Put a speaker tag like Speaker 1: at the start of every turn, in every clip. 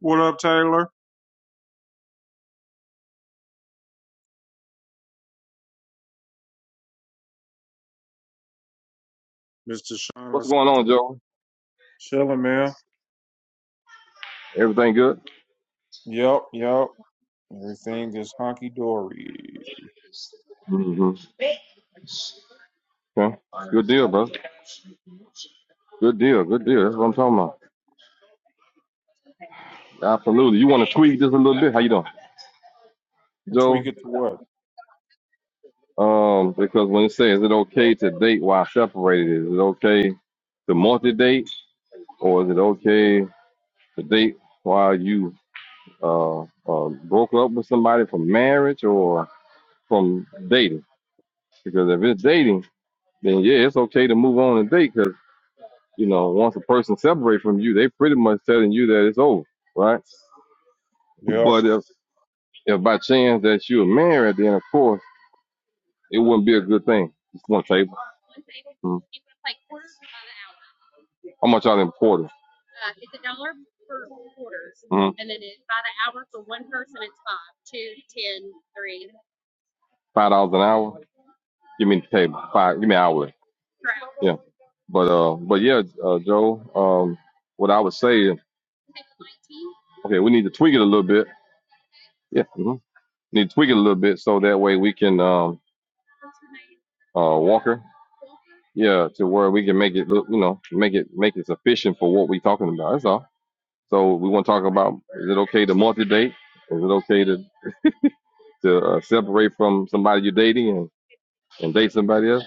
Speaker 1: What up, Taylor? Mr. Sean, I
Speaker 2: What's
Speaker 1: see
Speaker 2: going on,
Speaker 1: you.
Speaker 2: Joe?
Speaker 1: Chilling, man.
Speaker 2: Everything good?
Speaker 1: Yep, yep. Everything just honky dory.
Speaker 2: hmm Okay. Good deal, bro. Good deal. Good deal. That's what I'm talking about. Absolutely. You want to tweak this a little bit? How you doing,
Speaker 1: Tweak
Speaker 2: Joe?
Speaker 1: it to what?
Speaker 2: Um, because when it says, is it okay to date while separated? Is it okay to multi-date, or is it okay to date while you uh, uh broke up with somebody from marriage or from dating? Because if it's dating, then yeah, it's okay to move on and date. 'cause You know, once a person separates from you, they pretty much telling you that it's over, right?
Speaker 1: Yep.
Speaker 2: But if if by chance that you were married, then of course it wouldn't be a good thing. Just one table. Mhm. How much are the importers? Mhm. Five dollars an hour. Give me the table. Five. Give me hourly. Yeah. But uh, but yeah, uh, Joe. Um, what I would say, is, okay, we need to tweak it a little bit. Yeah. hmm Need to tweak it a little bit so that way we can um, uh, Walker. Yeah, to where we can make it look, you know, make it make it sufficient for what we're talking about. That's all. So we want to talk about: is it okay to multi-date? Is it okay to to uh, separate from somebody you're dating and, and date somebody else?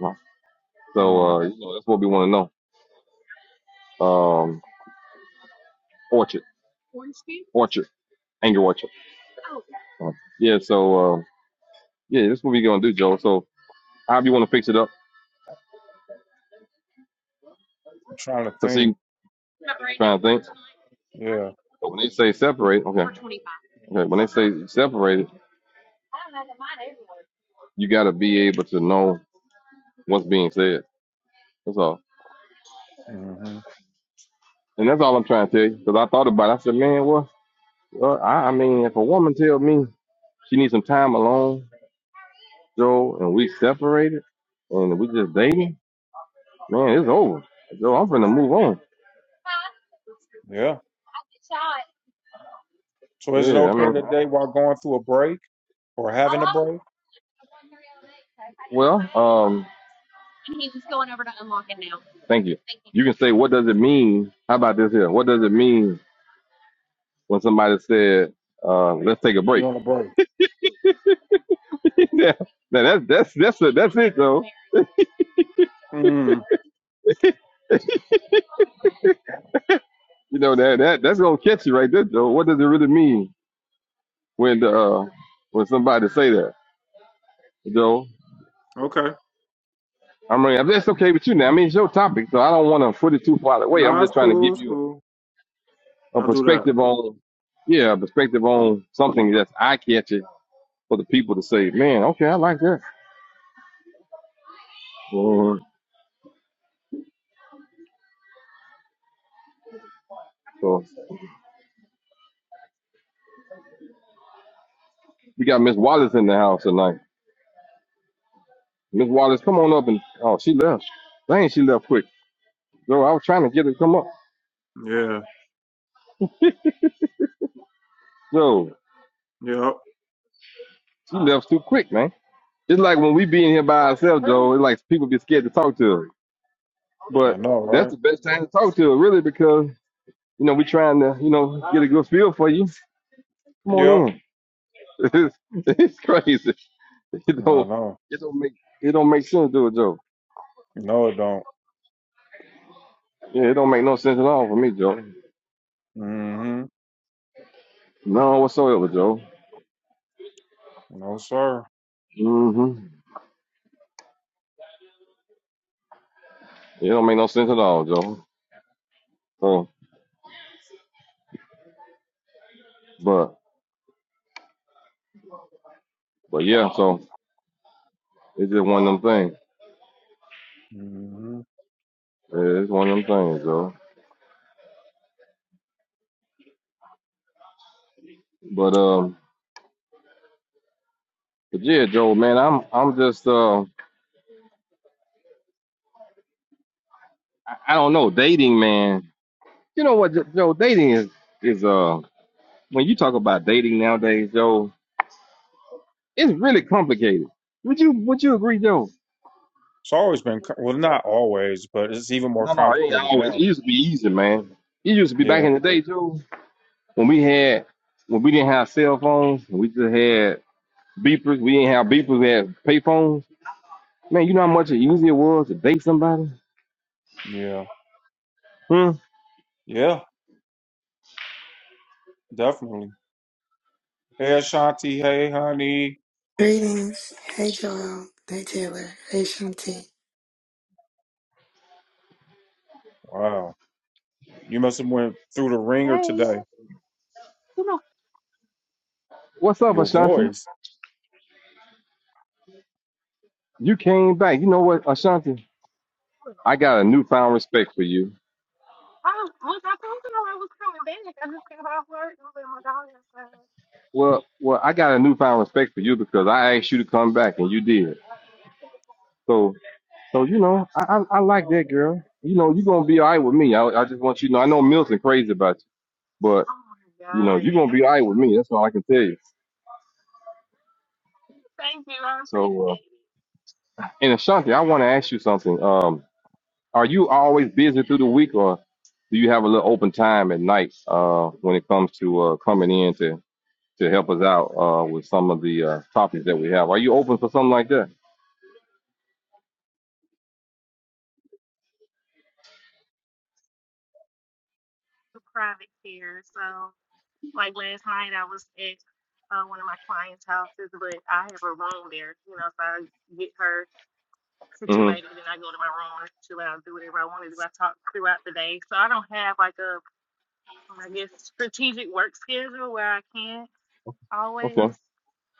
Speaker 2: No. So
Speaker 1: Mm.
Speaker 2: uh,
Speaker 1: I'm
Speaker 2: you know, that's what we want to know. Um, orchard, orchard, anger orchard. Uh, yeah. So uh, yeah, that's what we're gonna do, Joe. So how do you want to fix it up?
Speaker 1: trying to
Speaker 2: Cause see,
Speaker 1: think.
Speaker 2: trying to think.
Speaker 1: Yeah.
Speaker 2: But when they say separate, okay. Okay, when they say separate. You got to be able to know what's being said. That's all.
Speaker 1: hmm
Speaker 2: And that's all I'm trying to tell you. Because I thought about it. I said, man, well, well I, I mean, if a woman tell me she needs some time alone, Joe, and we separated and we just dating, man, it's over. Joe, I'm finna move on.
Speaker 1: Yeah. So is it
Speaker 2: Yeah, I
Speaker 1: okay
Speaker 2: mean,
Speaker 1: today while going through a break or having a break?
Speaker 2: well, um, thank you. You can say, what does it mean? How about this here? What does it mean when somebody said, uh, let's take a
Speaker 1: We
Speaker 2: break?
Speaker 1: on a break.
Speaker 2: yeah, now that's that's that's it. That's it though.
Speaker 1: Mm.
Speaker 2: You know that that that's gonna catch you right there, Joe. What does it really mean when uh when somebody say that, Joe?
Speaker 1: Okay.
Speaker 2: I mean, that's okay with you now. I mean, it's your topic, so I don't want to put it too far away. I'm
Speaker 1: Nah,
Speaker 2: just
Speaker 1: it's
Speaker 2: trying to
Speaker 1: cool.
Speaker 2: give
Speaker 1: It's
Speaker 2: you
Speaker 1: cool.
Speaker 2: a
Speaker 1: I'll do that.
Speaker 2: perspective on, yeah, a perspective on something that's eye catching for the people to say, man, okay, I like that. Mhm. So we got Miss Wallace in the house tonight. Miss Wallace, come on up and oh, she left. Dang, she left quick. Joe, I was trying to get her to come up.
Speaker 1: Yeah.
Speaker 2: Joe,
Speaker 1: Yep.
Speaker 2: she left too quick, man. It's like when we be in here by ourselves, Joe. It's like people be scared to talk to us.
Speaker 1: I
Speaker 2: But
Speaker 1: know,
Speaker 2: that's
Speaker 1: right?
Speaker 2: the best time to talk to us, really, because you know we trying to, you know, get a good feel for you. Come on
Speaker 1: Yep.
Speaker 2: in. It's, it's crazy. It
Speaker 1: No,
Speaker 2: don't,
Speaker 1: no.
Speaker 2: it don't make, it don't make sense to it, Joe.
Speaker 1: No, it don't.
Speaker 2: Yeah, it don't make no sense at all for me, Joe.
Speaker 1: hmm
Speaker 2: No whatsoever, Joe.
Speaker 1: No, sir.
Speaker 2: Mm-hmm. It don't make no sense at all, Joe. So, but, but yeah. So it's just one of them things.
Speaker 1: Hmm.
Speaker 2: Yeah, It's one of them things, Joe. But um, but yeah, Joe, man, I'm, I'm just um. I, I don't know. Dating, man. You know what, Joe? Dating is is uh when you talk about dating nowadays, Joe, it's really complicated. Would you Would you agree, Joe?
Speaker 1: It's always been co- well, not always, but it's even more
Speaker 2: No, no, it ain't
Speaker 1: complicated
Speaker 2: always. It
Speaker 1: now.
Speaker 2: used to be easy, man. It used to be back
Speaker 1: Yeah,
Speaker 2: in the day, Joe, when we had when we didn't have cell phones, we just had beepers. We didn't have beepers. We had pay phones. Man, you know how much easier it was to date somebody.
Speaker 1: yeah,
Speaker 2: Hmm.
Speaker 1: yeah, definitely. Hey, Ashanti. Hey, honey.
Speaker 3: Greetings. Hey Joel. Hey Taylor. Hey Shanti.
Speaker 1: Wow, you must have went through the ringer
Speaker 4: Hey,
Speaker 1: today.
Speaker 4: you know,
Speaker 2: What's up,
Speaker 1: Your
Speaker 2: Ashanti?
Speaker 1: voice.
Speaker 2: You came back. You know what, Ashanti? I got a newfound respect for you
Speaker 4: I, I, I told you I was coming back. I just came off work and was at my daughter's house.
Speaker 2: Well, well, I got a newfound respect for you because I asked you to come back and you did. So, so you know, I I, I like that girl. You know, you're gonna be all right with me. I I just want you to know. I know Milton crazy about you, but
Speaker 4: Oh my
Speaker 2: you know,
Speaker 4: God,
Speaker 2: you're gonna
Speaker 4: yeah.
Speaker 2: be all right with me. That's all I can tell you.
Speaker 4: Thank you. I
Speaker 2: So,
Speaker 4: appreciate
Speaker 2: uh,
Speaker 4: it.
Speaker 2: and Ashanti, I want to ask you something. Um, are you always busy through the week, or do you have a little open time at night? Uh, when it comes to uh coming in to to help us out uh with some of the uh topics that we have, are you open for something like that?
Speaker 4: The private care. So, like last night, I was at uh, one of my clients' houses, but I have a room there, you know, so I get her
Speaker 2: Mm-hmm.
Speaker 4: situated and I go to my room and chill out, do whatever I want to do. I talk throughout the day. So, I don't have like a, I guess, strategic work schedule where I can. always
Speaker 2: Okay.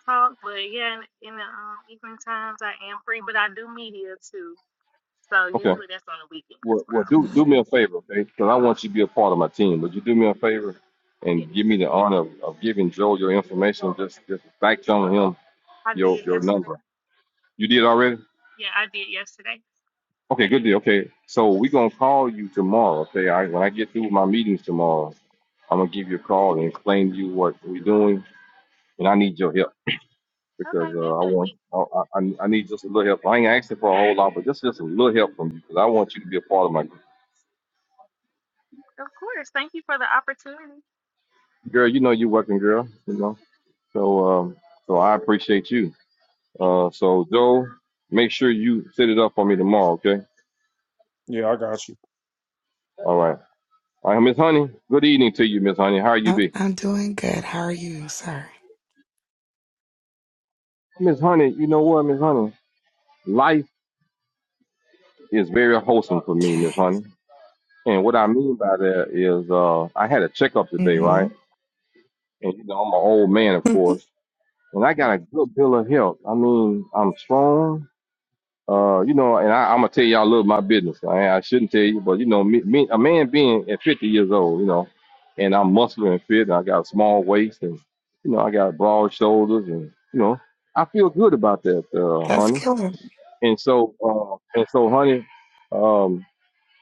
Speaker 4: talk, but yeah, in, the um, evening times I am free, but I do media too. So
Speaker 2: Okay.
Speaker 4: usually that's on the weekend.
Speaker 2: Well,
Speaker 4: That's where
Speaker 2: well,
Speaker 4: I'm a
Speaker 2: do
Speaker 4: little.
Speaker 2: do me a favor, okay? Because I want you to be a part of my team. Would you do me a favor
Speaker 4: Yes,
Speaker 2: and give me the honor of, of giving Joe your information? Just just back channel him
Speaker 4: I
Speaker 2: your
Speaker 4: did
Speaker 2: your
Speaker 4: yesterday.
Speaker 2: number. You did already?
Speaker 4: Yeah, I did yesterday.
Speaker 2: Okay, good deal. Okay, so we're gonna call you tomorrow. Okay, I when I get through with my meetings tomorrow, I'm gonna give you a call and explain to you what we're doing, and I need your help because
Speaker 4: Okay,
Speaker 2: uh, I want
Speaker 4: definitely.
Speaker 2: I, I I need just a little help. I ain't asking for a whole lot, but just just a little help from you because I want you to be a part of my group.
Speaker 4: Of course. Thank you for the opportunity.
Speaker 2: girl. You know you working girl. You know. So, um, so I appreciate you.
Speaker 4: Thank
Speaker 2: Uh, so Joe, make sure you set it up for me tomorrow, okay?
Speaker 1: Yeah, I got you.
Speaker 2: All right. All right, Miss Honey. Good evening to you, Miss Honey. How you
Speaker 3: I'm,
Speaker 2: be?
Speaker 3: I'm doing good. How are you, sir?
Speaker 2: Miss Honey, you know what, Miss Honey? Life is very wholesome for me,
Speaker 3: Okay.
Speaker 2: Miss Honey. And what I mean by that is, uh, I had a checkup today,
Speaker 3: hmm
Speaker 2: right? And you know, I'm an old man, of course, and I got a good bill of health. I mean, I'm strong. Uh, you know, and I, I'm gonna tell y'all a little of my business. I, I shouldn't tell you, but you know, me, me, a man being at 50 years old, you know, and I'm muscular and fit, and I got a small waist, and you know, I got broad shoulders, and you know, I feel good about that, uh,
Speaker 3: That's
Speaker 2: honey.
Speaker 3: killer.
Speaker 2: And so, uh, and so, honey, um,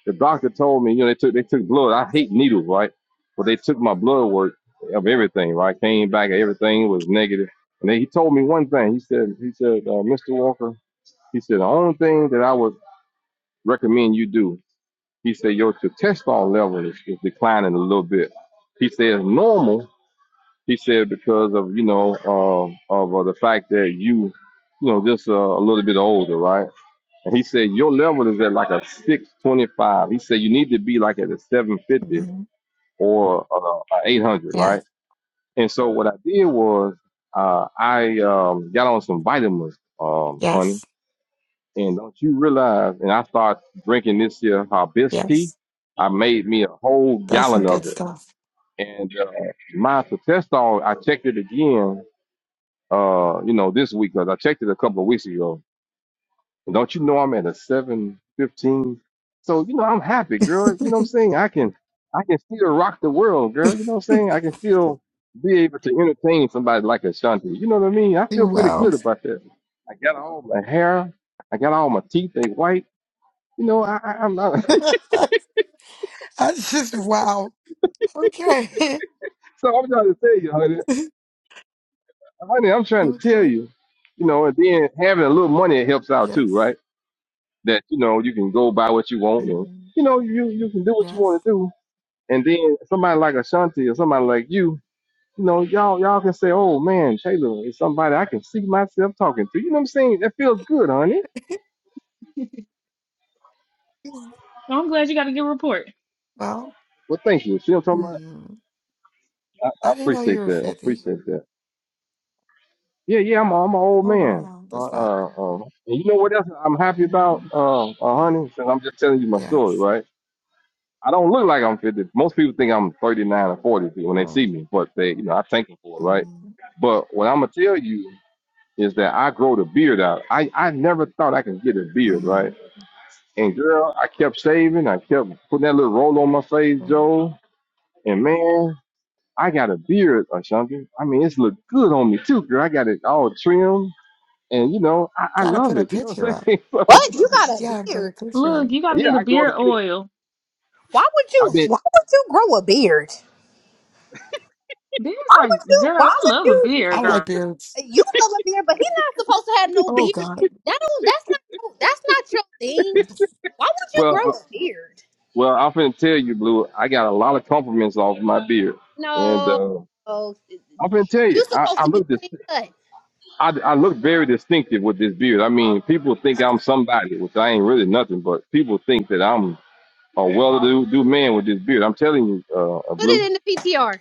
Speaker 2: the doctor told me, you know, they took they took blood. I hate needles, right? But they took my blood work of everything, right? Came back, everything was negative. And then he told me one thing. He said, he said, uh, Mr. Walker, he said the only thing that I was recommend you do. He said your testosterone level is, is declining a little bit. He says normal. He said because of you know uh, of uh, the fact that you you know just uh, a little bit older, right? And he said your level is at like a 625. He said you need to be like at a 750
Speaker 3: hmm
Speaker 2: or uh, a 800,
Speaker 3: Yeah.
Speaker 2: right? And so what I did was uh, I um, got on some vitamins, um, honey.
Speaker 3: Yes.
Speaker 2: And don't you realize? And I start drinking this here hibiscus tea.
Speaker 3: Yes.
Speaker 2: I made me a whole
Speaker 3: That's some
Speaker 2: gallon of
Speaker 3: good
Speaker 2: it.
Speaker 3: stuff.
Speaker 2: And uh, my testosterone, I checked it again. Uh, you know, this week because I checked it a couple of weeks ago. And don't you know I'm at a seven fifteen? So you know I'm happy, girl. You know what I'm saying? I can, I can still rock the world, girl. You know what I'm
Speaker 3: you
Speaker 2: saying? I can still be able to entertain somebody like Ashanti. You know what I mean? I feel pretty
Speaker 3: wow.
Speaker 2: good about that. I got all my hair. I got all my teeth. They white. You know, I, I- I'm not.
Speaker 3: That's just wow. Okay.
Speaker 2: so I'm trying to tell you, honey, honey, I'm trying to tell
Speaker 3: okay.
Speaker 2: you, you know, and then having a little money it helps out too,
Speaker 3: Yes.
Speaker 2: right? That you know you can go buy what you want, and
Speaker 3: Mhm.
Speaker 2: you know you you can do what you
Speaker 3: Yes.
Speaker 2: want to do, and then somebody like Ashanti or somebody like you, you know, y'all y'all can say, oh man, Taylor is somebody I can see myself talking to. You know what I'm saying? That feels good, honey.
Speaker 4: you. I'm glad you got a good report.
Speaker 3: well,
Speaker 2: Well, thank you. See what I'm talking about?
Speaker 3: hmm.
Speaker 2: I, I
Speaker 3: I didn't know you
Speaker 2: appreciate
Speaker 3: were
Speaker 2: that. I
Speaker 3: 50.
Speaker 2: appreciate that. Yeah, yeah, I'm, I'm an old
Speaker 3: Oh,
Speaker 2: man.
Speaker 3: wow.
Speaker 2: Uh,
Speaker 3: That's not.
Speaker 2: uh, um, and you know what else I'm happy about,
Speaker 3: Mhm.
Speaker 2: uh, uh, honey? Since I'm just telling you my story,
Speaker 3: Yes.
Speaker 2: right? I don't look like I'm 50. Most people think I'm 39 or 40 when they
Speaker 3: Right.
Speaker 2: see me, but they, you know, I thank them for it, right?
Speaker 3: Mm-hmm.
Speaker 2: But what I'm gonna tell you is that I grow the beard out. I, I never thought I could get a beard,
Speaker 3: Mm-hmm.
Speaker 2: right? And girl, I kept shaving. I kept putting that little roll on my face,
Speaker 3: Yeah.
Speaker 2: Joe. And man, I got a beard, Ashanti. I mean, it's look good on me too, girl. I got it all trimmed and you know, I, I
Speaker 3: Gotta
Speaker 2: love
Speaker 3: put a
Speaker 2: it. You know what
Speaker 3: picture
Speaker 2: I'm
Speaker 3: up.
Speaker 2: saying?
Speaker 5: What? You got a
Speaker 3: You gotta put a
Speaker 5: beard?
Speaker 3: picture
Speaker 4: Look,
Speaker 3: up.
Speaker 4: you got
Speaker 2: So
Speaker 4: to
Speaker 2: yeah,
Speaker 4: get a
Speaker 2: I grow the
Speaker 4: beard
Speaker 2: beard.
Speaker 4: oil.
Speaker 5: Why would
Speaker 2: I
Speaker 5: you?
Speaker 2: been
Speaker 5: Why would you grow a beard?
Speaker 4: Beards
Speaker 5: Why
Speaker 4: are,
Speaker 5: would you? Why
Speaker 4: girl, I
Speaker 5: would
Speaker 4: love a
Speaker 5: you?
Speaker 3: I
Speaker 4: beard,
Speaker 3: like
Speaker 4: girl.
Speaker 3: beards.
Speaker 5: You love a beard, but he's not supposed to have no
Speaker 3: Oh
Speaker 5: beard.
Speaker 3: God.
Speaker 5: That don't. That's not. your- That's not your thing. Why would you
Speaker 2: well, uh,
Speaker 5: grow a beard?
Speaker 2: well. I'm finna tell you, Blue. I got a lot of compliments off my beard, and
Speaker 5: No.
Speaker 2: uh,
Speaker 5: no.
Speaker 2: I'm finna tell you,
Speaker 5: You
Speaker 2: I,
Speaker 5: supposed
Speaker 2: I
Speaker 5: to be
Speaker 2: look this,
Speaker 5: clean cut.
Speaker 2: I, I look very distinctive with this beard. I mean, people think I'm somebody, which I ain't really nothing, but people think that I'm a well-to-do do man with this beard. I'm telling you, uh, uh,
Speaker 5: Put
Speaker 2: Blue.
Speaker 5: it in the PTR.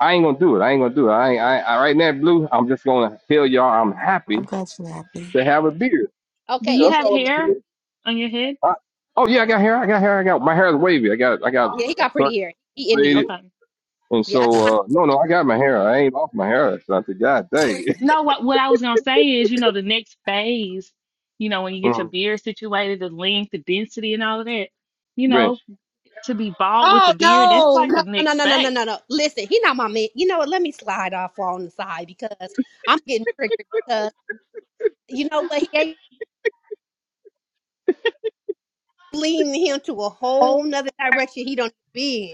Speaker 2: I ain't gonna do it. I ain't gonna do it. I, ain't, I, I right now, Blue. I'm just gonna tell y'all I'm
Speaker 3: I'm
Speaker 2: happy
Speaker 3: glad you nabbed me.
Speaker 2: to have a beard. You
Speaker 4: Do
Speaker 5: Okay.
Speaker 2: know,
Speaker 4: you
Speaker 5: It,
Speaker 2: That's
Speaker 4: have
Speaker 2: all
Speaker 5: it,
Speaker 2: I'm gonna tell
Speaker 4: hair
Speaker 2: you.
Speaker 4: on your head?
Speaker 2: I, oh yeah, I got hair. I got hair. I got my hair is wavy. I got I got
Speaker 5: yeah, he
Speaker 2: I
Speaker 5: got
Speaker 2: cut
Speaker 5: pretty hair.
Speaker 2: and
Speaker 5: He Indian.
Speaker 2: faded,
Speaker 4: Okay.
Speaker 2: and
Speaker 5: Yeah.
Speaker 2: so uh, no, no, I got my hair. I ain't off my hair. So I said, God dang,
Speaker 4: No, what what I was gonna say is, you know, the next phase, you know, when you get your
Speaker 2: Mm,
Speaker 4: beard situated, the length, the density, and all of that, you
Speaker 2: Rich,
Speaker 4: know, to be bald with
Speaker 5: Oh
Speaker 4: the beard, that's
Speaker 5: no,
Speaker 4: like the
Speaker 5: no, no,
Speaker 4: next
Speaker 5: no, no, no, no,
Speaker 4: phase.
Speaker 5: no. no. Listen, he not my man. You know what? Let me slide off on the side because I'm getting triggered You know, but he ain't leading him to a whole
Speaker 3: oh.
Speaker 5: nother direction he don't be in.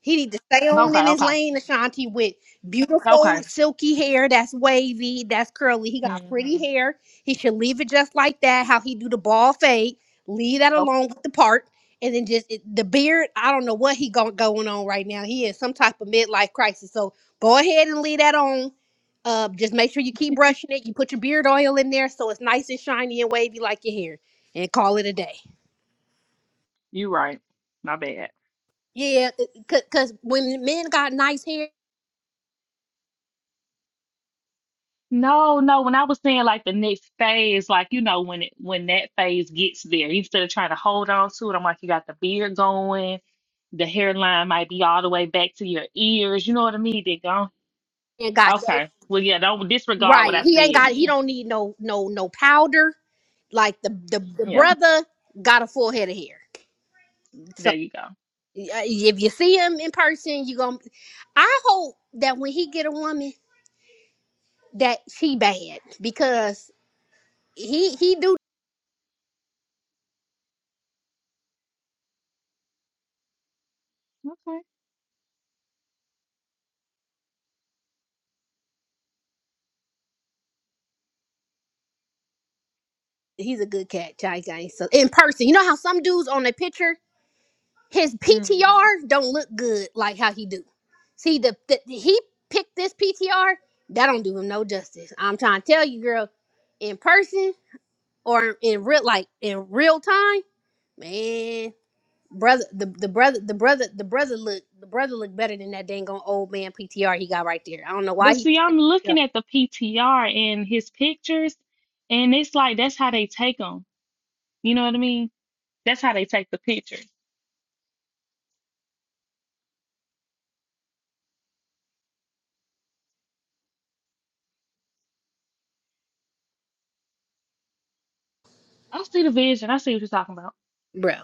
Speaker 5: He need to stay on
Speaker 4: Okay,
Speaker 5: in his
Speaker 4: okay,
Speaker 5: lane, Ashanti, with beautiful
Speaker 4: okay.
Speaker 5: silky hair that's wavy, that's curly. He got pretty
Speaker 4: hmm
Speaker 5: hair. He should leave it just like that, how he do the ball fade. Leave that
Speaker 4: Okay,
Speaker 5: alone with the part. And then just it, the beard, I don't know what he got going on right now. He is some type of midlife crisis. So go ahead and leave that on. Uh, just make sure you keep brushing it. You put your beard oil in there so it's nice and shiny and wavy like your hair. And call it a day.
Speaker 4: you're right. My bad.
Speaker 5: Yeah, because when men got nice hair,
Speaker 4: No, no. When I was saying like the next phase, like you know, when it when that phase gets there, instead of trying to hold on to it, I'm like, you got the beard going, the hairline might be all the way back to your ears. You know what I mean? Then go
Speaker 5: and got
Speaker 4: Okay. Well, yeah, don't disregard
Speaker 5: Right.
Speaker 4: what I
Speaker 5: He ain't
Speaker 4: said
Speaker 5: got he
Speaker 4: then.
Speaker 5: don't need no no no powder. Like the the, the
Speaker 4: Yeah,
Speaker 5: brother got a full head of hair. So uh,
Speaker 4: there you go.
Speaker 5: if you see him in person, you going to I hope that when he get a woman that she bad because he he do
Speaker 4: Okay.
Speaker 5: he's a good cat, Chai Guy. So in person, you know how some dudes on a picture his
Speaker 4: hmm
Speaker 5: PTR don't look good like how he do. See the, the he picked this PTR that don't do him no justice. I'm trying to tell you, girl, in person or in real like in real time, man, brother, the, the brother, the brother, the brother look, the brother look better than that dang on old man PTR he got right there. I don't know why
Speaker 4: But
Speaker 5: he,
Speaker 4: see, I'm
Speaker 5: Yeah.
Speaker 4: looking at the PTR and his pictures, and it's like that's how they take them. You know what I mean? That's how they take the pictures. I see the vision. I see what you're talking about.
Speaker 5: bro,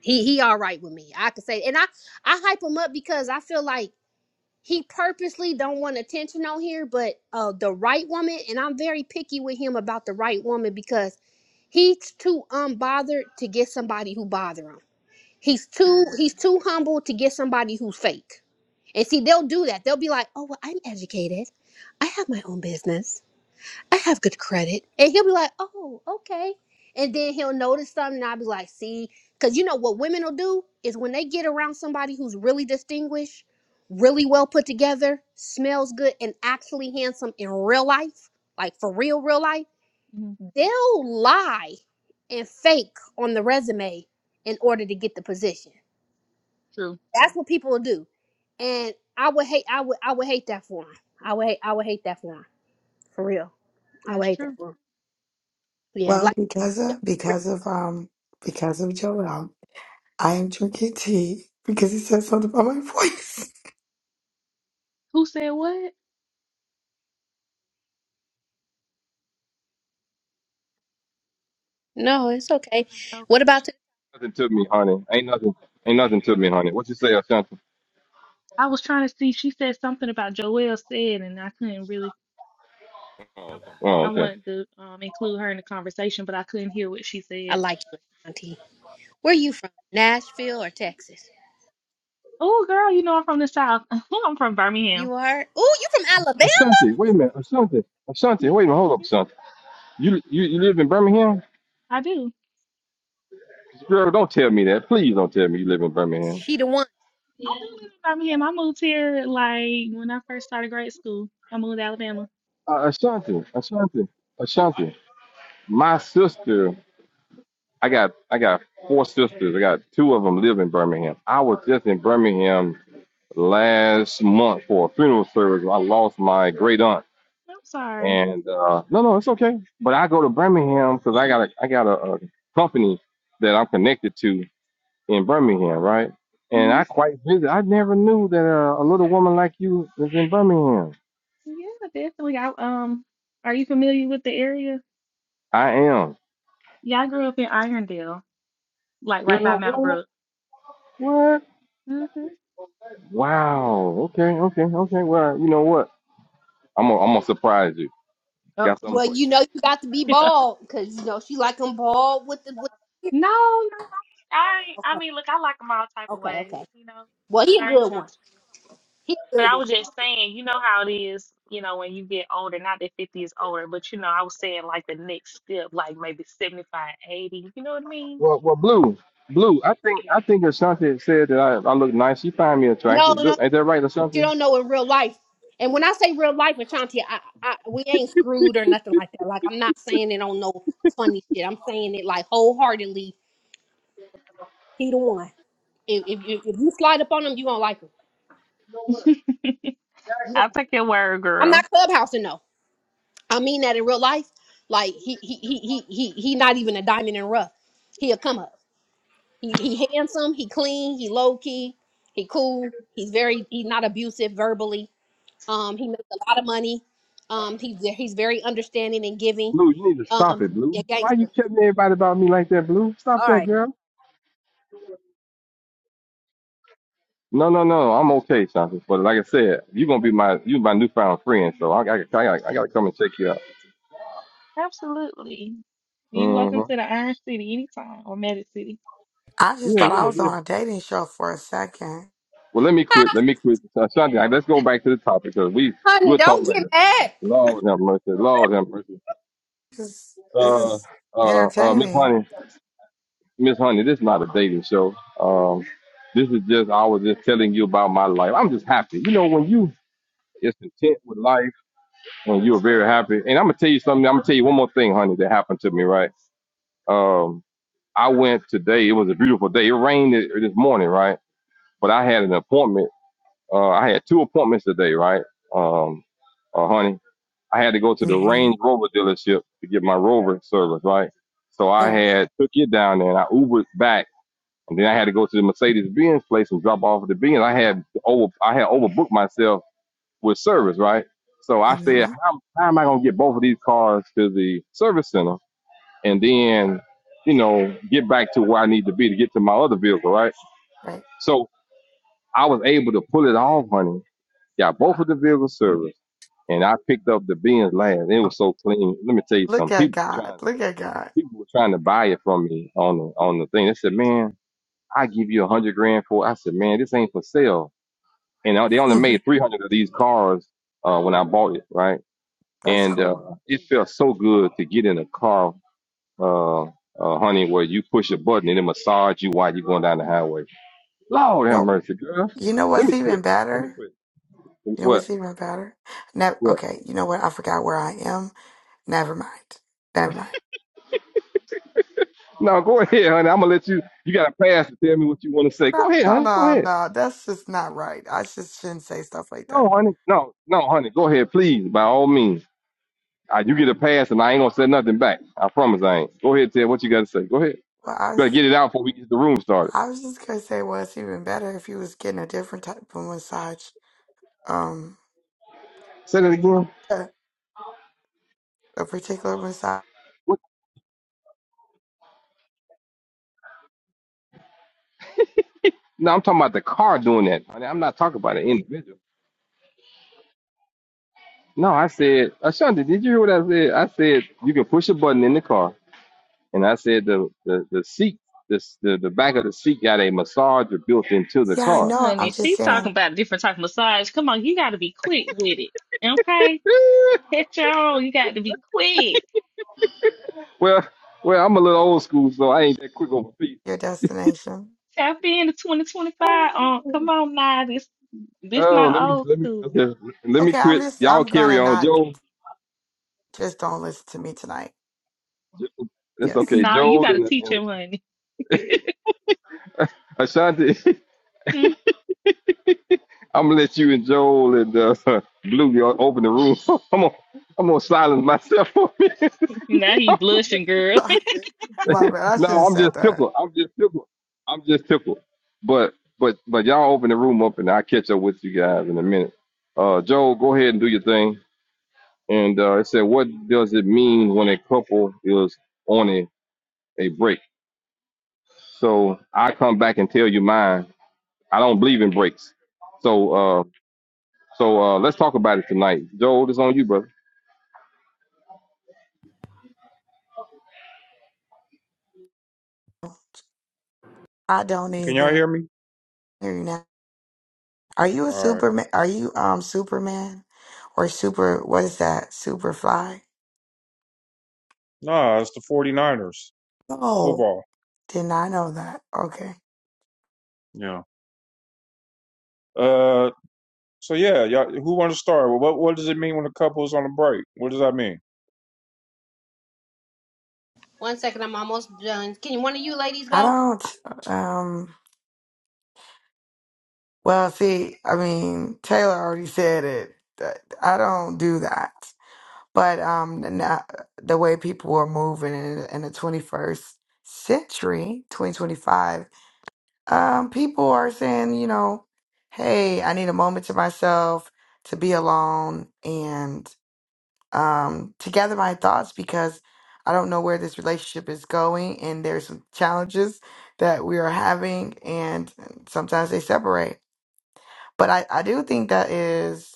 Speaker 5: he he all right with me. I could say, and I I hype him up because I feel like he purposely don't want attention on here, but uh the right woman, and I'm very picky with him about the right woman because he's too unbothered to get somebody who bother him. He's too he's too humble to get somebody who's fake. And see, they'll do that. They'll be like, oh, well, I'm educated. I have my own business. I have good credit. And he'll be like, oh, okay. And then he'll notice something. And I'll be like, see, because you know what women will do is when they get around somebody who's really distinguished, really well put together, smells good, and actually handsome in real life, like for real, real life,
Speaker 4: hmm
Speaker 5: they'll lie and fake on the resume in order to get the position.
Speaker 4: True.
Speaker 5: That's what people will do, and I would hate. I would. I would hate that for him. I would. Hate, I would hate that for him. For real. I would
Speaker 4: That's
Speaker 5: hate that
Speaker 4: true.
Speaker 5: for him. Yeah.
Speaker 3: Well,
Speaker 5: Like.
Speaker 3: because of because of um because of Joel, I am drinking tea because he said something about my voice.
Speaker 4: Who said what?
Speaker 5: No, it's okay.
Speaker 4: Okay.
Speaker 5: What about? T-
Speaker 2: nothing to me, honey. Ain't nothing. Ain't nothing to me, honey. What you say, Ashanti?
Speaker 4: I was trying to see. She said something about Joelle said, and I couldn't really.
Speaker 1: Oh, okay.
Speaker 2: Oh,
Speaker 4: I
Speaker 2: okay.
Speaker 4: wanted to um, include her in the conversation, but I couldn't hear what she
Speaker 5: I
Speaker 4: said.
Speaker 5: like you, Auntie. Where you from? Nashville or Texas?
Speaker 4: Oh, girl, you know I'm from the South. I'm from Birmingham.
Speaker 5: You are. Oh, you from Alabama?
Speaker 2: Ashanti, wait a minute. Ashanti, Ashanti,
Speaker 4: Yeah,
Speaker 2: wait a minute. Hold up,
Speaker 4: yeah,
Speaker 2: Ashanti. You you, you live in Birmingham,
Speaker 4: I do.
Speaker 2: girl? Don't tell me that. Please don't tell me you live in Birmingham.
Speaker 5: She the one.
Speaker 4: I do live in Birmingham. I moved here like when I first started grade school. I moved to Alabama.
Speaker 2: Uh, Ashanti, Ashanti,
Speaker 4: Mm,
Speaker 2: Ashanti. My sister. I got I got four sisters. I got two of them live in Birmingham. I was just in Birmingham last month for a funeral service. I lost my great aunt,
Speaker 4: I'm sorry.
Speaker 2: and uh, no, no, it's okay. But I go to Birmingham because I got a I got a, a company that I'm connected to in Birmingham, right? And
Speaker 4: hmm
Speaker 2: I quite visit. I never knew that uh, a little woman like you is in Birmingham.
Speaker 4: Yeah, definitely. I um, are you familiar with the area?
Speaker 2: I am.
Speaker 4: Yeah, I grew up in Irondale, like right by
Speaker 2: Girl,
Speaker 4: Mount
Speaker 2: what?
Speaker 4: Brook.
Speaker 2: What?
Speaker 4: hmm
Speaker 2: Wow. Okay. Okay. Okay. Well, you know what? I'm gonna, I'm gonna surprise you.
Speaker 4: Oh,
Speaker 2: Got something
Speaker 5: Well,
Speaker 2: for you.
Speaker 5: you know you got to be
Speaker 4: yeah.
Speaker 5: bald because you know she like them bald with the with. The,
Speaker 4: No, no. I, I ain't- I
Speaker 5: okay.
Speaker 4: mean, look, I like them all type of
Speaker 5: Okay.
Speaker 4: ways,
Speaker 5: Okay.
Speaker 4: you know.
Speaker 5: Well, he a
Speaker 4: I ain't
Speaker 5: good
Speaker 4: gonna
Speaker 5: one.
Speaker 4: discriminate.
Speaker 5: He a
Speaker 4: But
Speaker 5: good
Speaker 4: I
Speaker 5: one.
Speaker 4: was just saying, you know how it is, you know, when you get older, not that 50 is older, but you know, I was saying like the next step, like maybe seventy-five, eighty. you know what I mean?
Speaker 2: Well, well, blue, blue. I think I think Asante said that I, I look nice. She find me
Speaker 5: No,
Speaker 2: attractive.
Speaker 5: no.
Speaker 2: Do- Ain't that right,
Speaker 5: you
Speaker 2: Asante?
Speaker 5: don't know in real life. And when I say real life, Ashanti, I, I we ain't screwed or nothing like that. Like I'm not saying it on no funny shit. I'm saying it like wholeheartedly. He the one. If if, if if you slide up on him, you gonna like him. You
Speaker 4: I'll
Speaker 5: gonna-
Speaker 4: take your word,
Speaker 5: I'm not
Speaker 4: girl.
Speaker 5: clubhousing though. I mean that in real life. Like he he he he he he not even a diamond in the rough. He a come up. He he handsome. He clean. He low key. He cool. He's very. He's not abusive verbally Um, he makes a lot of money. Um, he's he's very understanding and giving.
Speaker 2: Blue, you need to stop it,
Speaker 5: Um,
Speaker 2: blue.
Speaker 5: yeah,
Speaker 2: Why you
Speaker 5: gangster.
Speaker 2: telling everybody about me like that, blue? Stop
Speaker 5: All
Speaker 2: that,
Speaker 5: right,
Speaker 2: girl. No, no, no. I'm okay, Asante. But like I said, you're gonna be my you my newfound friend. So I, I, I, gotta- I gotta come and check you out.
Speaker 4: Absolutely. You
Speaker 2: hmm
Speaker 4: welcome to the Iron City anytime or Magic City.
Speaker 3: I just
Speaker 2: Yeah,
Speaker 3: thought I
Speaker 2: yeah,
Speaker 3: was
Speaker 2: yeah.
Speaker 3: on a dating show for a second.
Speaker 2: Well, let me quit. Let me quit, Asante. I- Let's go back to the topic because we
Speaker 5: honey,
Speaker 2: we'll talk
Speaker 5: don't get
Speaker 2: later.
Speaker 5: mad.
Speaker 2: Lord have mercy. Lord have mercy.
Speaker 3: This is this
Speaker 2: Uh,
Speaker 3: is
Speaker 2: uh, uh, Miss Honey.
Speaker 3: entertaining.
Speaker 2: Miss Honey, this is not a dating show. Um, this is just I was just telling you about my life. I'm just happy. You know, when you is content with life, when you're very happy. And I'm gonna tell you something. I'm gonna tell you one more thing, honey, that happened to me. Right. Um, I went today. It was a beautiful day. It rained it- this morning, right? But I had an appointment. Uh, I had two appointments today, right? Um, uh, honey, I had to go to the
Speaker 3: Mm-hmm.
Speaker 2: Range Rover dealership to get my Rover service, right? So I
Speaker 3: Yeah.
Speaker 2: had took it down there and I Ubered back and then I had to go to the Mercedes Benz place and drop off the Benz. I had over I had overbooked myself with service, right? So I said,
Speaker 3: hmm
Speaker 2: how, how am I gonna get both of these cars to the service center and then, you know, get back to where I need to be to get to my other vehicle, right?
Speaker 3: Right.
Speaker 2: So I was able to pull it off, honey. Got both of the vehicles serviced, and I picked up the Benz last. It was so clean. Let me tell you
Speaker 3: Look
Speaker 2: something.
Speaker 3: at
Speaker 2: People were
Speaker 3: God.
Speaker 2: trying to
Speaker 3: Look at God.
Speaker 2: people were trying to buy it from me on the on the thing. They said, man. I give you a hundred grand for it. I said, man, this ain't for sale. And I- they only made 300 of these cars uh, when I bought it, right?
Speaker 3: That's
Speaker 2: And
Speaker 3: cool.
Speaker 2: uh, it felt so good to get in a car, uh, uh, honey, where you push a button and it massage you while you're going down the highway. Lord
Speaker 3: You
Speaker 2: have
Speaker 3: know,
Speaker 2: mercy, girl.
Speaker 3: you know
Speaker 2: Let
Speaker 3: what's
Speaker 2: me
Speaker 3: even
Speaker 2: quit. Let me
Speaker 3: better?
Speaker 2: quit.
Speaker 3: You know
Speaker 2: What?
Speaker 3: what's even better? Never,
Speaker 2: What?
Speaker 3: okay, you know what? I forgot where I am. Never mind. Never mind.
Speaker 2: No, go ahead, honey. I'm gonna let you. You got a pass to tell me what you want to say. Go
Speaker 3: No,
Speaker 2: ahead,
Speaker 3: no,
Speaker 2: honey. Go
Speaker 3: no,
Speaker 2: ahead.
Speaker 3: no. That's just not right. I just shouldn't say stuff like
Speaker 2: No,
Speaker 3: that.
Speaker 2: honey. No, no, honey. Go ahead, please. By all means. Uh, you get a pass, and I ain't gonna say nothing back. I promise I ain't. Go ahead, Ted. What you got to say? Go ahead. You
Speaker 3: Well, I
Speaker 2: better
Speaker 3: was,
Speaker 2: get it out before we get the room started.
Speaker 3: I was just gonna say, well, it's even better if you was getting a different type of massage, um,
Speaker 2: Say that again.
Speaker 3: a, a particular massage.
Speaker 2: What? No, I'm talking about the car doing that. I mean, I'm not talking about an individual. No, I said, Ashanti, did you hear what I said? I said you can push a button in the car, and I said the the the seat, this the the back of the seat got a massager built into the
Speaker 3: Yeah, I
Speaker 2: car.
Speaker 3: know.
Speaker 4: Honey,
Speaker 3: I'm just
Speaker 4: she talking
Speaker 3: saying
Speaker 4: about a different type of massage. Come on, you got to be quick with it. Okay?
Speaker 2: Eh,
Speaker 4: Catch your own. You got to be quick.
Speaker 2: well, well, I'm a little old school, so I ain't that quick on my feet.
Speaker 3: your destination.
Speaker 4: Tap into 2025. Um, come on now. This, this
Speaker 2: Oh, let
Speaker 4: not
Speaker 2: me
Speaker 4: old
Speaker 2: let me
Speaker 4: school.
Speaker 2: okay, let me
Speaker 3: Okay, I'm
Speaker 2: quit.
Speaker 3: just,
Speaker 2: Y'all
Speaker 3: I'm
Speaker 2: carry
Speaker 3: gonna
Speaker 2: on,
Speaker 3: not
Speaker 2: Joe.
Speaker 3: just don't listen to me tonight.
Speaker 2: That's
Speaker 3: Yes,
Speaker 2: okay.
Speaker 4: no, you
Speaker 2: Joel
Speaker 4: got to
Speaker 2: and,
Speaker 4: teach
Speaker 2: and
Speaker 4: him, honey.
Speaker 2: Ashanti,
Speaker 4: Hmm,
Speaker 2: I'm gonna let you and Joel and uh, Blue y'all open the room. I'm gonna, I'm gonna silence myself. For me.
Speaker 4: Now you blushing, girl.
Speaker 3: my bad. I shouldn't
Speaker 2: no,
Speaker 3: have
Speaker 2: I'm
Speaker 3: said
Speaker 2: just
Speaker 3: that.
Speaker 2: tickled. I'm just tickled. I'm just tickled. But but but y'all open the room up and I'll catch up with you guys in a minute. Uh, Joel, go ahead and do your thing. And uh, it said, what does it mean when a couple is on a, a break? So I come back and tell you mine. I don't believe in breaks. So uh, So uh, let's talk about it tonight. Joel, it's on you, brother.
Speaker 3: I don't
Speaker 1: Can y'all hear
Speaker 3: either.
Speaker 1: me?
Speaker 3: Hear you now. Are you a
Speaker 1: All right.
Speaker 3: Superman? Are you um Superman or super? What is that? Superfly?
Speaker 1: Nah, it's the 49ers
Speaker 3: Oh,
Speaker 1: football.
Speaker 3: did not know that. Okay,
Speaker 1: Yeah. Uh. So yeah, y'all, who want to start? Well, What What does it mean when a couple is on a break? What does that mean?
Speaker 5: One second, I'm almost done. Can one of you ladies
Speaker 3: I
Speaker 5: go?
Speaker 3: don't. Um. Well, see, I mean, Taylor already said it. that I don't do that. But um, now, the way people are moving in, in the twenty first century, twenty twenty five. Um, people are saying, you know, hey, I need a moment to myself to be alone and um, to gather my thoughts because I don't know where this relationship is going and there's some challenges that we are having and sometimes they separate. But I, I do think that is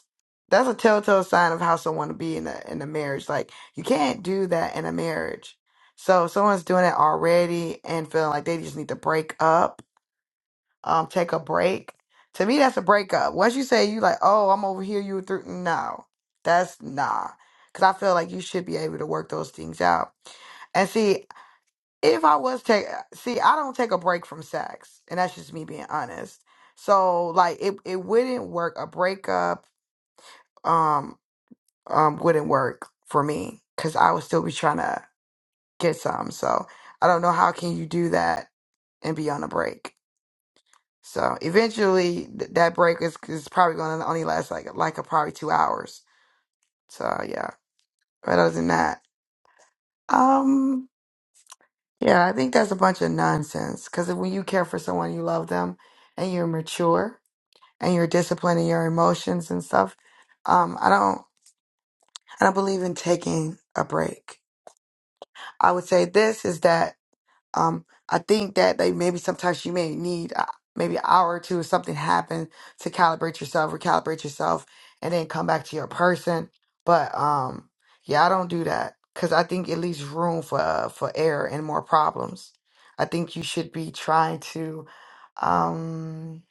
Speaker 3: that's a telltale sign of how someone to be in a in a marriage. Like you can't do that in a marriage. So if someone's doing it already and feeling like they just need to break up um take a break. To me, that's a breakup. Once you say you like, oh, I'm over here, you through. No, that's nah. Cause I feel like you should be able to work those things out. And see, if I was take, see, I don't take a break from sex, and that's just me being honest. So like, it it wouldn't work. A breakup, um, um, wouldn't work for me, cause I would still be trying to get some. So I don't know how can you do that and be on a break. So eventually, th- that break is, is probably going to only last like like a, probably two hours. So yeah, but other than that, um, yeah, I think that's a bunch of nonsense. Because when you care for someone, you love them, and you're mature, and you're disciplined in your emotions and stuff. Um, I don't, I don't believe in taking a break. I would say this is that Um, I think that they maybe sometimes you may need uh, maybe an hour or two if something happened to calibrate yourself, recalibrate yourself, and then come back to your person. But um, yeah, I don't do that because I think it leaves room for uh, for error and more problems. I think you should be trying to um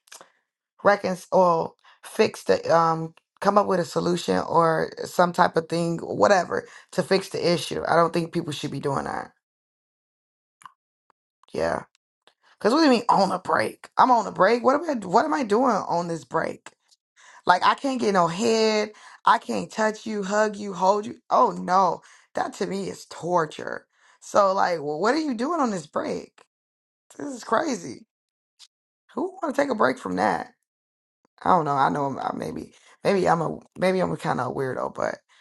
Speaker 3: reconcile, fix the um, come up with a solution or some type of thing, whatever, to fix the issue. I don't think people should be doing that. Yeah. Cause what do you mean on a break? I'm on a break. What am I what am I doing on this break? Like I can't get no head. I can't touch you, hug you, hold you. Oh no. That to me is torture. So like wh- what are you doing on this break? This is crazy. Who wanna take a break from that? I don't know. I know I'm, I maybe maybe I'm a maybe I'm a kind of a kinda weirdo, but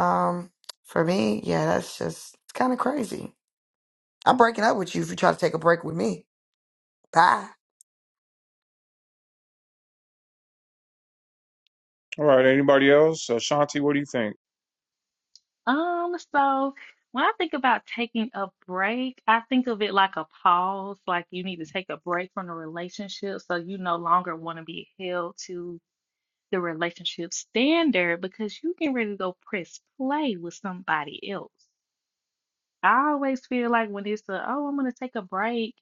Speaker 3: um for me, yeah, that's just it's kind of crazy. I'm breaking up with you if you try to take a break with me. Bye.
Speaker 1: All right. Anybody else? Ashanti, what do you think?
Speaker 4: Um, so when I think about taking a break, I think of it like a pause, like you need to take a break from the relationship so you no longer want to be held to the relationship standard because you can really go press play with somebody else. I always feel like when it's a, oh, I'm gonna take a break.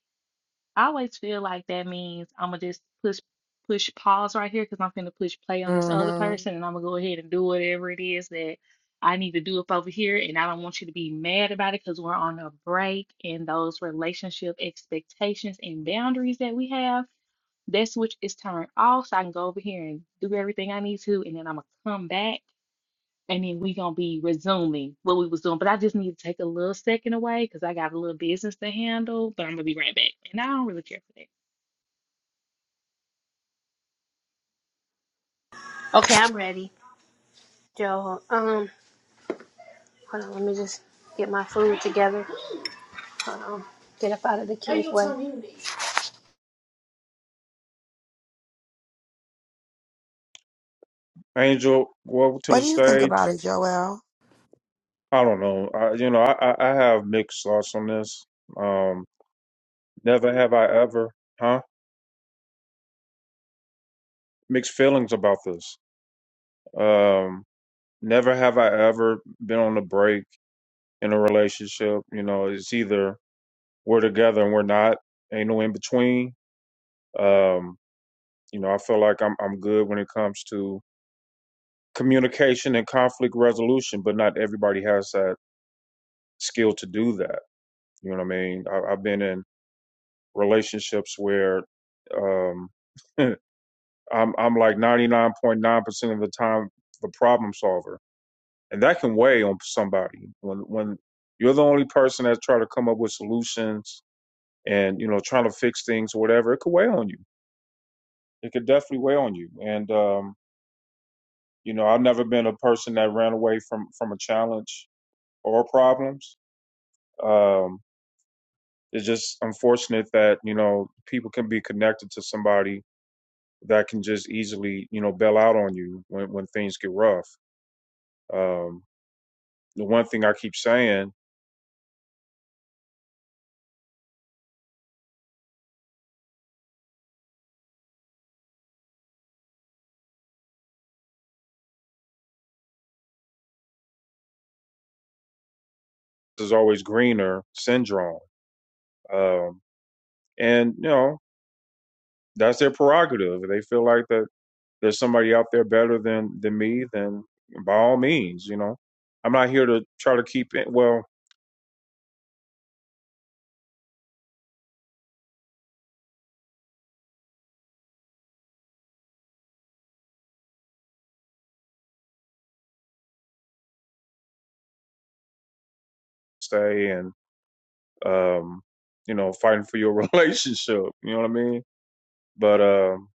Speaker 4: I always feel like that means I'm gonna just push push pause right here because I'm gonna push play on this other
Speaker 3: hmm
Speaker 4: person and I'm gonna go ahead and do whatever it is that I need to do up over here. And I don't want you to be mad about it because we're on a break and those relationship expectations and boundaries that we have, that switch is turned off. So I can go over here and do everything I need to, and then I'm gonna come back. And then we gonna be resuming what we was doing, but I just need to take a little second away because I got a little business to handle. But I'm gonna be right back, and I don't really care for that.
Speaker 5: Okay, I'm ready. Joe, um, hold on, let me just get my food together. Hold on, get up out of the cage way.
Speaker 1: Angel, go over to
Speaker 3: What
Speaker 1: the
Speaker 3: do you think
Speaker 1: stage.
Speaker 3: about it, Joel?
Speaker 1: I don't know. I, you know, I, I I have mixed thoughts on this. Um, never have I ever, huh? Mixed feelings about this. Um, never have I ever been on a break in a relationship. You know, it's either we're together and we're not. Ain't no in between. Um, you know, I feel like I'm I'm good when it comes to communication and conflict resolution, but not everybody has that skill to do that. You know what I mean? I, I've been in relationships where um I'm I'm like 99.9% of the time the problem solver, and that can weigh on somebody when when you're the only person that's trying to come up with solutions and you know trying to fix things or whatever. It could weigh on you. It could definitely weigh on you. And um, you know, I've never been a person that ran away from from a challenge or problems. Um, it's just unfortunate that you know people can be connected to somebody that can just easily you know bail out on you when when things get rough. Um, the one thing I keep saying is always greener syndrome. Um, and you know, that's their prerogative. If They feel like that there's somebody out there better than than me, then by all means, you know. I'm not here to try to keep it well, stay and um, you know, fighting for your relationship. You know what I mean? But um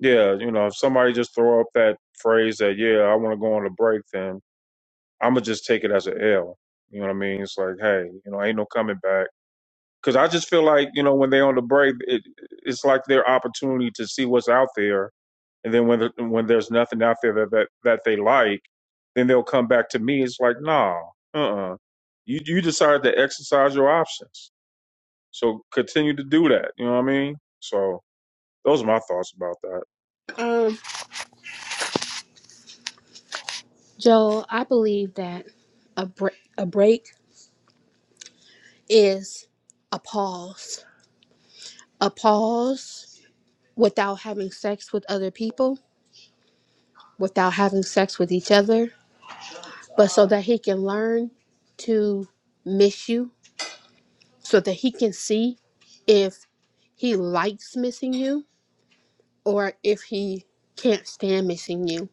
Speaker 1: yeah, you know, if somebody just throw up that phrase that, yeah, I wanna go on a break, then I'ma just take it as a L. You know what I mean? It's like, hey, you know, ain't no coming back because I just feel like you know when they're on the break, it, it's like their opportunity to see what's out there, and then when the, when there's nothing out there that, that that they like, then they'll come back to me. It's like, nah, uh, uh you you decided to exercise your options, so continue to do that. You know what I mean? So those are my thoughts about that.
Speaker 5: Um, Joe, I believe that a break a break is a pause. A pause without having sex with other people, without having sex with each other, but so that he can learn to miss you, so that he can see if he likes missing you or if he can't stand missing you.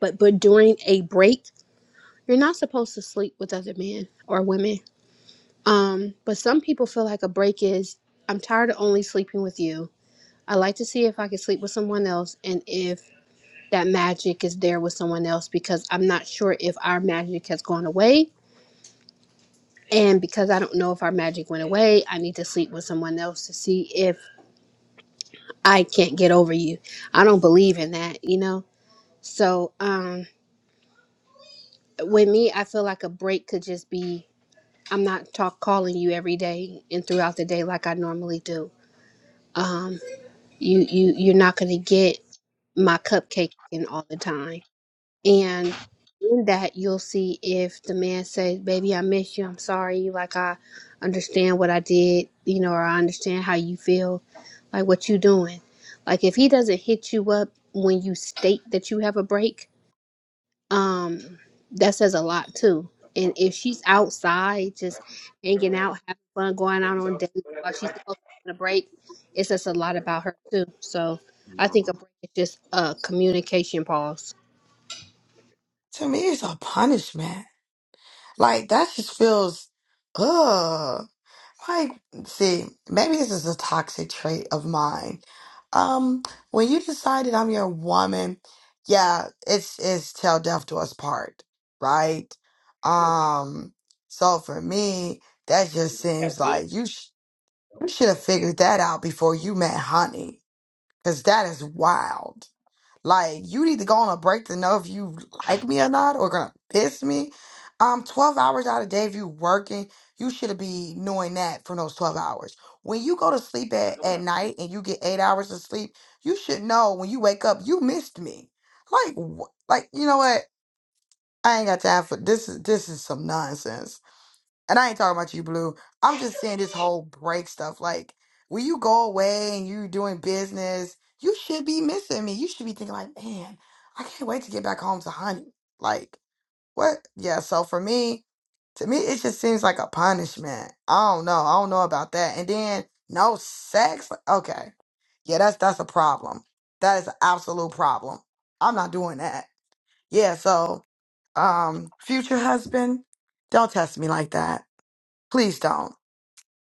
Speaker 5: But but during a break, you're not supposed to sleep with other men or women. Um, but some people feel like a break is I'm tired of only sleeping with you. I like to see if I can sleep with someone else and if that magic is there with someone else because I'm not sure if our magic has gone away And because I don't know if our magic went away, I need to sleep with someone else to see if I can't get over you. I don't believe in that, you know? So, um, with me, I feel like a break could just be I'm not talk calling you every day and throughout the day like I normally do. Um, you you you're not gonna get my cupcake in all the time And in that, you'll see if the man says, Baby, I miss you. I'm sorry. Like, I understand what I did, you know, or I understand how you feel, like what you doing. Like, if he doesn't hit you up when you state that you have a break, um, that says a lot too. And if she's outside, just hanging out, having fun, going out on dates while she's supposed to be on a break, it says a lot about her too. So I think a break is just a communication pause.
Speaker 3: to me it's a punishment. Like that just feels ugh. Like see, maybe this is a toxic trait of mine. Um, when you decided I'm your woman, yeah, it's it's till death do us part, right? Um, so for me, that just seems like you sh you should have figured that out before you met Honey, because that is wild. Like, you need to go on a break to know if you like me or not, or gonna piss me. Um, 12 hours out of the day, if you working, you should be knowing that from those 12 hours. When you go to sleep at, at night and you get eight hours of sleep, you should know when you wake up, you missed me. Like, wh- like you know what? I ain't got time for this. Is this is some nonsense? and I ain't talking about you, Blue. I'm just saying this whole break stuff. Like, when you go away and you're doing business, you should be missing me. You should be thinking, like, man, I can't wait to get back home to honey. Like, what? Yeah, so for me, to me, it just seems like a punishment. I don't know. I don't know about that. And then no sex. Like, Okay. Yeah, that's that's a problem. That is an absolute problem. I'm not doing that. Yeah, so um future husband, don't test me like that Please don't.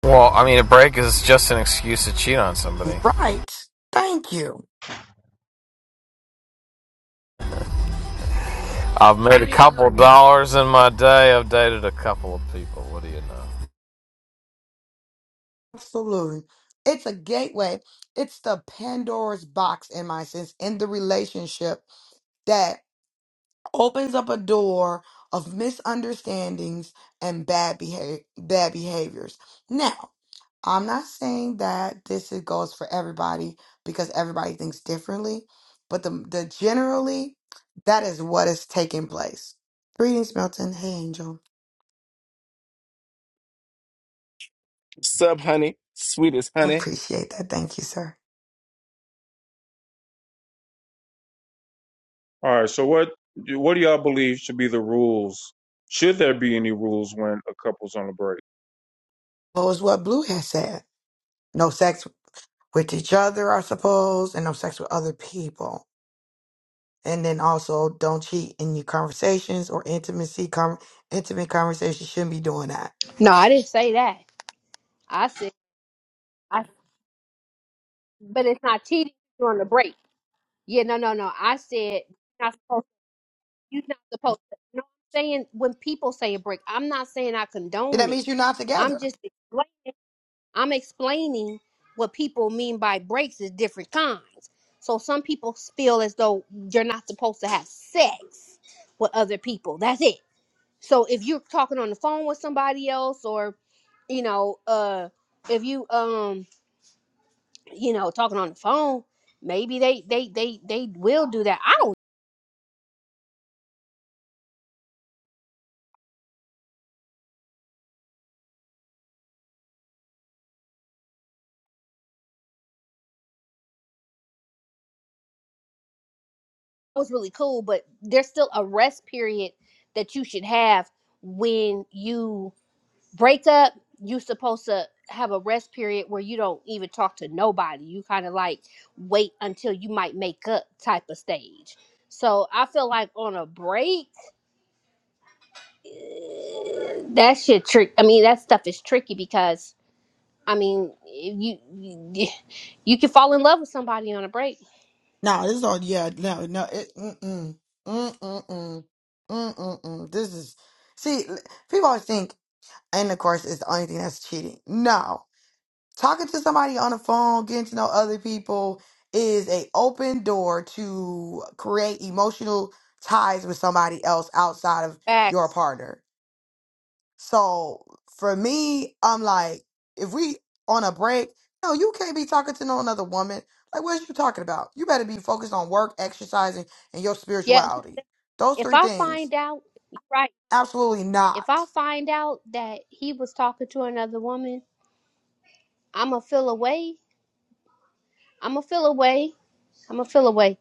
Speaker 6: Well, I mean, a break is just an excuse to cheat on somebody.
Speaker 3: Right. Thank you.
Speaker 6: I've made a couple dollars in my day. I've dated a couple of people. What do you know?
Speaker 3: Absolutely. It's a gateway. It's the Pandora's box, in my sense, in the relationship that opens up a door of misunderstandings and bad behavior, bad behaviors. Now, I'm not saying that this is- goes for everybody because everybody thinks differently, but the, the generally that is what is taking place. Greetings, Milton. Hey, Angel.
Speaker 7: Sub honey, sweet as
Speaker 3: I
Speaker 7: honey.
Speaker 3: appreciate that. Thank you, sir.
Speaker 1: All right, so what what do y'all believe should be the rules? Should there be any rules when a couple's on a break?
Speaker 3: Well, it's what Blue has said. No sex with each other, I suppose, and no sex with other people. And then also, don't cheat in your conversations or intimacy. Com- intimate conversations shouldn't be doing that.
Speaker 5: No, I didn't say that. I said, I, but it's not cheating during the break. Yeah, no, no, no. I said you're not supposed. You're not supposed. To, you know what I'm saying? When people say a break, I'm not saying I
Speaker 3: And
Speaker 5: condone
Speaker 3: That
Speaker 5: it.
Speaker 3: means you're not
Speaker 5: I'm
Speaker 3: together.
Speaker 5: just explaining. I'm explaining what people mean by breaks is different kinds. So some people feel as though you're not supposed to have sex with other people. That's it. So if you're talking on the phone with somebody else, or you know, uh, if you um you know, talking on the phone, maybe they they they they will do that. I don't. It was really cool, but there's still a rest period that you should have when you break up. You're supposed to have a rest period where you don't even talk to nobody. You kind of like wait until you might make up type of stage. So I feel like on a break, that shit trick. I mean, that stuff is tricky because I mean, you you, you can fall in love with somebody on a break.
Speaker 3: No, this is all. Yeah, no, no. It, mm-mm, mm-mm, mm-mm. This is. See, l- people always think intercourse is the only thing that's cheating. No, talking to somebody on the phone, getting to know other people is a open door to create emotional ties with somebody else outside of your
Speaker 5: Facts.
Speaker 3: partner. So for me, I'm like, if we on a break, no, you can't be talking to no another woman. Like, what are you talking about? You better be focused on work, exercising, and your
Speaker 5: Yeah, 'cause
Speaker 3: spirituality. Those
Speaker 5: if
Speaker 3: three
Speaker 5: I
Speaker 3: things.
Speaker 5: find out, right,
Speaker 3: Absolutely
Speaker 5: if I
Speaker 3: not.
Speaker 5: find out that he was talking to another woman, I'm gonna feel away. I'm gonna feel away. I'm gonna feel away.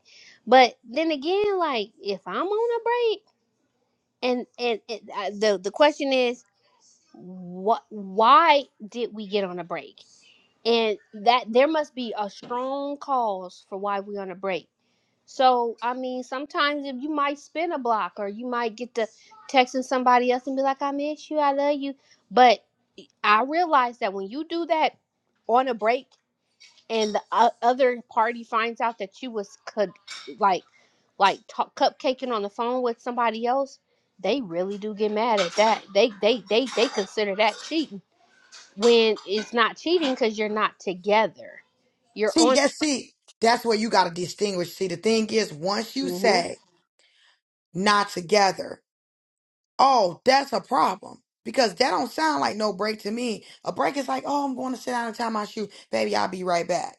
Speaker 5: But then again, like if I'm on a break, and and, and uh, the the question is, what? Why did we get on a break? And that there must be a strong cause for why we on a break. So I mean, sometimes if you might spin a block, or you might get to texting somebody else and be like, "I miss you, I love you," but I realize that when you do that on a break, and the o- other party finds out that you was could like like talk, cupcaking on the phone with somebody else, they really do get mad at that. They they they they consider that cheating when it's not cheating because you're not together. You're
Speaker 3: See,
Speaker 5: on.
Speaker 3: that's see, that's where you gotta distinguish. See, the thing is, once you say not together, oh, that's a problem. Because that don't sound like no break to me. A break is like, oh, I'm going to sit down and tie my shoe. Baby, I'll be right back.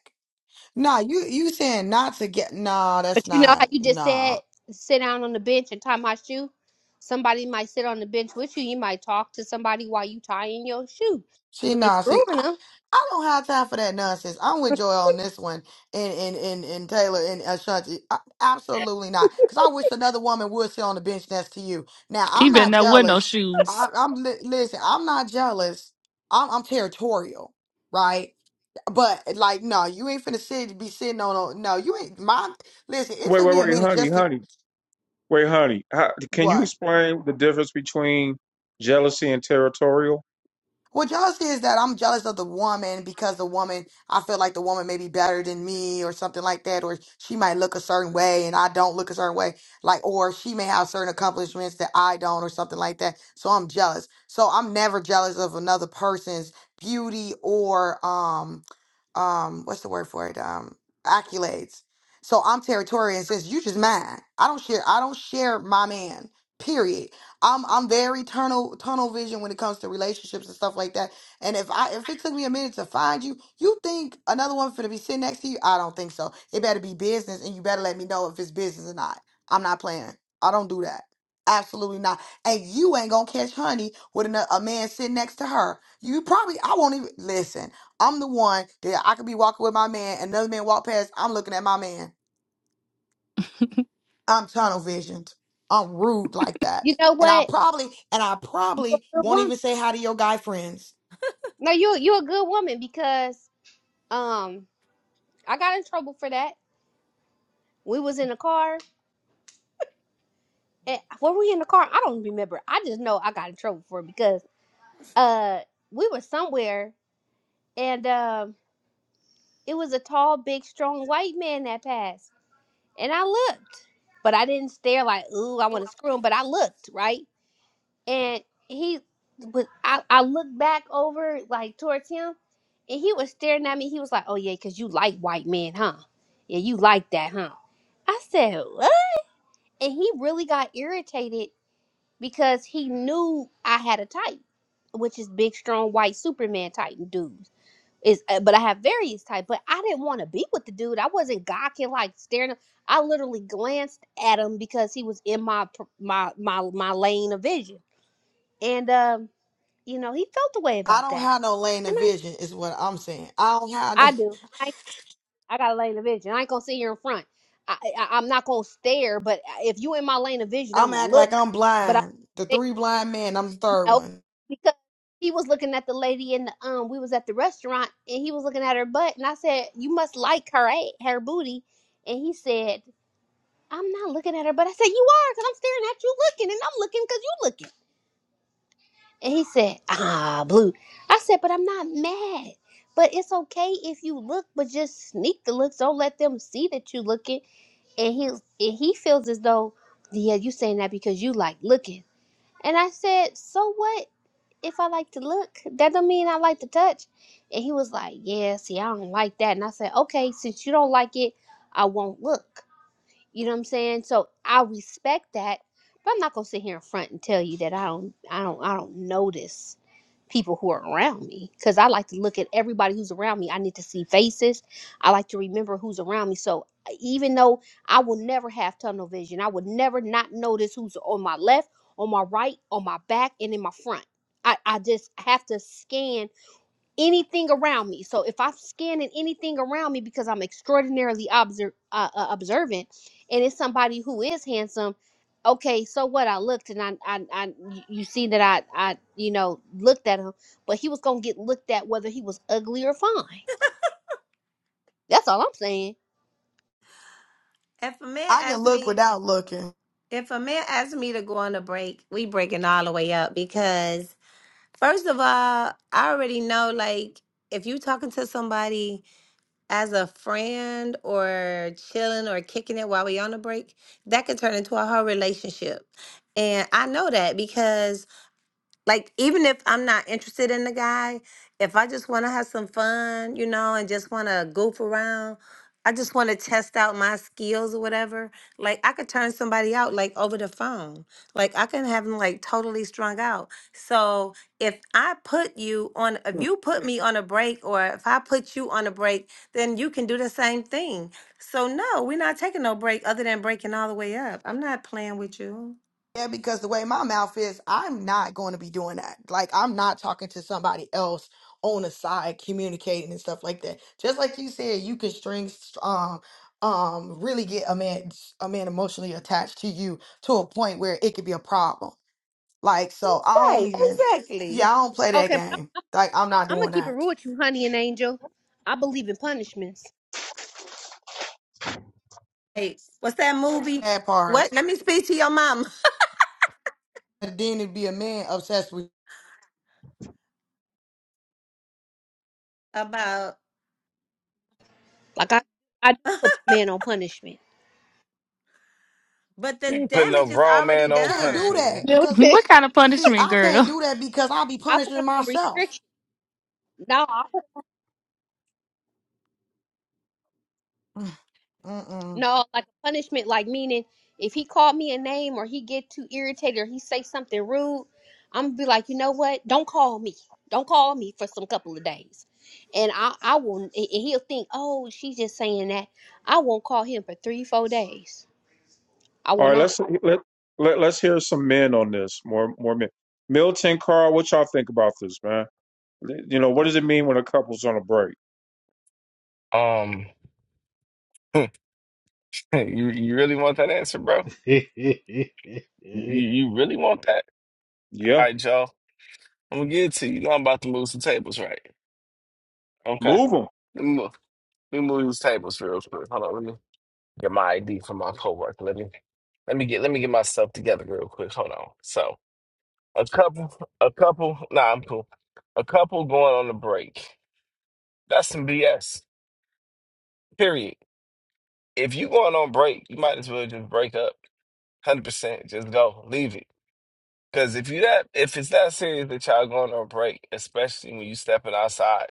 Speaker 3: Nah, you you saying not to get nah, that's
Speaker 5: But you know how
Speaker 3: not
Speaker 5: you just
Speaker 3: nah.
Speaker 5: said sit down on the bench and tie my shoe? Somebody might sit on the bench with you. You might talk to somebody while you tying your shoe. You
Speaker 3: See,
Speaker 5: ain't
Speaker 3: nah, see,
Speaker 5: screwing
Speaker 3: I,
Speaker 5: them.
Speaker 3: I don't have time for that nonsense. I'm with Joy on this one and and and, and Taylor and Ashanti. I, absolutely not. Because I wish another woman would sit on the bench next to you. Now,
Speaker 4: He
Speaker 3: I'm
Speaker 4: better
Speaker 3: not
Speaker 4: not wear no
Speaker 3: jealous.
Speaker 4: shoes.
Speaker 3: I, I'm li- listen, I'm not jealous. I'm, I'm territorial, right? But like, no, you ain't finna sit be sitting on. a- No, you ain't. My listen, it
Speaker 1: Wait,
Speaker 3: took
Speaker 1: wait,
Speaker 3: me a
Speaker 1: wait,
Speaker 3: minute
Speaker 1: honey,
Speaker 3: just to
Speaker 1: honey. Wait, honey, how, can you
Speaker 3: what.
Speaker 1: explain the difference between jealousy and territorial?
Speaker 3: What y'all see is that I'm jealous of the woman because the woman, I feel like the woman may be better than me or something like that, or she might look a certain way and I don't look a certain way, like, or she may have certain accomplishments that I don't or something like that. So I'm jealous. So I'm never jealous of another person's beauty or, um, um, what's the word for it? Um, accolades. So I'm territorial and says, you just mine. I don't share, I don't share my man, period. I'm I'm very tunnel tunnel vision when it comes to relationships and stuff like that. And if I if it took me a minute to find you, you think another one finna be sitting next to you? I don't think so. It better be business, and you better let me know if it's business or not. I'm not playing. I don't do that. Absolutely not. And you ain't gonna catch honey with ano- a man sitting next to her. You probably I won't even listen. I'm the one that I could be walking with my man, another man walk past. I'm looking at my man. I'm tunnel visioned. I'm rude like that.
Speaker 5: You know
Speaker 3: And I
Speaker 5: what?
Speaker 3: probably and I
Speaker 5: You're
Speaker 3: probably
Speaker 5: a good
Speaker 3: won't
Speaker 5: woman.
Speaker 3: even say hi to your guy friends.
Speaker 5: No, you you're a good woman because um I got in trouble for that. We was in the car. And, were we in the car? I don't remember. I just know I got in trouble for it because uh we were somewhere and um it was a tall, big, strong white man that passed And I looked, but I didn't stare like, ooh, I want to screw him. But I looked, right? And he was, I, I looked back over like towards him and he was staring at me. He was like, oh, yeah, because you like white men, huh? Yeah, you like that, huh? I said, what? And he really got irritated because he knew I had a type, which is big, strong, white Superman type dudes is uh, but I have various type. But I didn't want to be with the dude. I wasn't gawking like staring. at- I literally glanced at him because he was in my pr- my my my lane of vision, and um, you know he felt the way
Speaker 3: I
Speaker 5: about
Speaker 3: don't
Speaker 5: that,
Speaker 3: have no lane
Speaker 5: and
Speaker 3: of vision is what I'm saying. I don't have
Speaker 5: I
Speaker 3: no
Speaker 5: I do. I I got a lane of vision. I ain't gonna sit here in front. I, I I'm not gonna stare, but uh, if you in my lane of vision, I'm
Speaker 3: I'm
Speaker 5: gonna
Speaker 3: act like
Speaker 5: look.
Speaker 3: I'm
Speaker 5: But
Speaker 3: blind. The
Speaker 5: I.
Speaker 3: three blind men, I'm the third
Speaker 5: No,
Speaker 3: one.
Speaker 5: because he was looking at the lady in the um. We was at the restaurant and he was looking at her butt, and I said, "You must like her a- her booty," and he said, "I'm not looking at her," but I said, "You are, because I'm staring at you looking, and I'm looking because you looking." And he said, "Ah, blue." I said, "But I'm not mad." But it's okay if you look, but just sneak the looks. Don't let them see that you looking. And he and he feels as though, yeah, you saying that because you like looking. And I said, so what? if I like to look, that don't mean I like to touch. And he was like, Yeah, see, I don't like that. And I said, Okay, since you don't like it, I won't look. You know what I'm saying? So I respect that, but I'm not gonna sit here in front and tell you that I don't I don't I don't notice people who are around me because I like to look at everybody who's around me. I need to see faces. I like to remember who's around me. So even though I will never have tunnel vision, I would never not notice who's on my left, on my right, on my back, and in my front. I, I just have to scan anything around me. So if I'm scanning anything around me because I'm extraordinarily obser- uh, uh, observant, and it's somebody who is handsome, okay, so what? I looked and I, I, I y- you see that I, I, you know, looked at him, but he was gonna get looked at whether he was ugly or fine. That's all I'm saying.
Speaker 8: If a man
Speaker 3: I can
Speaker 8: asks
Speaker 3: look
Speaker 8: me,
Speaker 3: without looking.
Speaker 8: if a man asks me to go on a break, we breaking all the way up because first of all, I already know like if you talking to somebody as a friend or chilling or kicking it while we on a break, that could turn into a whole relationship. And I know that because like even if I'm not interested in the guy, if I just want to have some fun, you know, and just want to goof around, I just want to test out my skills or whatever. Like I could turn somebody out like over the phone. Like I can have them like totally strung out. So if I put you on,
Speaker 1: Hmm.
Speaker 8: if you put me on a break, or if I put you on a break, then you can do the same thing. So no, we're not taking no break other than breaking all the way up. I'm not playing with you.
Speaker 3: Yeah, because the way my mouth is, I'm not going to be doing that. Like, I'm not talking to somebody else on the side, communicating and stuff like that. Just like you said, you can string, s- um, um, really get a man, a man emotionally attached to you to a point where it could be a problem. Like, so I don't
Speaker 8: Right,
Speaker 3: even, yeah,
Speaker 8: exactly.
Speaker 3: I don't play that
Speaker 5: Okay, but
Speaker 3: game. Like, I'm not
Speaker 5: I'm gonna
Speaker 3: doing
Speaker 5: keep it
Speaker 3: that.
Speaker 5: real with you, honey and angel. I believe in punishments.
Speaker 8: Hey, what's that movie
Speaker 3: That part.
Speaker 8: What? Let me speak to your mom.
Speaker 3: And then it'd be a man obsessed with,
Speaker 8: about?
Speaker 5: Like I, I do put my man on punishment.
Speaker 8: But the
Speaker 7: You ain't putting no
Speaker 8: damage is
Speaker 7: grown man
Speaker 8: already
Speaker 7: on
Speaker 3: can't do
Speaker 8: done.
Speaker 7: punishment,
Speaker 3: that.
Speaker 5: You
Speaker 3: Cause, see, I can't do that because I'll be
Speaker 5: I put
Speaker 3: punishing
Speaker 5: him on
Speaker 3: myself.
Speaker 5: restriction. No,
Speaker 3: Mm, Mm-mm.
Speaker 5: No, like a punishment, like meaning if he called me a name or he get too irritated or he say something rude, I'm gonna be like, you know what? Don't call me. Don't call me for some couple of days. And I, I will, and and he'll think, oh, she's just saying that. I won't call him for three, four days. I will
Speaker 1: All right,
Speaker 5: not.
Speaker 1: let's let, let let's hear some men on this. More more men. Milton, Carl, what y'all think about this, man? You know, what does it mean
Speaker 3: Mm-mm.
Speaker 1: when a couple's on a break?
Speaker 7: man. Um, you you really want that answer, bro?
Speaker 9: Um,
Speaker 7: You you really want that? All
Speaker 1: Yeah,
Speaker 7: right, y'all. I'm gonna give it to you. You know I'm about to move some tables, right? Okay.
Speaker 1: move them.
Speaker 7: Let me move, let me move these tables real quick. Hold on. Let me get my ID from my coworker. Let me let me get let me get myself together real quick. Hold on. So a couple, a couple. Nah, I'm cool. A couple going on a break. That's some BS. Period. if you going on break, you might as well just break up. Hundred percent, just go, leave it. Because if you that, if it's that serious that y'all going on break, especially when you stepping outside,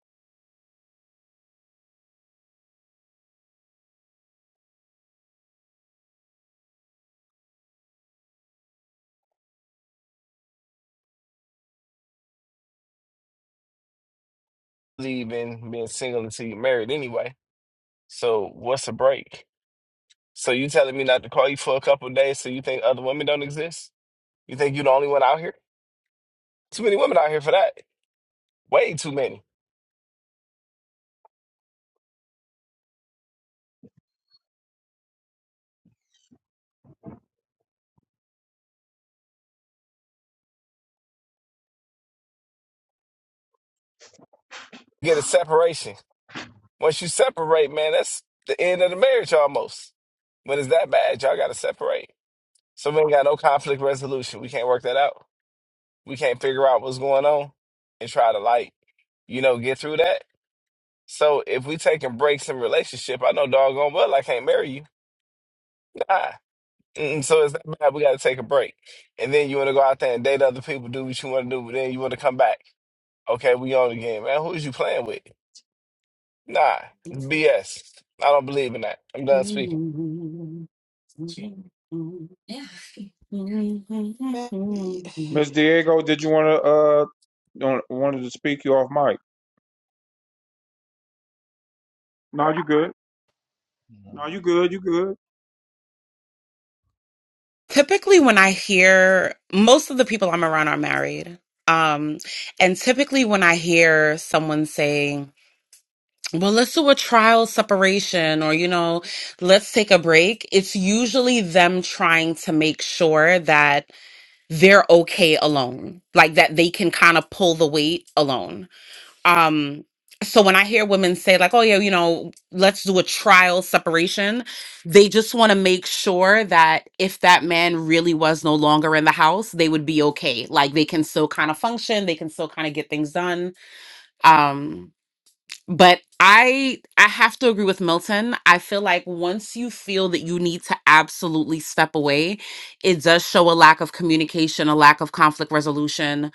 Speaker 7: leaving, being single until you married anyway. So what's a break? So you telling me not to call you for a couple of days? So you think other women don't exist? You think you the only one out here? Too many women out here for that. Way too many. get a separation. Once you separate, man, that's the end of the marriage almost. When it's that bad, y'all gotta separate. So we ain't got no conflict resolution. We can't work that out. We can't figure out what's going on and try to like, you know, get through that. So if we taking breaks in relationship, I know doggone well I can't marry you. Nah. Mm-mm, so it's that bad. We got to take a break, and then you want to go out there and date other people, do what you want to do, but then you want to come back. Okay, we on again, man. Who is you playing with? Nah, it's
Speaker 10: Typically,
Speaker 7: BS. I don't believe in that. I'm done speaking.
Speaker 3: Man, y-
Speaker 1: Miss Diego, did you want to uh want- wanted to speak you off mic? No, you good. No, you good. You good.
Speaker 10: when I hear most of the people I'm around are married. Um, and typically, when I hear someone saying, well, let's do a trial separation or, you know, let's take a break, it's usually them trying to make sure that they're okay alone, like that they can kind of pull the weight alone. um so when i hear women say like oh yeah you know let's do a trial separation they just want to make sure that if that man really was no longer in the house they would be okay like they can still kind of function they can still kind of get things done um but i i have to agree with milton i feel like once you feel that you need to absolutely step away it does show a lack of communication a lack of conflict resolution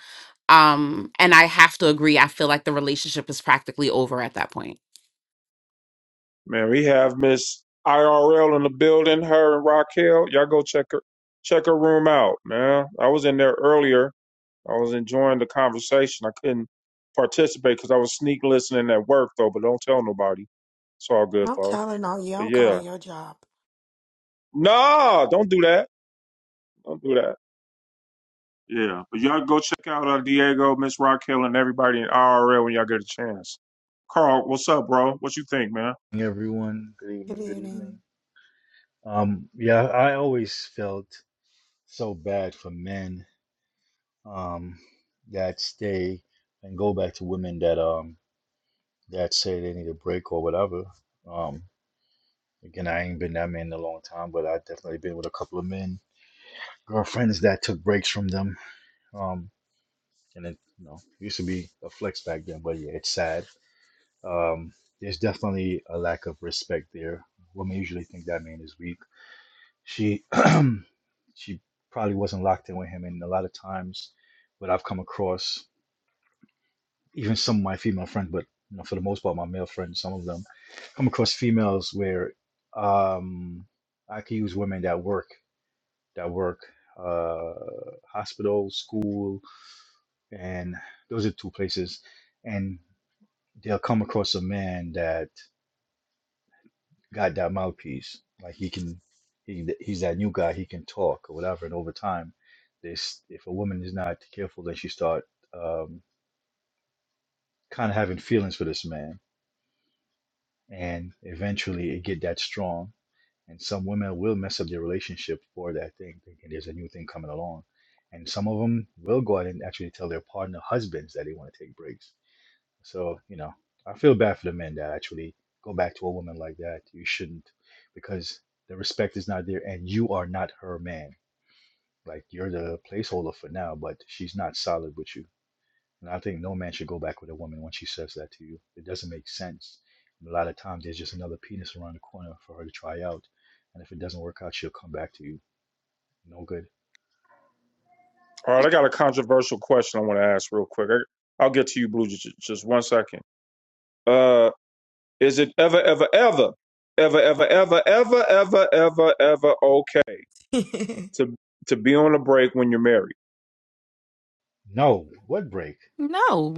Speaker 10: um and i have to agree i feel like the relationship is practically over at that point
Speaker 1: Man, we have Miss IRL in the building, her and Raquel. Y'all go check her check her room out, man. I was in there earlier. I was enjoying the conversation. I couldn't participate because I was sneak listening at work though, but don't tell nobody. It's all good
Speaker 3: I'm
Speaker 1: though.
Speaker 3: telling on you,
Speaker 1: But
Speaker 3: I'm
Speaker 1: yeah.
Speaker 3: calling your job.
Speaker 1: Nah, don't do that. Don't do that. Yeah. But y'all go check out uh, Diego, Miss Raquel, and everybody in IRL when y'all get a chance. Carl, what's up, bro? What you think, man?
Speaker 9: Everyone, good
Speaker 3: Good
Speaker 9: evening, good
Speaker 3: evening.
Speaker 9: evening. Um, yeah, I always felt so bad for men um that stay and go back to women that um that say they need a break or whatever. Um, again, I ain't been that man in a long time, but I've definitely been with a couple of men, girlfriends that took breaks from them. Um, and it, you know, used to be a flex back then, but yeah, it's sad. Um, there's definitely a lack of respect there. Women usually think that man is weak. She she probably wasn't locked in with him, and a lot of times, what I've come across, even some of my female friends, but you know, for the most part, my male friends, some of them, come across females where um, I could use women that work that work uh, hospital, school, and those are two places, and they'll come across a man that got that mouthpiece. Like he can, he he's that new guy. He can talk or whatever. And over time, this if a woman is not careful, then she start um, kind of having feelings for this man, and eventually it get that strong. And some women will mess up their relationship for that thing, thinking there's a new thing coming along. And some of them will go out and actually tell their partner husbands that they want to take breaks So, you know, I feel bad for the men that actually go back to a woman like that. You shouldn't because the respect is not there and you are not her man. Like you're the placeholder for now, but she's not solid with you. And I think no man should go back with a woman when she says that to you. It doesn't make sense. And a lot of times there's just another penis around the corner for her to try out. And if it doesn't work out, she'll come back to you. No good.
Speaker 1: All right, I got a controversial question I want to ask real quick. I, I'll get to you, Blue, just, just one second. Uh, is it ever, ever, ever, ever, ever, ever, ever, ever, ever, ever okay
Speaker 3: yeah,
Speaker 1: to to be on a break when you're married?
Speaker 9: No. What break?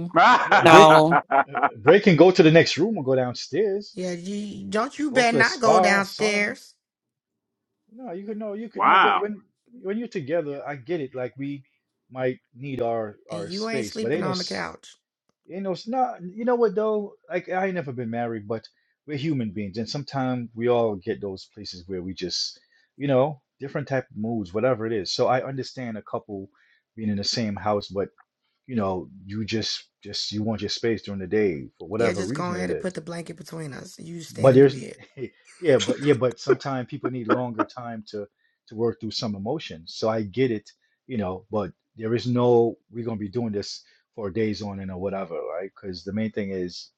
Speaker 9: Well, Break
Speaker 10: No.
Speaker 9: uh, break and go to the next room or go downstairs.
Speaker 3: you don't you
Speaker 9: Go
Speaker 3: better
Speaker 9: to a
Speaker 3: not go
Speaker 9: spa, a sauna
Speaker 3: downstairs
Speaker 9: No, you could no, you could no. wh-
Speaker 1: wow.
Speaker 9: When when you're together, I get it. Like we might need our
Speaker 3: and
Speaker 9: our
Speaker 3: you ain't
Speaker 9: space, but
Speaker 3: sleeping
Speaker 9: ain't no
Speaker 3: on the
Speaker 9: s-
Speaker 3: couch.
Speaker 9: ain't no s- not. You know what though? Like I ain't never been married, but we're human beings, and sometimes we all get those places where we just, you know, different type of moods, whatever it is. So I understand a couple being in the same house, but you know, you just just you want your space during the day for
Speaker 3: Yeah,
Speaker 9: whatever
Speaker 3: just go
Speaker 9: reason
Speaker 3: ahead
Speaker 9: it
Speaker 3: and
Speaker 9: is.
Speaker 3: put the blanket between us. You just
Speaker 9: But
Speaker 3: stand in the
Speaker 9: there's
Speaker 3: bed.
Speaker 9: yeah, but yeah, but sometimes people need longer time to to work through some emotions. So I get it, you know, but there is no we're gonna be doing this for days on end or whatever, right? Because the main thing is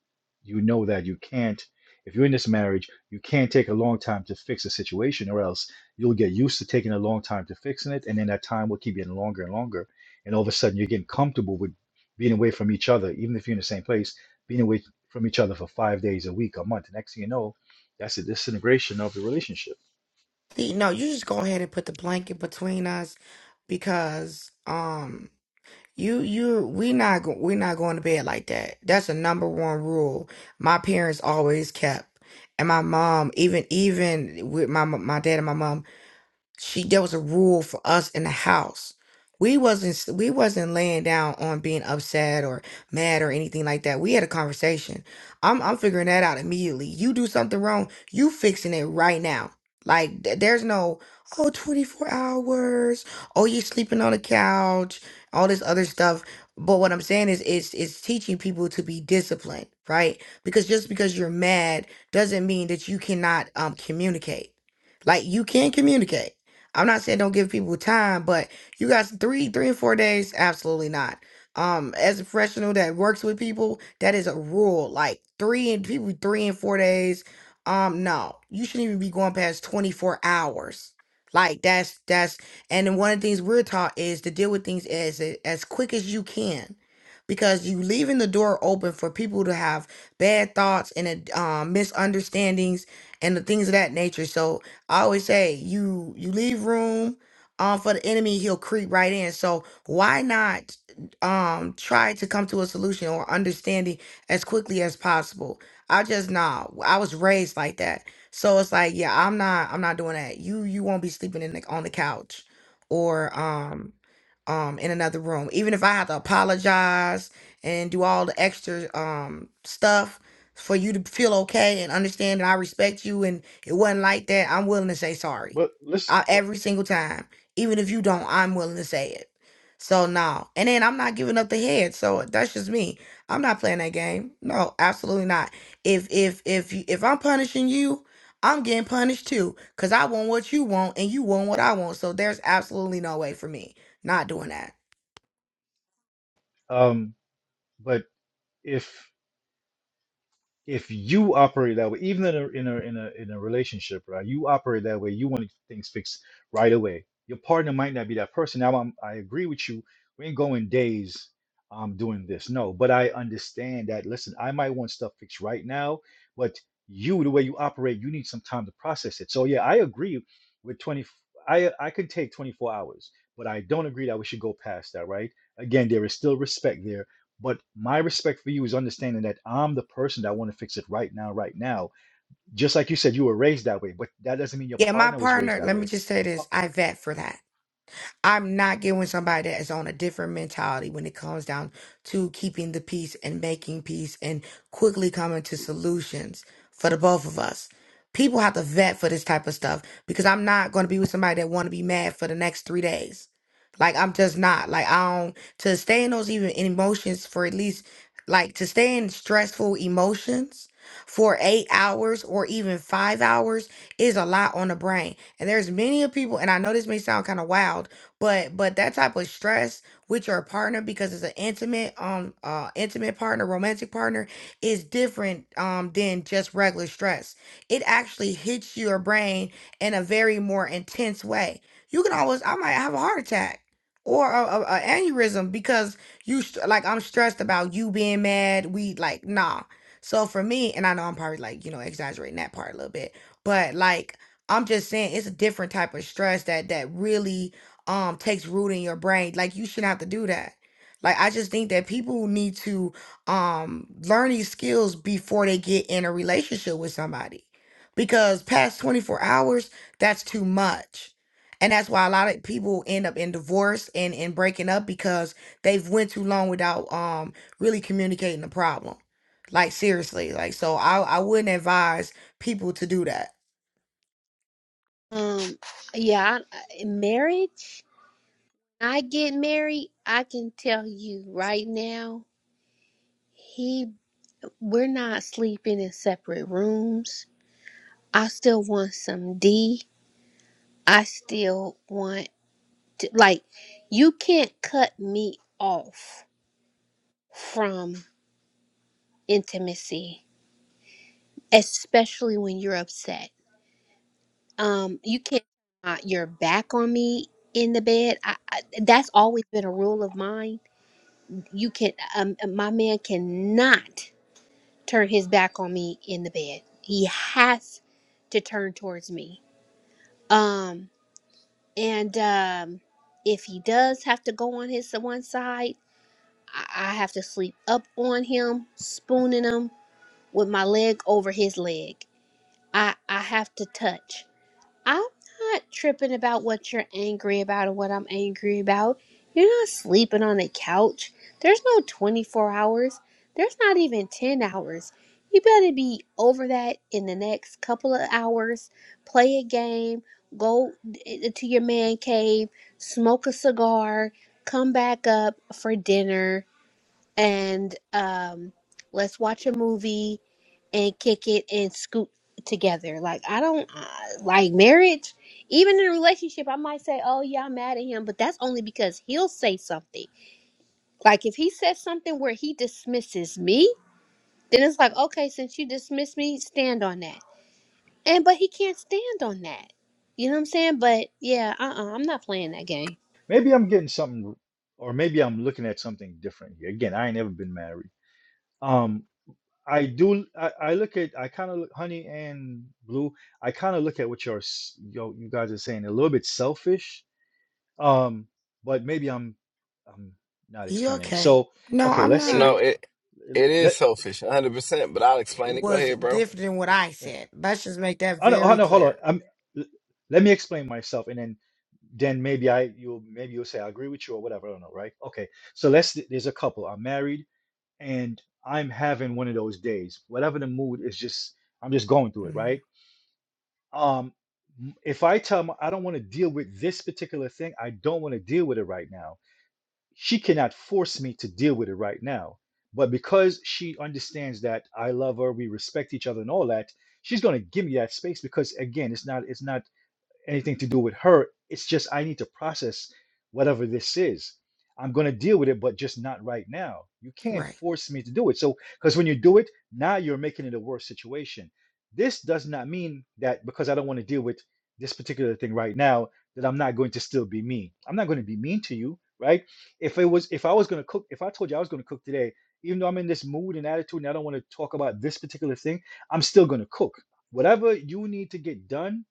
Speaker 9: you know that you can't if you're in this marriage, you can't take a long time to fix a situation or else you'll get used to taking a long time to fixing it, and then that time will keep getting longer and longer. And all of a sudden you're getting comfortable with being away from each other, even if you're in the same place, being away from each other for five days a week, a month. Next thing you know, that's a disintegration of the relationship.
Speaker 3: See, No, you just go ahead and put the blanket between us because um you you we not go, we not going to bed like that. That's a number one rule. My parents always kept. And my mom, even even with my my dad and my mom. she there was a rule for us in the house. We wasn't s- we wasn't laying down on being upset or mad or anything like that. We had a conversation. I'm I'm figuring that out immediately. You do something wrong, you fixing it right now. Like th- there's no oh 24 hours. Oh, you're sleeping on the couch. All this other stuff. But what I'm saying is it's it's teaching people to be disciplined, right? Because just because you're mad doesn't mean that you cannot um communicate. Like you can communicate I'm not saying don't give people time, but you guys three, three and four days, absolutely not. Um, as a professional that works with people, that is a rule. Like three and people three and four days. Um, no, you shouldn't even be going past 24 hours. Like that's that's and then one of the things we're taught is to deal with things as as quick as you can. Because you leaving the door open for people to have bad thoughts and uh, um, misunderstandings and the things of that nature. So I always say you you leave room um for the enemy, he'll creep right in. So why not um try to come to a solution or understanding as quickly as possible? I just nah. I was raised like that. So it's like, yeah, I'm not I'm not doing that. You you won't be sleeping in the, on the couch or um um in another room. Even if I have to apologize and do all the extra um stuff for you to feel okay and understand that I respect you and it wasn't like that, I'm willing to say sorry.
Speaker 9: But listen,
Speaker 3: I,
Speaker 9: but,
Speaker 3: every single time. Even if you don't, I'm willing to say it. So no. And then I'm not giving up the head. So that's just me. I'm not playing that game. No, absolutely not. If if if you, if I'm punishing you, I'm getting punished too cuz I want what you want and you want what I want. So there's absolutely no way for me not doing that.
Speaker 9: um, but if if you operate that way, even in a in a in a in a relationship, right? You operate that way. You want things fixed right away. Your partner might not be that person. Now, I'm, I agree with you. We ain't going days um, doing this. No, but I understand that. Listen, I might want stuff fixed right now, but you, the way you operate, you need some time to process it. So yeah, I agree with 20. I I could take 24 hours, but I don't agree that we should go past that, right? Again, there is still respect there but my respect for you is understanding that I'm the person that want to fix it right now, right now. Just like you said, you were raised that way, but that doesn't mean your
Speaker 3: Yeah, my
Speaker 9: partner was raised
Speaker 3: partner,
Speaker 9: that
Speaker 3: let me
Speaker 9: way.
Speaker 3: just say
Speaker 9: Your
Speaker 3: this,
Speaker 9: par-
Speaker 3: I vet for that I'm not getting with somebody that is on a different mentality when it comes down to keeping the peace and making peace and quickly coming to solutions for the both of us. People have to vet for this type of stuff because I'm not going to be with somebody that want to be mad for the next three days. Like I'm just not like I don't to stay in those even emotions for at least like to stay in stressful emotions for eight hours or even five hours is a lot on the brain. And there's many of people, and I know this may sound kind of wild, but but that type of stress with your partner because it's an intimate um uh intimate partner romantic partner is different um than just regular stress it actually hits your brain in a very more intense way you can always i might have a heart attack or a, a, a aneurysm because you st- like i'm stressed about you being mad we like nah so for me and i know i'm probably like you know exaggerating that part a little bit but like i'm just saying it's a different type of stress that that really um takes root in your brain. Like you shouldn't have to do that. Like I just think that people need to um learn these skills before they get in a relationship with somebody. Because past 24 hours, that's too much. And that's why a lot of people end up in divorce and, and breaking up because they've went too long without um really communicating the problem. Like seriously. Like so I, I wouldn't advise people to do that.
Speaker 5: Um, yeah, I, marriage. I get married. I can tell you right now, he, we're not sleeping in separate rooms. I still want some D. I still want to like you can't cut me off from intimacy, especially when you're upset. Um, you can't turn my- your back on me in the bed. I, I, that's always been a rule of mine. You can, um, uh, my man cannot turn his back on me in the bed. He has to turn towards me. Um, and um, if he does have to go on his one side I I have to sleep up on him, spooning him with my leg over his leg. I I have to touch. I'm not tripping about what you're angry about or what I'm angry about. You're not sleeping on a couch. There's no 24 hours. There's not even 10 hours. You better be over that in the next couple of hours. Play a game, go d- to your man cave, smoke a cigar, come back up for dinner and um, let's watch a movie and kick it and scoot together. Like I don't uh, like marriage. Even in a relationship, I might say, "Oh yeah, I'm mad at him," but that's only because he'll say something. Like if he says something where he dismisses me, then it's like, "Okay, since you dismiss me, stand on that." And but he can't stand on that. You know what I'm saying? But yeah, uh, uh-uh, I'm not playing that game
Speaker 9: maybe I'm getting something, or maybe I'm looking at something different here. Again, I ain't never been married. Um, I do. I, I look at. I kind of look, honey and blue. I kind of look at what you're, s- yo, you guys are saying a little bit selfish. Um, but maybe I'm, I'm not
Speaker 3: You
Speaker 9: explaining.
Speaker 3: okay?
Speaker 9: So,
Speaker 3: No,
Speaker 9: okay,
Speaker 3: I'm
Speaker 9: let's
Speaker 3: not.
Speaker 7: No,
Speaker 9: say,
Speaker 7: it it is
Speaker 9: let,
Speaker 7: selfish, 100. percent But I'll explain it. Go
Speaker 3: was
Speaker 7: ahead, bro.
Speaker 3: different than what I said. Let's just make that
Speaker 9: I know, I
Speaker 3: very
Speaker 9: know, hold on.
Speaker 3: clear.
Speaker 9: Um, l- let me explain myself, and then then maybe I you maybe you'll say I agree with you or whatever. I don't know, right? Okay, so let's. There's a couple. I'm married, and I'm having one of those days. Whatever the mood is, just I'm just going through it, right?
Speaker 3: Mhm.
Speaker 9: Um, m- if I tell my I don't want to deal with this particular thing, I don't want to deal with it right now. She cannot force me to deal with it right now. But because she understands that I love her, we respect each other, and all that, she's going to give me that space because again, it's not it's not anything to do with her. It's just I need to process whatever this is. I'm going to deal with it, but just not right now. You can't
Speaker 3: Right.
Speaker 9: force me to do it. So, because when you do it, now you're making it a worse situation. This does not mean that because I don't want to deal with this particular thing right now, that I'm not going to still be mean. I'm not going to be mean to you, right? If it was, if I was going to cook, if I told you I was going to cook today, even though I'm in this mood and attitude and I don't want to talk about this particular thing, I'm still going to cook. Whatever you need to get done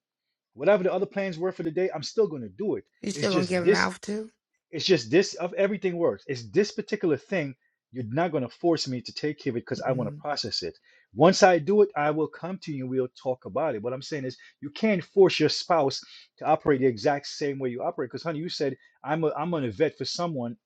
Speaker 9: whatever the other plans were for the day, I'm still going to do it.
Speaker 3: You
Speaker 9: It's
Speaker 3: still gonna
Speaker 9: just
Speaker 3: give him
Speaker 9: this.
Speaker 3: mouth too?
Speaker 9: It's just this. Of everything works. It's this particular thing. You're not going to force me to take care of it because I want to
Speaker 3: Mhm.
Speaker 9: process it. Once I do it, I will come to you and we'll talk about it. What I'm saying is, you can't force your spouse to operate the exact same way you operate. Because, honey, you said I'm a, I'm gonna vet for someone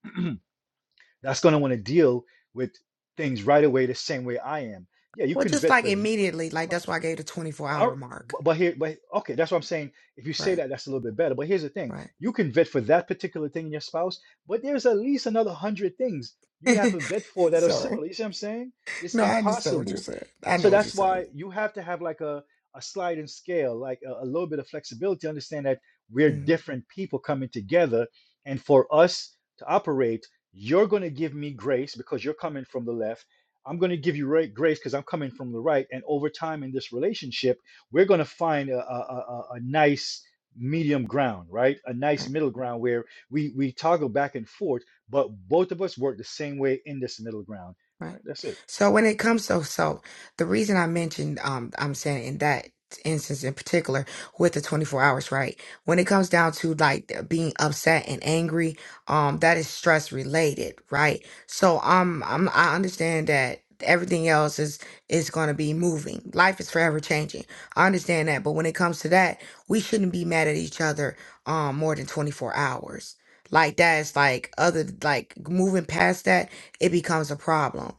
Speaker 9: that's going to want to deal with things right away the same way I am. Yeah, you
Speaker 3: Well,
Speaker 9: can
Speaker 3: just
Speaker 9: vet
Speaker 3: like
Speaker 9: for. th-
Speaker 3: immediately, like that's why I gave the 24
Speaker 9: all-
Speaker 3: hour mark.
Speaker 9: but here, but okay, that's what I'm saying. If you say
Speaker 3: Right.
Speaker 9: that, that's a little bit better. But here's the thing:
Speaker 3: Right.
Speaker 9: you can vet for that particular thing in your spouse, but there's at least another hundred things you would have to vet for that are
Speaker 3: Sorry.
Speaker 9: similar. You see what I'm saying? It's
Speaker 3: No, I understand what you're
Speaker 9: impossible.
Speaker 3: saying. I
Speaker 9: So
Speaker 3: know what you're
Speaker 9: that's
Speaker 3: saying.
Speaker 9: why you have to have like a a sliding scale, like a, a little bit of flexibility. Understand that we're different people coming together, and for us to operate, you're going to give me grace because you're coming from the left. I'm going to give you ra- grace because I'm coming from the right. And over time in this relationship we're going to find a, a, a, a nice medium ground, right? A nice middle ground where we, we toggle back and forth, but both of us work the same way in this middle ground,
Speaker 3: Right.
Speaker 9: right? That's it.
Speaker 3: So when it comes to so the reason I mentioned um I'm saying in that instance in particular with the 24 hours right when it comes down to like being upset and angry um that is stress related right so um I'm, I understand that everything else is is going to be moving life is forever changing I understand that but when it comes to that we shouldn't be mad at each other um more than 24 hours like that's like other like moving past that it becomes a problem.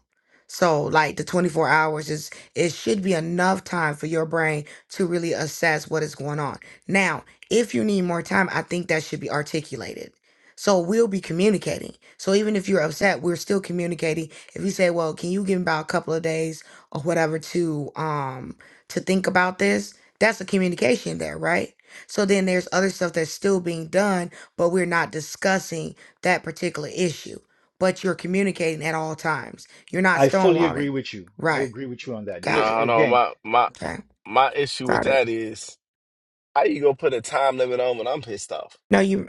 Speaker 3: So like the 24 hours is it should be enough time for your brain to really assess what is going on. Now, if you need more time, I think that should be articulated. So we'll be communicating. So even if you're upset, we're still communicating. If you say, "Well, can you give me about a couple of days or whatever to um to think about this?" That's a communication there, right? So then there's other stuff that's still being done, but we're not discussing that particular issue but you're communicating at all times. You're not
Speaker 9: I fully agree
Speaker 3: stonewalling.
Speaker 9: with you. I
Speaker 3: Right.
Speaker 9: agree with you on that.
Speaker 3: Got
Speaker 9: Because
Speaker 7: No,
Speaker 3: it.
Speaker 7: hold on.
Speaker 9: again,
Speaker 7: My my
Speaker 3: Okay.
Speaker 7: my issue with
Speaker 3: Got it.
Speaker 7: that is how you gonna put a time limit on when I'm pissed off?
Speaker 3: No, you.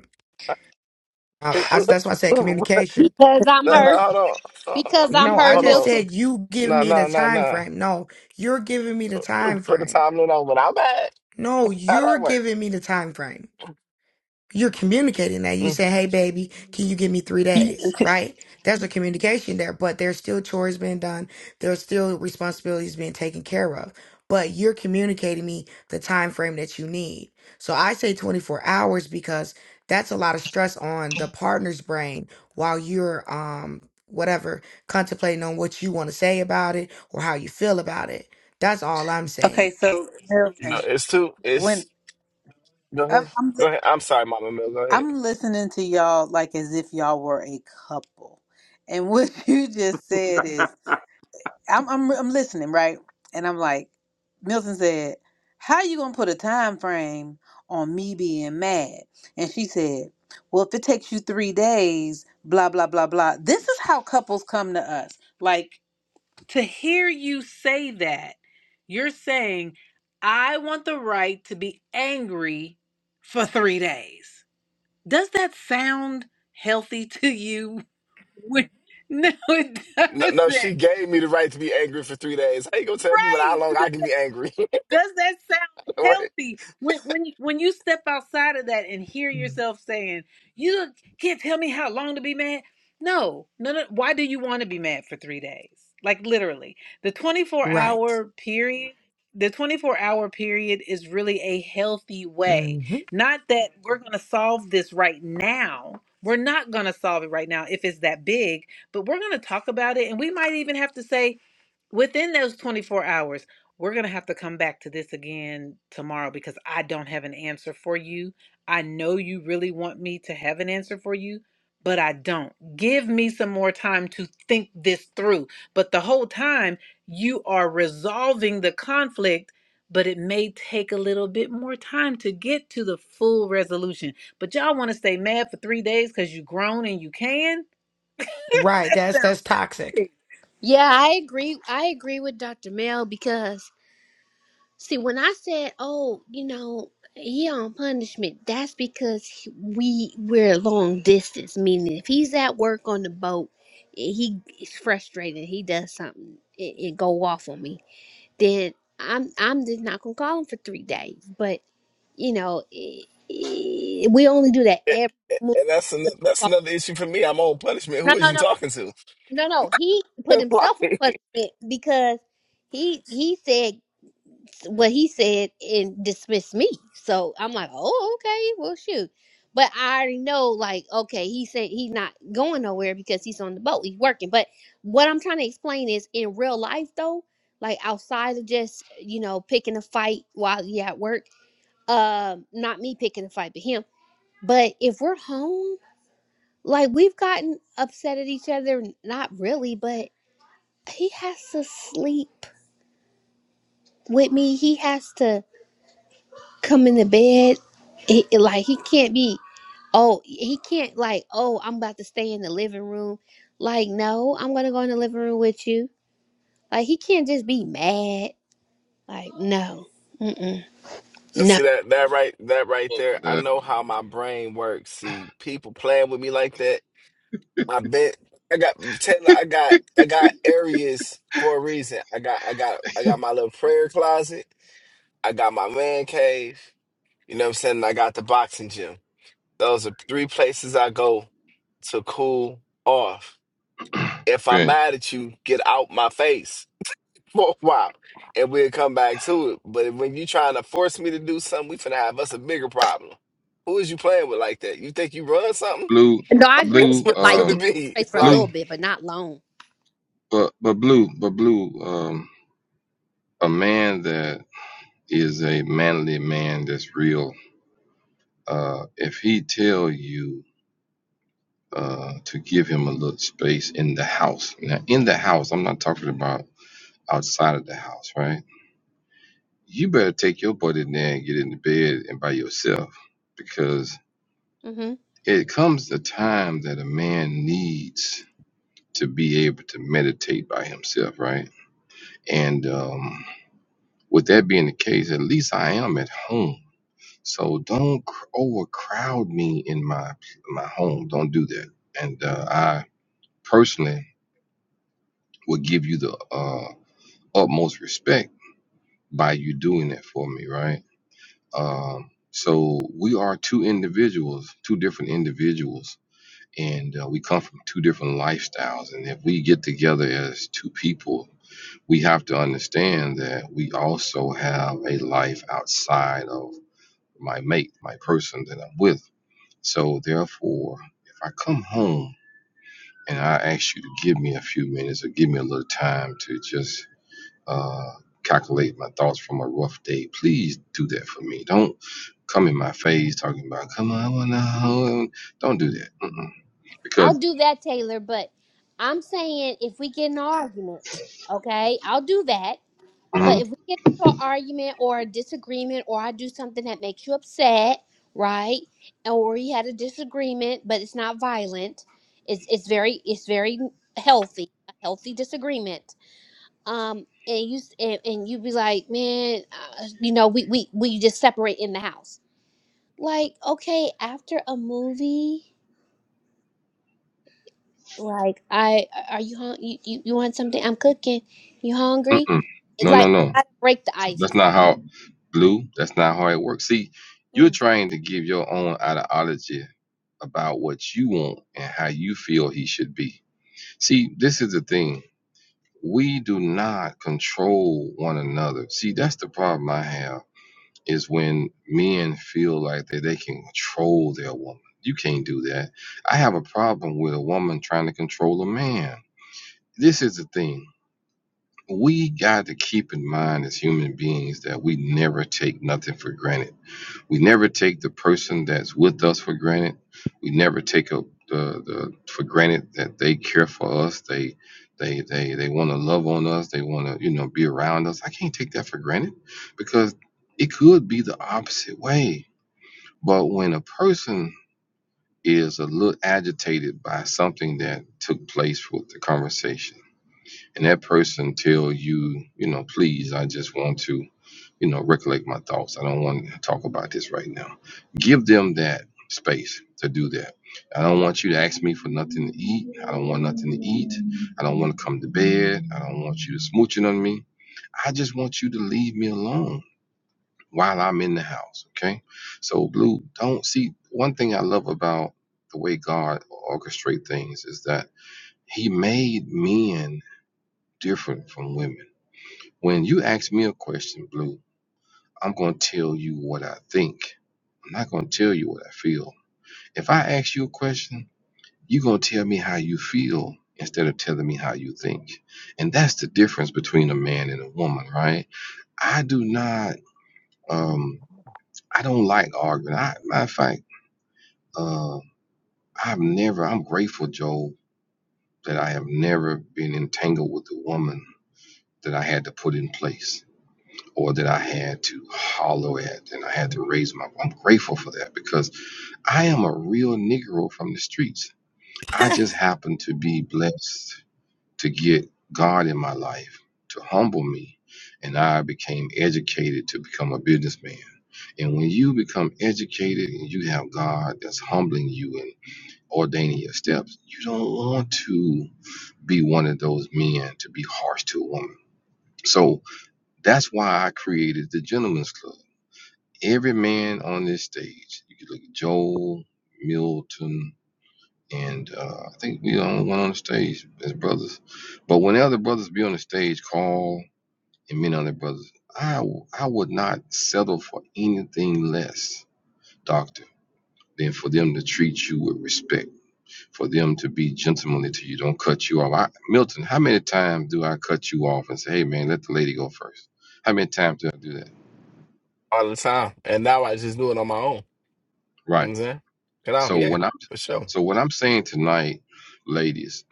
Speaker 7: no,
Speaker 3: Uh, I, that's why I said
Speaker 7: no,
Speaker 3: communication.
Speaker 5: because I'm
Speaker 11: Milton.
Speaker 5: hurt.
Speaker 7: hold on. Hold on.
Speaker 5: Because I'm
Speaker 3: No, I
Speaker 5: hurt,
Speaker 7: Hold
Speaker 3: just
Speaker 5: Milton.
Speaker 7: on.
Speaker 3: said you give
Speaker 7: No,
Speaker 3: me the
Speaker 7: no, no,
Speaker 3: time
Speaker 7: no.
Speaker 3: frame. No, you're giving me the time
Speaker 7: Put a
Speaker 3: frame.
Speaker 7: time limit on when I'm mad.
Speaker 3: No,
Speaker 7: How
Speaker 3: you're
Speaker 7: that work?
Speaker 3: giving me the time frame. you're communicating that. You
Speaker 7: Mm.
Speaker 3: say, hey, baby, can you give me three days? Right? There's a communication there, but there's still chores being done. There's still responsibilities being taken care of. But you're communicating me the time frame that you need. So I say 24 hours because that's a lot of stress on the partner's brain while you're um whatever contemplating on what you want to say about it or how you feel about it. That's all I'm saying.
Speaker 11: Okay, so
Speaker 7: You
Speaker 11: Milton,
Speaker 7: know, it's too.
Speaker 11: when
Speaker 7: It's go
Speaker 11: I'm
Speaker 7: ahead.
Speaker 11: I'm, li-
Speaker 7: Go ahead. I'm sorry, Mama Mill. Go ahead.
Speaker 11: I'm listening to y'all like as if y'all were a couple, and what you just said is I'm I'm I'm listening right, and I'm like Milton said, "How you gonna put a time frame on me being mad?" And she said, "Well, if it takes you three days, blah blah blah blah." This is how couples come to us. Like to hear you say that, you're saying, I want the right to be angry for three days. Does that sound healthy to you? When- No, it
Speaker 7: No, no, she
Speaker 11: doesn't.
Speaker 7: gave me the right to be angry for three days. How you gonna tell me what how long I
Speaker 11: Right.
Speaker 7: can be angry?
Speaker 11: Does that sound healthy? When when you, when you step outside of that and hear
Speaker 3: Mm.
Speaker 11: yourself saying, "You can't tell me how long to be mad." No, no, no. Why do you want to be mad for three days? Like literally, the twenty four
Speaker 3: Right.
Speaker 11: hour period. The 24 hour period is really a healthy
Speaker 3: hmm
Speaker 11: way. Not that we're going to solve this right now. We're not going to solve it right now if it's that big, but we're going to talk about it. And we might even have to say, within those 24 hours we're going to have to come back to this again tomorrow because i don't have an answer for you i know you really want me to have an answer for you but i don't give me some more time to think this through but the whole time you are resolving the conflict but it may take a little bit more time to get to the full resolution but y'all want to stay mad for three days because you grown and you can
Speaker 3: Right.
Speaker 11: that
Speaker 3: That's
Speaker 11: sounds
Speaker 3: that's
Speaker 11: so
Speaker 3: toxic.
Speaker 11: funny
Speaker 5: Yeah, I agree. I agree with Dr. Mel because, see, when I said, "Oh, you know, he on punishment," that's because he- we we're long distance. Meaning, if he's at work on the boat, and he is frustrated, he does something, it, it go off on me. Then I'm I'm just not gonna call him for three days. But you know, i i we only do that
Speaker 7: And
Speaker 5: every.
Speaker 7: that's an, that's another issue for me. I'm on punishment.
Speaker 5: No,
Speaker 7: Who is
Speaker 5: no, no.
Speaker 7: you talking to?
Speaker 5: No, no, he put himself on
Speaker 7: like,
Speaker 5: punishment because he he said what he said and dismissed me. So I'm like, oh, okay, well, shoot. But I already know, like, okay, he said he's not going nowhere because he's on the boat, he's working. But what I'm trying to explain is, in real life, though, like outside of just you know picking a fight while you at work, um, not me picking a fight, but him. But if we're home, like we've gotten upset at each other, not really, but he has to sleep with me. He has to come in the bed. He, like he can't be. Oh, he can't like. Oh, I'm about to stay in the living room. Like no, I'm gonna go in the living room with you. Like he can't just be mad. Like no, Mm-mm. no.
Speaker 7: see that that right that right there. I know how my brain works. See, people playing with me like that. I bet I got Taylor, I got I got areas for a reason. I got I got I got my little prayer closet. I got my man cave. You know what I'm saying? And I got the boxing gym. Those are three places I go to cool off. If I'm
Speaker 2: Right.
Speaker 7: mad at you, get out my face. for a while and we'll come back to it. But when you trying to force me to do something, we finna have us a bigger problem. Who is you playing with like that? You think you run something?
Speaker 2: Blue,
Speaker 5: No, I agree
Speaker 7: That's
Speaker 2: blue,
Speaker 5: with him.
Speaker 7: what it's
Speaker 5: Like
Speaker 7: gonna
Speaker 5: get
Speaker 2: um,
Speaker 5: out of
Speaker 7: be
Speaker 5: his face for a
Speaker 7: like
Speaker 2: blue,
Speaker 5: little bit, but not long.
Speaker 2: but but blue, but blue, um, a man that is a manly man that's real. Uh, if he tell you uh to give him a little space in the house, now in the house, I'm not talking about outside of the house, right? You better take your butt in there and get in the bed and by yourself because
Speaker 5: hmm
Speaker 2: it comes a time that a man needs. to be able to meditate by himself, right? And um, with that being the case, at least I am at home. So don't cr- overcrowd me in my my home. Don't do that. And uh, I personally will give you the uh, utmost respect by you doing that for me, right? Um, so we are two individuals, two different individuals, and uh, we come from two different lifestyles. And if we get together as two people we have to understand that we also have a life outside of my mate, my person that I'm with. So, therefore, if I come home and I ask you to give me a few minutes or give me a little time to just uh, calculate my thoughts from a rough day, please do that for me. Don't come in my face talking about, come on, I wanna home." Don't do that. Mm-mm.
Speaker 5: I'll
Speaker 2: Because,
Speaker 5: do that, Taylor. But I'm saying if we get in an argument, okay, I'll do that But
Speaker 2: mm-mm,
Speaker 5: if we get into an argument or a disagreement, or I do something that makes you upset, right? Or we had a disagreement, but it's not violent. It's it's very it's very healthy, a healthy disagreement. Um, and you s- and, and you be like, man, uh, you know, we we we just separate in the house. Like, okay, after a movie, like I are you hung you, you you want something? I'm cooking. You hungry?
Speaker 2: mm-mm.
Speaker 5: It,
Speaker 2: no,
Speaker 5: Like,
Speaker 2: no, no.
Speaker 5: I gotta break the ice.
Speaker 2: That's not how blue. That's not how it works. See, you're
Speaker 5: Mm,
Speaker 2: trying to give your own ideology about what you want and how you feel he should be. See, this is the thing. We do not control one another. See, that's the problem I have is when men feel like that they can control their woman. You can't do that. I have a problem with a woman trying to control a man. This is the thing we got to keep in mind as human beings that we never take nothing for granted. We never take the person that's with us for granted. We never take a, the, the for granted that they care for us. They they they they want to love on us. They want to you know be around us. I can't take that for granted because it could be the opposite way. But when a person is a little agitated by something that took place with the conversation and that person tell you, you know, please, I just want to, you know, recollect my thoughts. I don't want to talk about this right now. Give them that space to do that. I don't want you to ask me for nothing to eat. I don't want nothing to eat. I don't want to come to bed. I don't want you to smooching on me. I just want you to leave me alone while I'm in the house. Okay. So, Blue, don't see one thing I love about the way God orchestrate things is that He made men different from women when you ask me a question, Blue, I'm going to tell you what I think. I'm not going to tell you what I feel. If I ask you a question, you're going to tell me how you feel instead of telling me how you think. And that's the difference between a man and a woman, right? I do not, um, I don't like arguing. I, matter of fact, uh, I've never, I'm grateful, Joe, that I have never been entangled with a woman that I had to put in place. or that I had to holler at and I had to raise my I'm grateful for that because I am a real Negro from the streets. I just happen to be blessed to get God in my life to humble me. And I became educated to become a businessman. And when you become educated and you have God that's humbling you and ordaining your steps, you don't want to be one of those men to be harsh to a woman. So that's why I created the Gentlemen's Club every man on this stage. You could look at Joel, Milton, and uh, I think we the only one on the stage as brothers. But when the other brothers be on the stage, Carl and many other brothers, I I would not settle for anything less, Doctor, than for them to treat you with respect, for them to be gentlemanly to you, don't cut you off. I, Milton, how many times do I cut you off and say, hey man, let the lady go first? How many times do I do that?
Speaker 7: all the time. And now I just do it on my own. You know what
Speaker 2: Right.
Speaker 7: I'm saying? Get off,
Speaker 2: So
Speaker 7: yeah,
Speaker 2: when I'm
Speaker 7: for sure.
Speaker 2: so what I'm saying tonight, ladies,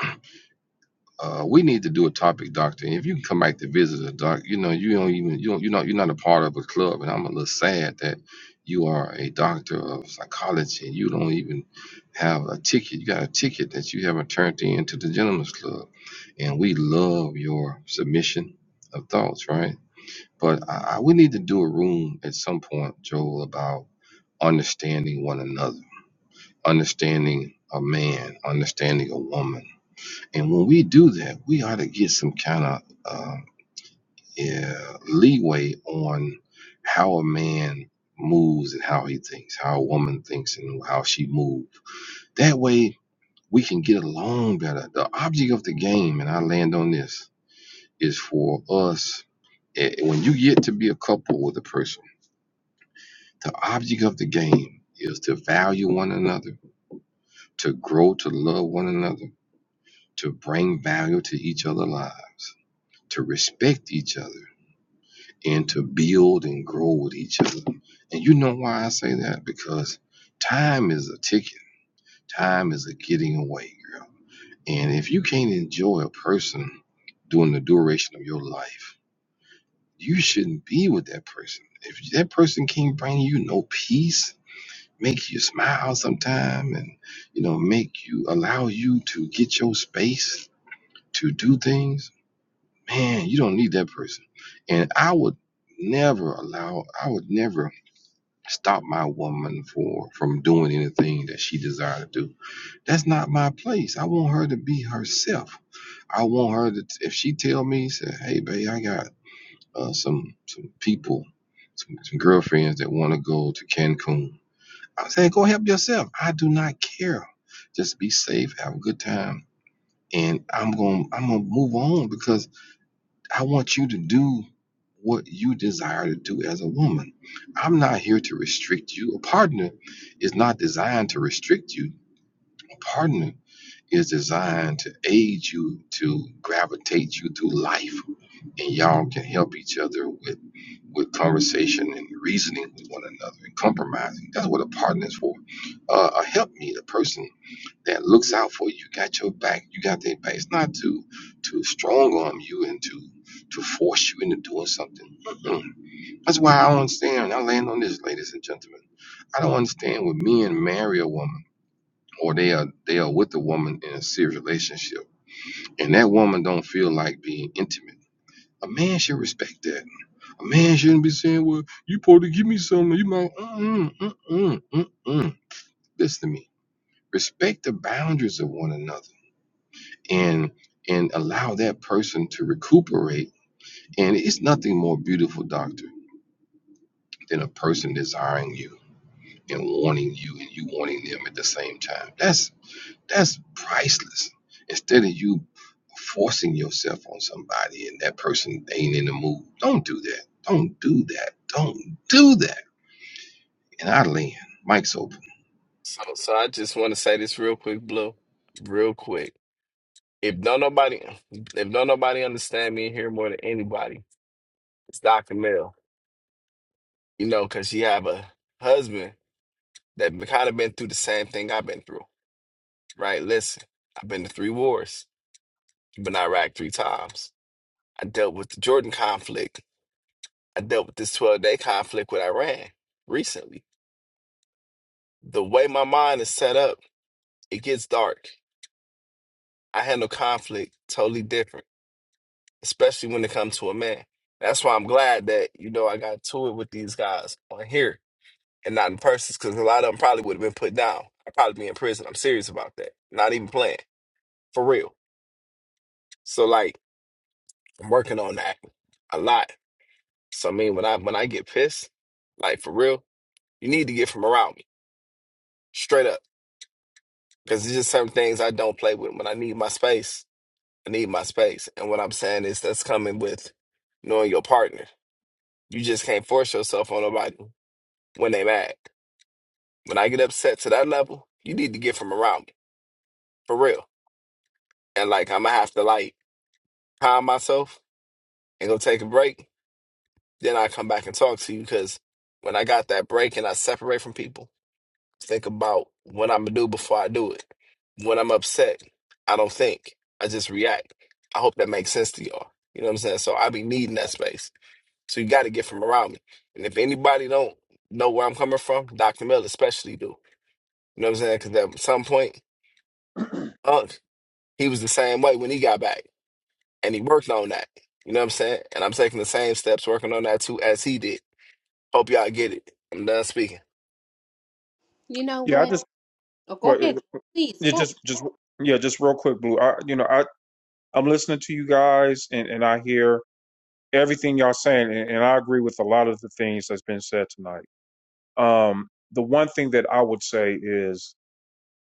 Speaker 2: uh, we need to do a topic, doctor. And if you can come back to visit a doc, you know you don't even you don't you're not you know you are not a part of a club, and I'm a little sad that you are a doctor of psychology and you don't even have a ticket. You got a ticket that you haven't turned in to the gentleman's club, and we love your submission of thoughts, right? But I, I, we need to do a room at some point, Joel, about understanding one another understanding a man, understanding a woman. And when we do that, we ought to get some kind of uh, yeah, leeway on how a man moves and how he thinks, how a woman thinks and how she moves. That way, we can get along better. The object of the game, and I land on this, is for us. eh, When you get to be a couple with a person, the object of the game is to value one another, to grow to love one another to bring value to each other's lives, to respect each other, and to build and grow with each other. And you know why I say that? Because time is a ticket, time is a getting away, girl. And if you can't enjoy a person during the duration of your life, you shouldn't be with that person. If that person can't bring you no peace, make you smile sometime and you know make you allow you to get your space to do things man, you don't need that person. And I would never allow, I would never stop my woman for from doing anything that she desired to do. That's not my place. I want her to be herself. I want her to, if she tell me, say, hey, babe, I got uh, some some people, some, some girlfriends that want to go to Cancun. I say, go help yourself. I do not care. Just be safe, have a good time, and I'm gonna I'm gonna move on because I want you to do what you desire to do as a woman. I'm not here to restrict you. A partner is not designed to restrict you. A partner is designed to aid you to gravitate you through life and y'all can help each other with with conversation and reasoning with one another and compromising that's what a partner is for uh, a helpmeet, a person that looks out for you, got your back, you got their back. It's not to to strong arm you and to to force you into doing something. Mm-mm. That's why I don't understand. I land on this, ladies and gentlemen. I don't understand when men marry a woman or they are they are with a woman in a serious relationship, and that woman don't feel like being intimate. A man should respect that. A man shouldn't be saying, "Well, you supposed to give me something." You might, mm mm mm mm mm. Listen to me. Respect the boundaries of one another and and allow that person to recuperate. And it's nothing more beautiful, doctor, than a person desiring you and wanting you and you wanting them at the same time. That's that's priceless. Instead of you forcing yourself on somebody and that person ain't in the mood. Don't do that. Don't do that. Don't do that. And I land. Mike's open.
Speaker 7: So so I just wanna say this real quick, Blue. Real quick. If don't nobody if don't nobody understand me here more than anybody, it's Dr. Mel. You know, cause she have a husband that kind of been through the same thing I've been through right? Listen, I've been to three wars. I've been to Iraq three times. I dealt with the Jordan conflict. I dealt with this 12 day conflict with Iran recently. The way my mind is set up, it gets dark. I handle conflict totally different, especially when it comes to a man. That's why I'm glad that, you know, I got to it with these guys on here and not in person because a lot of them probably would have been put down. I'd probably be in prison. I'm serious about that. Not even playing. For real. So, like, I'm working on that a lot So I mean, when I when I get pissed, like for real, you need to get from around me, straight up, because it's just certain things I don't play with. When I need my space, I need my space, and what I'm saying is that's coming with knowing your partner. You just can't force yourself on nobody when they mad. When I get upset to that level, you need to get from around me, for real. And like I'm gonna have to like calm myself and go take a break. Then I come back and talk to you because when I got that break and I separate from people. think about what I'm gonna do before I do it. When I'm upset, I don't think. I just react. I hope that makes sense to y'all. You know what I'm saying? So I be needing that space. So you gotta get from around me. And if anybody don't know where I'm coming from, Dr. Miller especially do. You know what I'm saying? Cause at some point, Unc, he was the same way when he got back. And he worked on that. You know what I'm saying? And I'm taking the same steps working on that too as he did. Hope y'all get it. I'm done speaking.
Speaker 5: you know
Speaker 1: Yeah, I
Speaker 5: what?
Speaker 1: just,
Speaker 5: Oh, go
Speaker 1: well,
Speaker 5: ahead.
Speaker 1: it-
Speaker 5: Please
Speaker 1: it
Speaker 5: go.
Speaker 1: just, just, yeah, just real quick, Blue. I, you know, I I'm listening to you guys, and and I hear everything y'all saying, and, and I agree with a lot of the things that's been said tonight. Um, the one thing that I would say is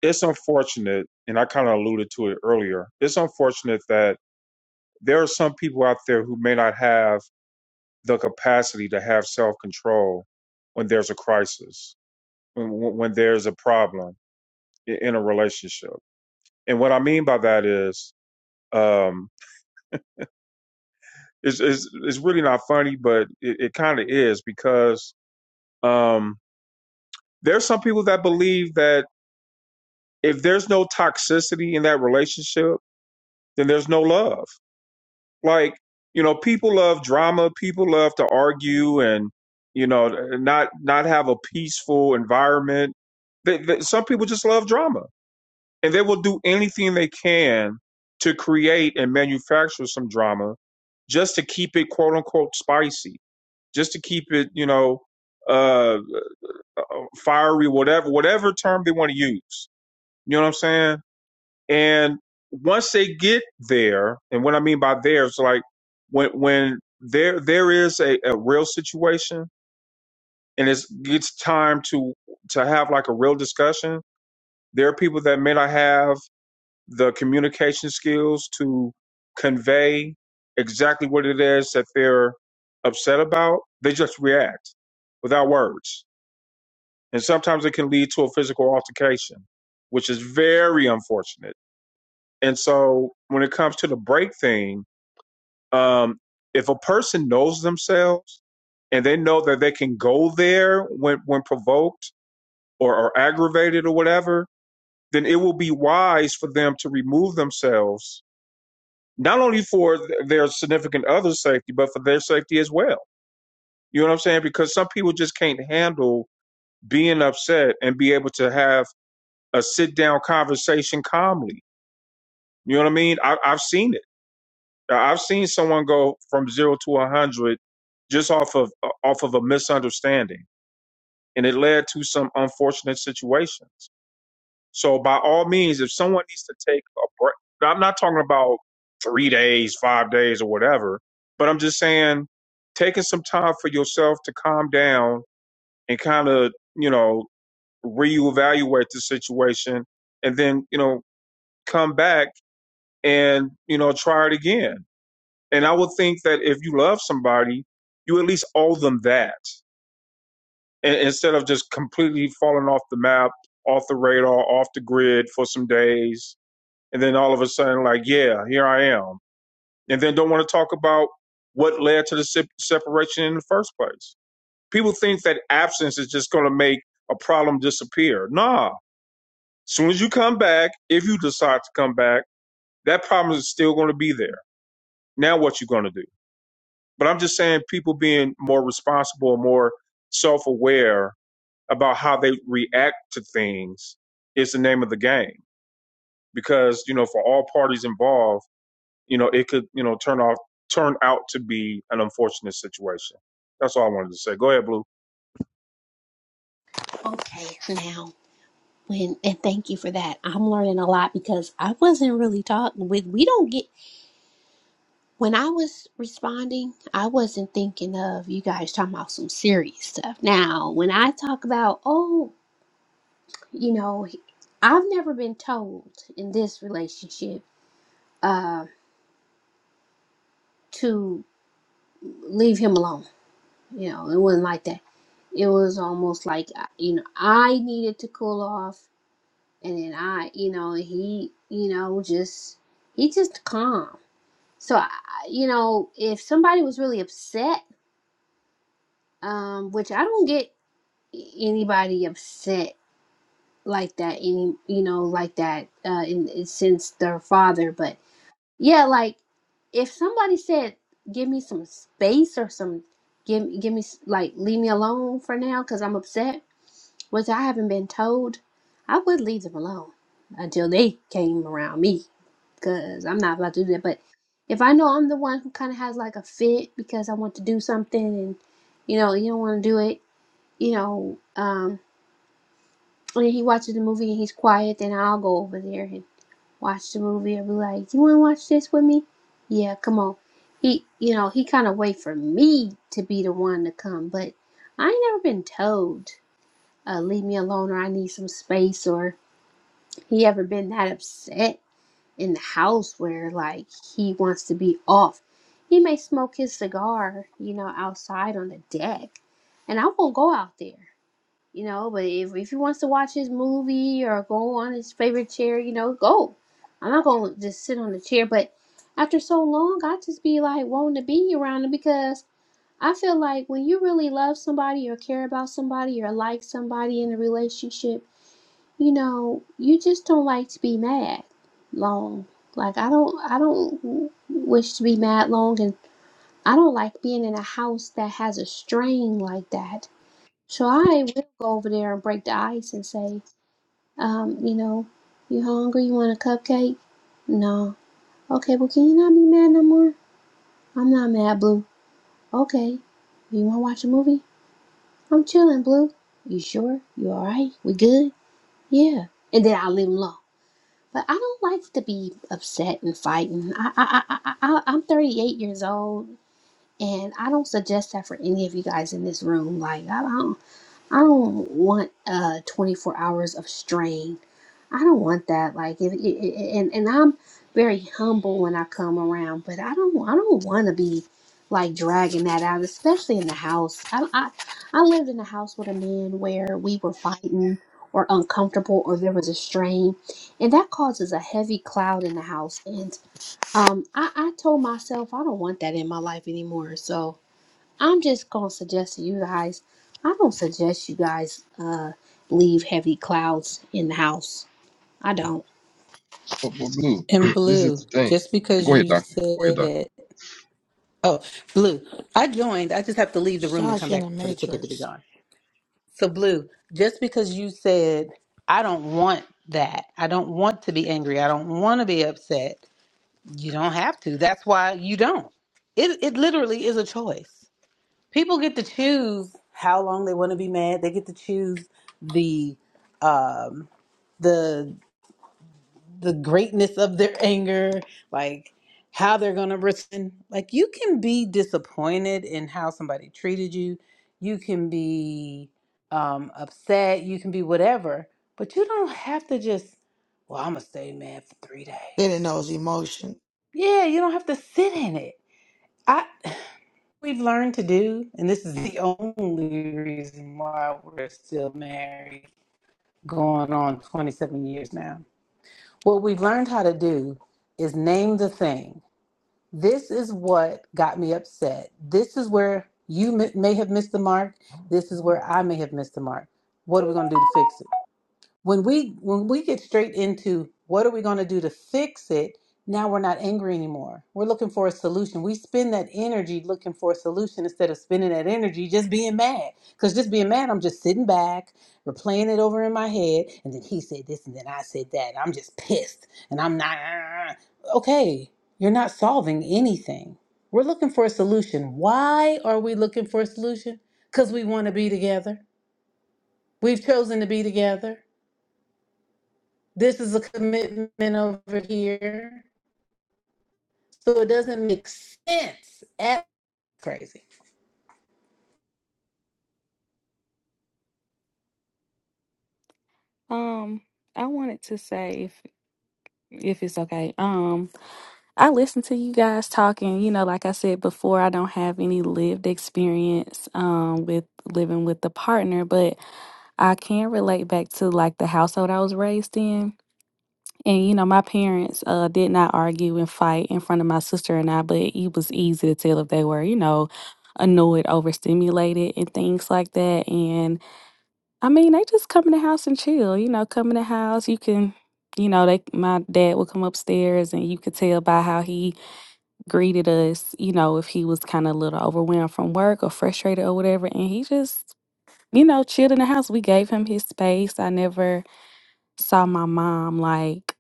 Speaker 1: it's unfortunate, and I kind of alluded to it earlier. It's unfortunate that there are some people out there who may not have the capacity to have self control when there's a crisis, when, when there's a problem i- in a relationship. And what I mean by that is, um, it's, it's, it's really not funny, but it, it kind of is because um, there's some people that believe that if there's no toxicity in that relationship, then there's no love Like, you know, people love drama, people love to argue and, you know, not not have a peaceful environment. They, they, some people just love drama and they will do anything they can to create and manufacture some drama just to keep it quote unquote spicy, just to keep it, you know, uh fiery, whatever, whatever term they want to use. You know what I'm saying? And once they get there, and what I mean by there is like when when there there is a, a real situation and it's it's time to to have like a real discussion, there are people that may not have the communication skills to convey exactly what it is that they're upset about. They just react without words. And sometimes it can lead to a physical altercation, which is very unfortunate And so when it comes to the break thing, um, if a person knows themselves and they know that they can go there when, when provoked or, or aggravated or whatever, then it will be wise for them to remove themselves, not only for th- their significant other's safety, but for their safety as well. You know what I'm saying? Because some people just can't handle being upset and be able to have a sit down conversation calmly. You know what I mean? I, I've seen it. Now, I've seen someone go from zero to a hundred just off of uh, off of a misunderstanding, and it led to some unfortunate situations. So, by all means, if someone needs to take a break, now, I'm not talking about three days, five days, or whatever, but I'm just saying taking some time for yourself to calm down and kind of you know reevaluate the situation, and then you know come back and you know try it again And I would think that if you love somebody, you at least owe them that and, instead of just completely falling off the map, off the radar, off the grid for some days. And then all of a sudden, like, yeah, here I am. And then don't want to talk about what led to the se- separation in the first place. People think that absence is just going to make a problem disappear. Nah. As soon as you come back, if you decide to come back, that problem is still going to be there. Now, what you going to do? But I'm just saying people being more responsible, more self aware about how they react to things is the name of the game. Because, you know, for all parties involved, you know, it could, you know, turn off turn out to be an unfortunate situation. That's all I wanted to say. Go ahead, Blue.
Speaker 5: Okay, now when and thank you for that. I'm learning a lot because I wasn't really talking with we don't get when I was responding, I wasn't thinking of you guys talking about some serious stuff. Now, when I talk about oh, you know, I've never been told in this relationship uh to leave him alone. You know, it wasn't like that. It was almost like uh, you know, I needed to cool off and then I, you know, he, you know, just he just calm. So I, you know, if somebody was really upset, um, which I don't get anybody upset like that any, you know, like that uh, in, in since their father, but yeah, like if somebody said, "Give me some space" or some give give me s- like leave me alone for now because I'm upset which I haven't been told, I would leave them alone until they came around me because I'm not about to do that. But if I know I'm the one who kind of has like a fit because I want to do something and you know, you don't want to do it, you know, um, and he watches the movie and he's quiet, then I'll go over there and watch the movie and be like, you want to watch this with me? Yeah, come on. He, you know, he kind of wait for me to be the one to come, but I ain't never been told uh, leave me alone or I need some space or he ever been that upset in the house where like he wants to be off. He may smoke his cigar, you know, outside on the deck. And I won't go out there, you know, but if, if he wants to watch his movie or go on his favorite chair, you know, go. I'm not going to just sit on the chair. But after so long, I just be like wanting to be around him because I feel like when you really love somebody or care about somebody or like somebody in a relationship, you know, you just don't like to be mad long. Like I don't I don't wish to be mad long and I don't like being in a house that has a strain like that. So I will go over there and break the ice and say, um, you know, you hungry, you want a cupcake? No. Okay, well can you not be mad no more? I'm not mad, Blue. Okay. You wanna watch a movie? I'm chilling, Blue. You sure? You alright? We good? Yeah. And then I leave leave 'em alone. But I don't like to be upset and fighting. I, I, I, I, I- I'm 38 years old, and I don't suggest that for any of you guys in this room. Like, I don't, I don't want uh 24 hours of strain I don't want that. Like, if, and and I'm very humble when I come around, but I don't I don't want to be like dragging that out, especially in the house. I, I I lived in a house with a man where we were fighting or uncomfortable or there was a strain, and that causes a heavy cloud in the house. And um, I I told myself I don't want that in my life anymore. So I'm just gonna suggest to you guys. I don't suggest you guys uh leave heavy clouds in the house. I don't.
Speaker 2: But, but Blue,
Speaker 11: And
Speaker 2: this
Speaker 11: blue,
Speaker 2: is the thing.
Speaker 11: just because
Speaker 2: Go ahead,
Speaker 11: you
Speaker 2: doctor. Go ahead, doctor.
Speaker 11: said, oh, blue, I joined. I just have to leave the room and
Speaker 3: Josh
Speaker 11: come
Speaker 3: in the
Speaker 11: back for the ticket to be
Speaker 3: Matrix.
Speaker 11: gone. So, blue, just because you said, I don't want that, I don't want to be angry, I don't want to be upset, you don't have to. That's why you don't. It, it literally is a choice. People get to choose how long they want to be mad, they get to choose the, um, the. the greatness of their anger, like how they're going to respond. Like you can be disappointed in how somebody treated you. You can be um, upset. You can be whatever, but you don't have to just, well, I'm going to stay mad for three
Speaker 3: They didn't
Speaker 11: days.
Speaker 3: know his emotion.
Speaker 11: Yeah, you don't have to sit in it. I we've learned to do, and this is the only reason why we're still married, going on 27 years now. What we've learned how to do is name the thing This is what got me upset. This is where you m- may have missed the mark. This is where I may have missed the mark. What are we going to do to fix it? when we when we get straight into what are we going to do to fix it now we're not angry anymore we're looking for a solution we spend that energy looking for a solution instead of spending that energy just being mad because just being mad i'm just sitting back replaying it over in my head and then he said this and then i said that i'm just pissed and i'm not okay you're not solving anything we're looking for a solution why are we looking for a solution because we want to be together we've chosen to be together this is a commitment over here. So it doesn't make sense. That's crazy.
Speaker 4: Um, I wanted to say if if it's okay. Um, I listen to you guys talking, you know, like I said before, I don't have any lived experience um with living with the partner, but I can relate back to like the household I was raised in. And you know, my parents uh did not argue and fight in front of my sister and I, but it was easy to tell if they were, you know, annoyed, overstimulated and things like that. And I mean, they just come in the house and chill. You know, come in the house. You can, you know, they my dad would come upstairs, and you could tell by how he greeted us. You know, if he was kind of a little overwhelmed from work or frustrated or whatever, and he just, you know, chilled in the house. We gave him his space. I never saw my mom like,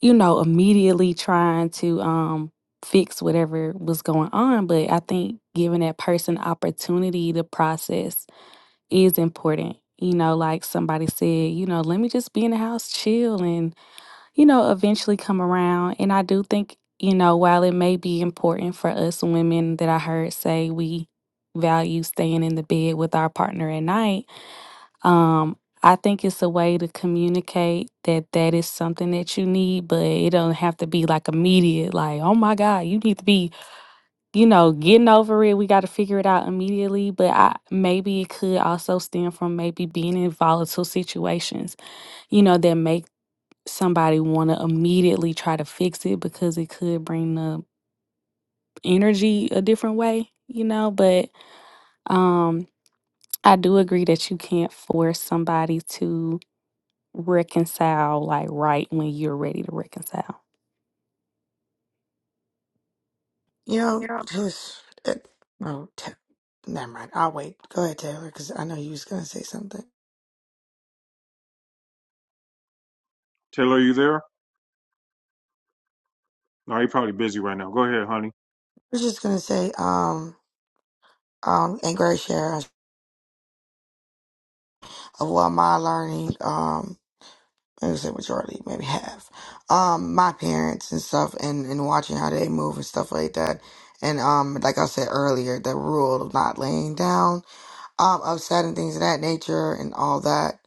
Speaker 4: you know, immediately trying to um fix whatever was going on. But I think giving that person opportunity to process is important. You know, like somebody said, you know, let me just be in the house, chill, and, you know, eventually come around. And I do think, you know, while it may be important for us women that I heard say we value staying in the bed with our partner at night, um, I think it's a way to communicate that that is something that you need, but it don't have to be like immediate, like, oh my God, you need to be you know, getting over it, we got to figure it out immediately. But I, maybe it could also stem from maybe being in volatile situations, you know, that make somebody want to immediately try to fix it because it could bring the energy a different way, you know. But um, I do agree that you can't force somebody to reconcile like right when you're ready to reconcile.
Speaker 3: You know,
Speaker 4: Yeah.
Speaker 3: because it, no, t- never mind. I'll wait. Go ahead, Taylor, because I know you was gonna say something. I
Speaker 1: Taylor, are you there? No, you're probably busy right now. Go ahead, honey.
Speaker 3: was just gonna say, um, um, and great share of what my learning, um, I would say majority, maybe half, um, my parents and stuff, and and watching how they move and stuff like that, and um, like I said earlier, the rule of not laying down. um, upset and things of that nature and all that.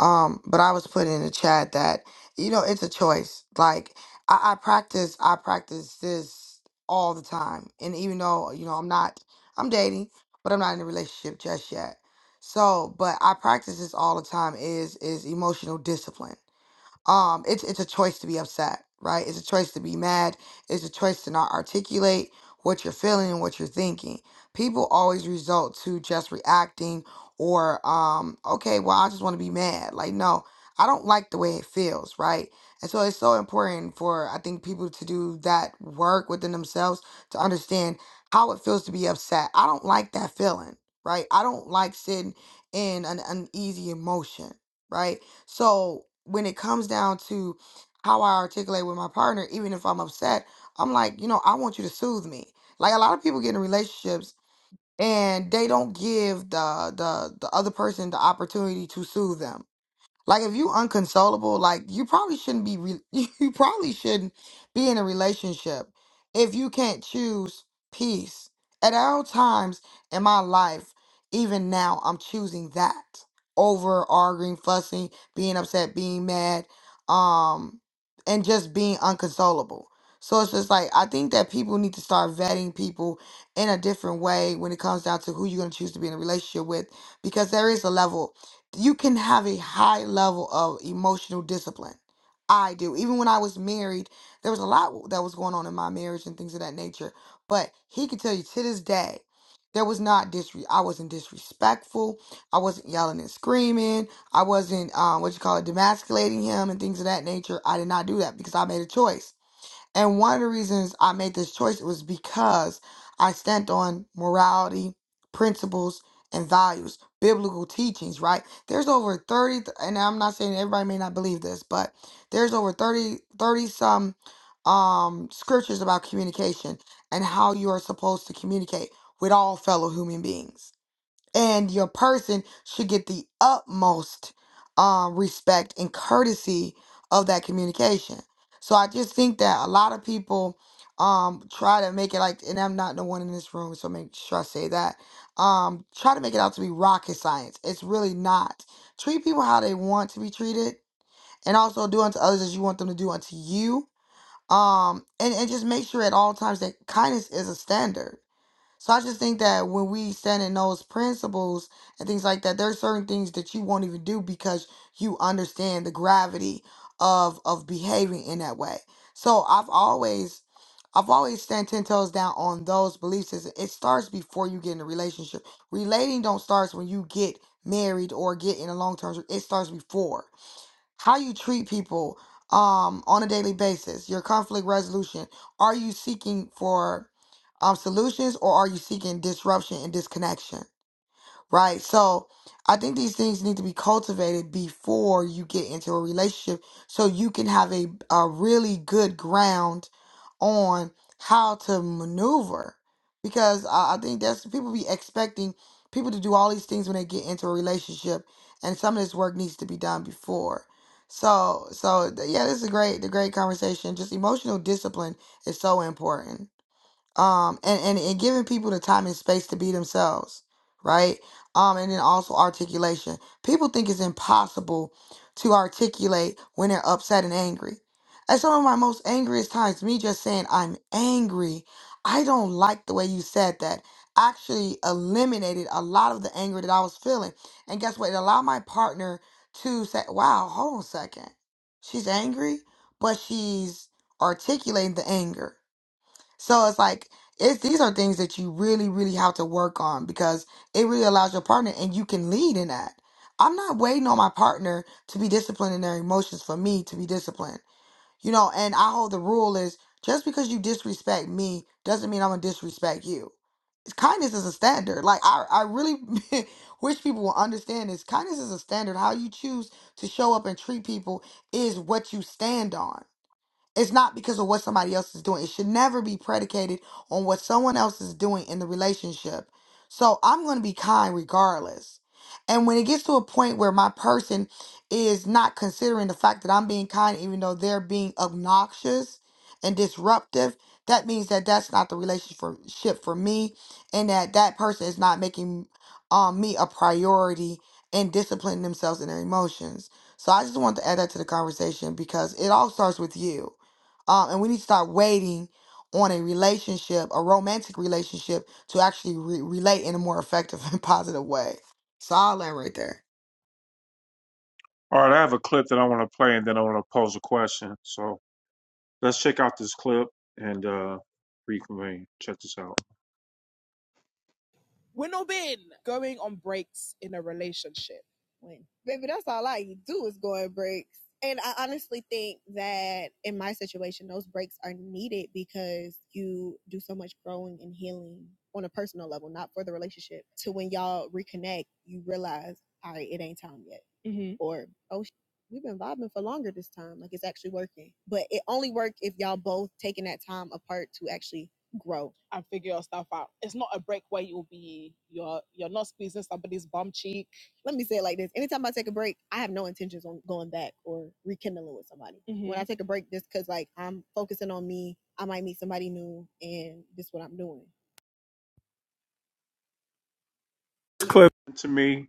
Speaker 3: Um, but I was putting in the chat that you know it's a choice. Like I, I practice, I practice this all the time, and even though you know I'm not, I'm dating, but I'm not in a relationship just yet. So, but I practice this all the time. Is is emotional discipline um it's it's a choice to be upset right it's a choice to be mad it's a choice to not articulate what you're feeling and what you're thinking people always result to just reacting or um okay well i just want to be mad like no i don't like the way it feels right and so it's so important for i think people to do that work within themselves to understand how it feels to be upset i don't like that feeling right i don't like sitting in an uneasy emotion right so when it comes down to how I articulate with my partner, even if I'm upset, I'm like, you know, I want you to soothe me. Like a lot of people get in relationships and they don't give the the the other person the opportunity to soothe them. Like if you unconsolable, like you probably shouldn't be re- you probably shouldn't be in a relationship if you can't choose peace. At all times in my life, even now, I'm choosing that over arguing, fussing, being upset, being mad, um, and just being unconsolable. So it's just like I think that people need to start vetting people in a different way when it comes down to who you're gonna choose to be in a relationship with, because there is a level you can have a high level of emotional discipline. I do. Even when I was married, there was a lot that was going on in my marriage and things of that nature. But he could tell you to this day, there was not disre. I wasn't disrespectful. I wasn't yelling and screaming. I wasn't um, what you call it, demasculating him and things of that nature. I did not do that because I made a choice. And one of the reasons I made this choice was because I stand on morality, principles, and values, biblical teachings, right? There's over 30, th- and I'm not saying everybody may not believe this, but there's over 30, 30 some um, scriptures about communication and how you are supposed to communicate with all fellow human beings and your person should get the utmost um, respect and courtesy of that communication. So I just think that a lot of people um, try to make it like, and I'm not the one in this room, so make sure I say that. Um, try to make it out to be rocket science. It's really not. Treat people how they want to be treated, and also do unto others as you want them to do unto you. Um, and, and just make sure at all times that kindness is a standard so I just think that when we stand in those principles and things like that, there's certain things that you won't even do because you understand the gravity of of behaving in that way. So I've always I've always stand ten toes down on those beliefs. Is It starts before you get in a relationship. Relating don't starts when you get married or get in a long term. It starts before how you treat people um, on a daily basis, your conflict resolution. Are you seeking for um, solutions or are you seeking disruption and disconnection? right? So I think these things need to be cultivated before you get into a relationship so you can have a, a really good ground on how to maneuver. Because I, I think that's people be expecting people to do all these things when they get into a relationship, and some of this work needs to be done before. So, so th- yeah, this is a great, the great conversation. Just emotional discipline is so important um and, and and giving people the time and space to be themselves right um and then also articulation people think it's impossible to articulate when they're upset and angry at some of my most angriest times me just saying i'm angry i don't like the way you said that actually eliminated a lot of the anger that i was feeling and guess what it allowed my partner to say wow hold on a second she's angry but she's articulating the anger so it's like it's these are things that you really, really have to work on because it really allows your partner and you can lead in that. I'm not waiting on my partner to be disciplined in their emotions for me to be disciplined. You know, and I hold the rule is just because you disrespect me doesn't mean I'm gonna disrespect you. Kindness is a standard. Like I, I really wish people will understand this. Kindness is a standard. How you choose to show up and treat people is what you stand on. It's not because of what somebody else is doing. It should never be predicated on what someone else is doing in the relationship. So I'm going to be kind regardless. And when it gets to a point where my person is not considering the fact that I'm being kind, even though they're being obnoxious and disruptive, that means that that's not the relationship for me and that that person is not making um, me a priority and disciplining themselves in their emotions. So I just wanted to add that to the conversation because it all starts with you um, and we need to start waiting on a relationship, a romantic relationship, to actually re- relate in a more effective and positive way. So I'll land right there.
Speaker 1: All right, I have a clip that I want to play and then I want to pose a question. So let's check out this clip and uh reconvene. Check this out. This clip To me.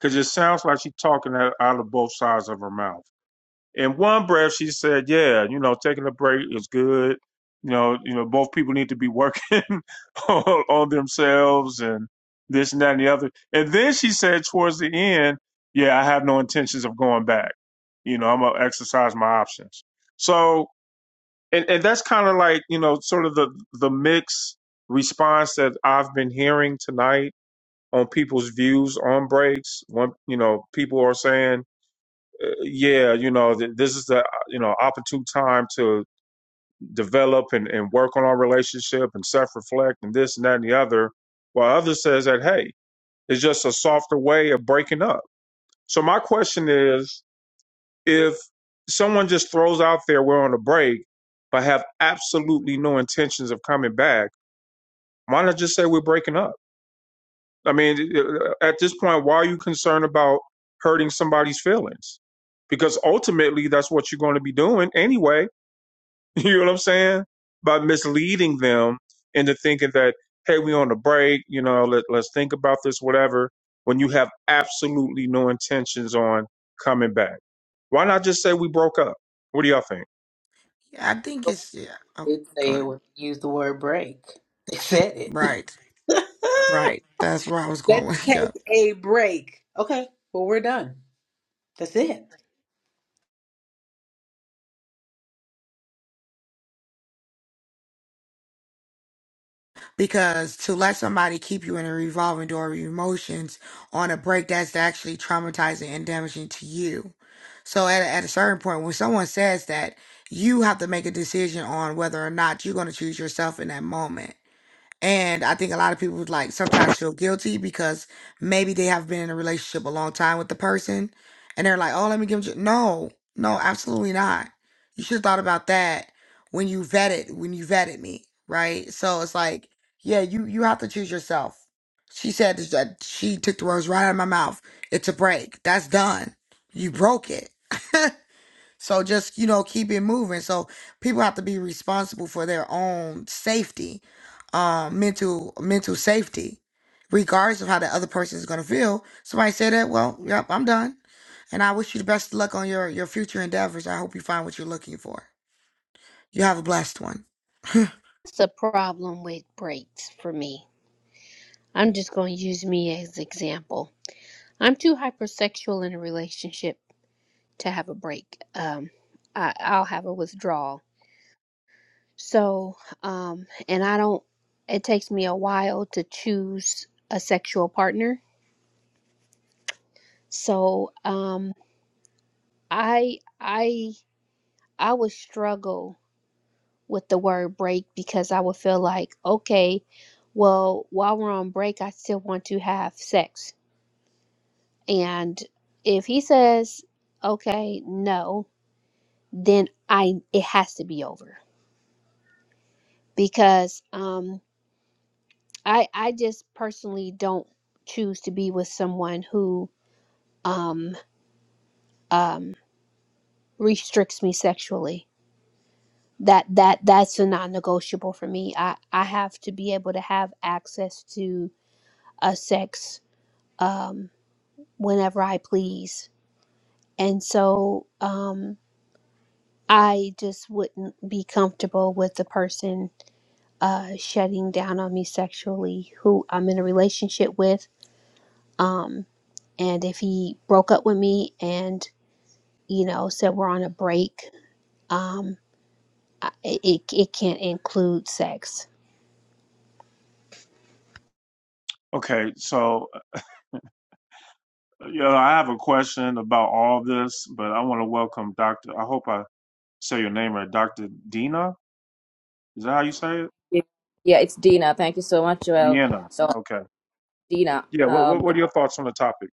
Speaker 1: because it sounds like she's talking out out of both sides of her mouth. In one breath, she said, "Yeah, you know, taking a break is good. You know, you know, both people need to be working on, on themselves and this and that and the other." And then she said towards the end, "Yeah, I have no intentions of going back. You know, I'm gonna exercise my options." So, and and that's kind of like you know, sort of the the mixed response that I've been hearing tonight on people's views on breaks. One, you know, people are saying, uh, yeah, you know, th- this is the, uh, you know, opportune time to develop and, and work on our relationship and self-reflect and this and that and the other. While others says that, hey, it's just a softer way of breaking up. So my question is, if someone just throws out there, we're on a break, but have absolutely no intentions of coming back, why not just say we're breaking up? I mean, at this point, why are you concerned about hurting somebody's feelings? Because ultimately, that's what you're going to be doing anyway. You know what I'm saying? By misleading them into thinking that, hey, we on the break, you know, let, let's think about this, whatever, when you have absolutely no intentions on coming back. Why not just say we broke up? What do y'all think?
Speaker 3: Yeah, I think it's yeah. Oh,
Speaker 11: did say it
Speaker 3: good.
Speaker 11: when you the word break. They said it.
Speaker 3: Right, right. That's where I was going
Speaker 11: Let's
Speaker 3: with yeah.
Speaker 11: take a break. Okay, well, we're done. That's it.
Speaker 3: Because to let somebody keep you in a revolving door of emotions on a break that's actually traumatizing and damaging to you. So at at a certain point, when someone says that, you have to make a decision on whether or not you're going to choose yourself in that moment. And I think a lot of people like sometimes feel guilty because maybe they have been in a relationship a long time with the person and they're like, oh, let me give you. No, no, absolutely not. You should have thought about that when you vetted, when you vetted me, right? So it's like, yeah, you, you have to choose yourself. She said this- that she took the words right out of my mouth. It's a break. That's done. You broke it. So just, you know, keep it moving. So people have to be responsible for their own safety, um, mental mental safety, regardless of how the other person is gonna feel. Somebody say that, well, yep, I'm done. And I wish you the best of luck on your your future endeavors. I hope you find what you're looking for. You have a blessed one.
Speaker 5: That's the problem with breaks for me. I'm just going to use me as example. I'm too hypersexual in a relationship to have a break. Um, I, I'll have a withdrawal. So, um, and I don't. It takes me a while to choose a sexual partner. So, um, I, I, I would struggle with the word break because I would feel like, okay, well, while we're on break, I still want to have sex And if he says, okay, no, then I it has to be over because um I I just personally don't choose to be with someone who um um restricts me sexually. That that that's a non-negotiable for me. I I have to be able to have access to a sex um whenever I please. And so um I just wouldn't be comfortable with the person uh, shutting down on me sexually who I'm in a relationship with. Um, and if he broke up with me and, you know, said we're on a break, um, I, it, it can't include sex.
Speaker 1: Okay, so uh, you know, I have a question about all this, but I want to welcome Doctor. I hope I say your name right, Dr. Dina. Is that how you say it?
Speaker 12: Yeah, it's Dina. Thank you so much, Joel.
Speaker 1: Deanna.
Speaker 12: So,
Speaker 1: Okay.
Speaker 12: Dina,
Speaker 1: Yeah. What, what
Speaker 12: um,
Speaker 1: What are your thoughts on the topic?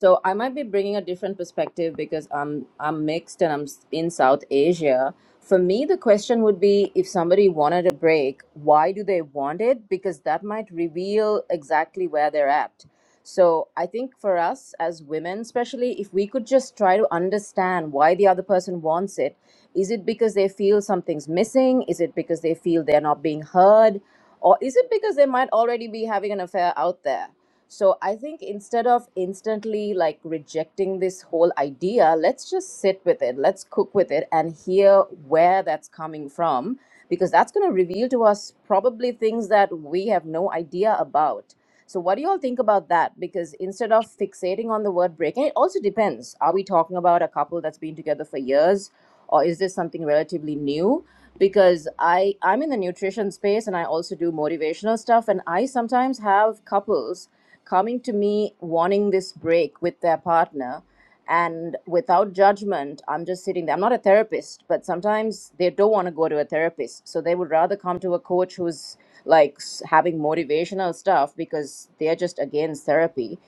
Speaker 12: so I might be bringing a different perspective because I'm I'm mixed and I'm s- in South Asia. For me, the question would be if somebody wanted a break, why do they want it? Because that might reveal exactly where they're at. So I think for us as women, especially if we could just try to understand why the other person wants it, is it because they feel something's missing? Is it because they feel they're not being heard? Or is it because they might already be having an affair out there? So I think instead of instantly like rejecting this whole idea, let's just sit with it, let's cook with it and hear where that's coming from, because that's going to reveal to us probably things that we have no idea about. So, what do you all think about that? Because instead of fixating on the word breaking, it also depends. Are we talking about a couple that's been together for years, or is this something relatively new? Because I, I'm in the nutrition space and I also do motivational stuff, and I sometimes have couples coming to me wanting this break with their partner and without judgment i'm just sitting there i'm not a therapist but sometimes they don't want to go to a therapist so they would rather come to a coach who's like s- having motivational stuff because they're just against therapy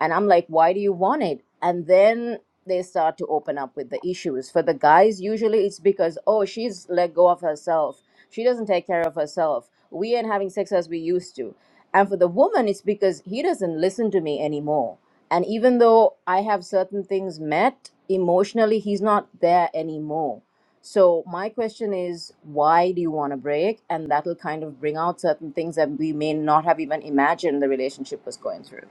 Speaker 12: and I'm like, why do you want it? And then they start to open up with the issues. For the guys, usually it's because, oh, she's let go of herself. She doesn't take care of herself. We ain't having sex as we used to. And for the woman, it's because he doesn't listen to me anymore. And even though I have certain things met emotionally, he's not there anymore. So my question is, why do you want to break? And that'll kind of bring out certain things that we may not have even imagined the relationship was going through.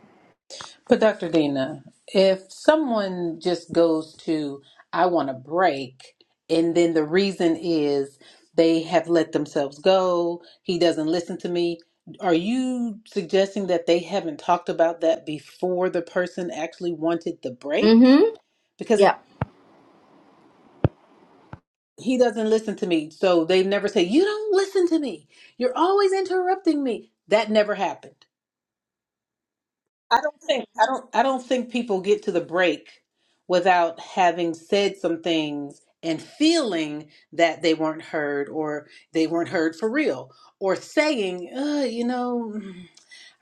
Speaker 11: But Dr. Dina, if someone just goes to, I want a break, and then the reason is they have let themselves go, he doesn't listen to me, are you suggesting that they haven't talked about that before the person actually wanted the break? Because
Speaker 12: Yeah.
Speaker 11: he doesn't listen to me, so they never say, You don't listen to me. You're always interrupting me. That never happened. I don't think I don't I don't think people get to the break without having said some things and feeling that they weren't heard or they weren't heard for real or saying, uh, you know,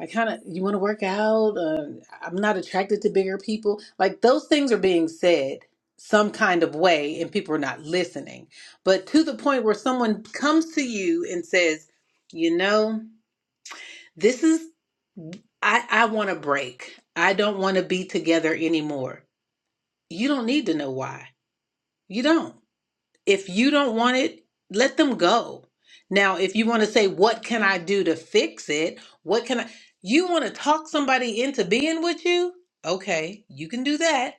Speaker 11: I kind of you want to work out, uh, I'm not attracted to bigger people. Like those things are being said some kind of way and people are not listening. But to the point where someone comes to you and says, "You know, this is I, I want a break. I don't want to be together anymore. You don't need to know why. You don't. If you don't want it, let them go. Now, if you want to say, what can I do to fix it? What can I? You want to talk somebody into being with you? Okay, you can do that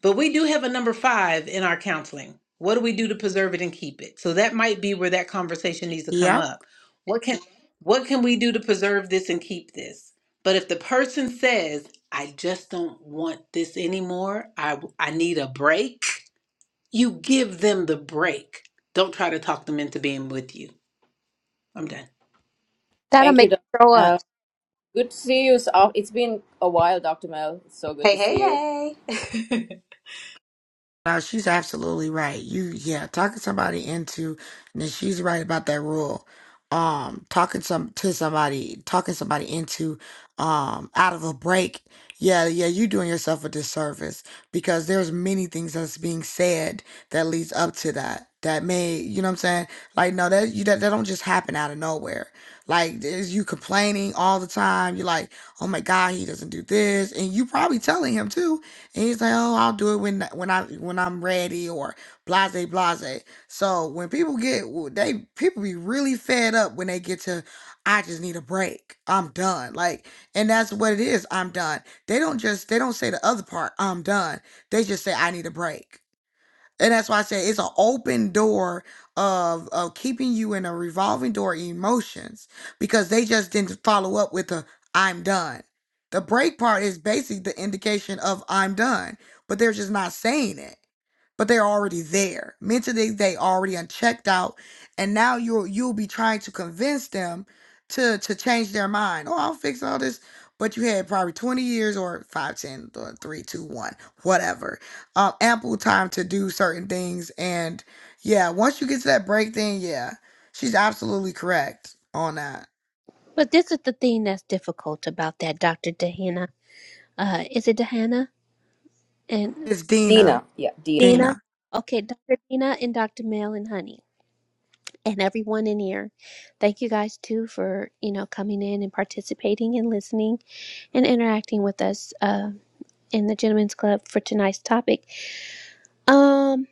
Speaker 11: but we do have a number five in our counseling. What do we do to preserve it and keep it? So that might be where that conversation needs to come
Speaker 3: Yep.
Speaker 11: up. What can what can we do to preserve this and keep this? But if the person says, I just don't want this anymore, I I need a break, you give them the break. Don't try to talk them into being with you. I'm done.
Speaker 5: That'll
Speaker 12: Thank you,
Speaker 5: make
Speaker 12: Dr.
Speaker 5: me throw up.
Speaker 12: Mel. Good to see you. So- oh, It's been a while, Dr. Mel. It's so good
Speaker 11: Hey,
Speaker 12: to
Speaker 11: hey,
Speaker 12: see you.
Speaker 11: hey.
Speaker 3: No, she's absolutely right. You, yeah, talking somebody into, and then she's right about that rule. Um, talking some to somebody, talking somebody into, um, out of a break. Yeah, yeah, you doing yourself a disservice because there's many things that's being said that leads up to that. That may, you know what I'm saying? Like, no, that you that, that don't just happen out of nowhere. Like, there's you complaining all the time? You're like, oh my god, he doesn't do this, and you probably telling him too and he's like, "Oh, I'll do it when when I when I'm ready," or blase blase. So when people get they people be really fed up when they get to, I just need a break. I'm done. Like, and that's what it is. I'm done. They don't just they don't say the other part. I'm done. They just say I need a break. And that's why I say it's an open door of of keeping you in a revolving door of emotions because they just didn't follow up with a I'm done. The break part is basically the indication of I'm done, but they're just not saying it. But they're already there. Mentally they already unchecked out and now you'll you'll be trying to convince them to to change their mind. Oh, I'll fix all this. But you had probably 20 years or 5, 10, th- 3, two, one, whatever um, ample time to do certain things. And yeah, once you get to that break, then yeah, she's absolutely correct on that.
Speaker 5: But this is the thing that's difficult about that, Dr. Dehanna. Uh, is it Dehanna and
Speaker 3: It's Dina.
Speaker 12: Dina. Yeah, Dina.
Speaker 5: Dina?
Speaker 3: Dina.
Speaker 5: Okay, Dr. Dina and Dr. Mel and Honey and everyone in here. Thank you guys too for, you know, coming in and participating and listening and interacting with us uh, in the Gentlemen's Club for tonight's topic. Um,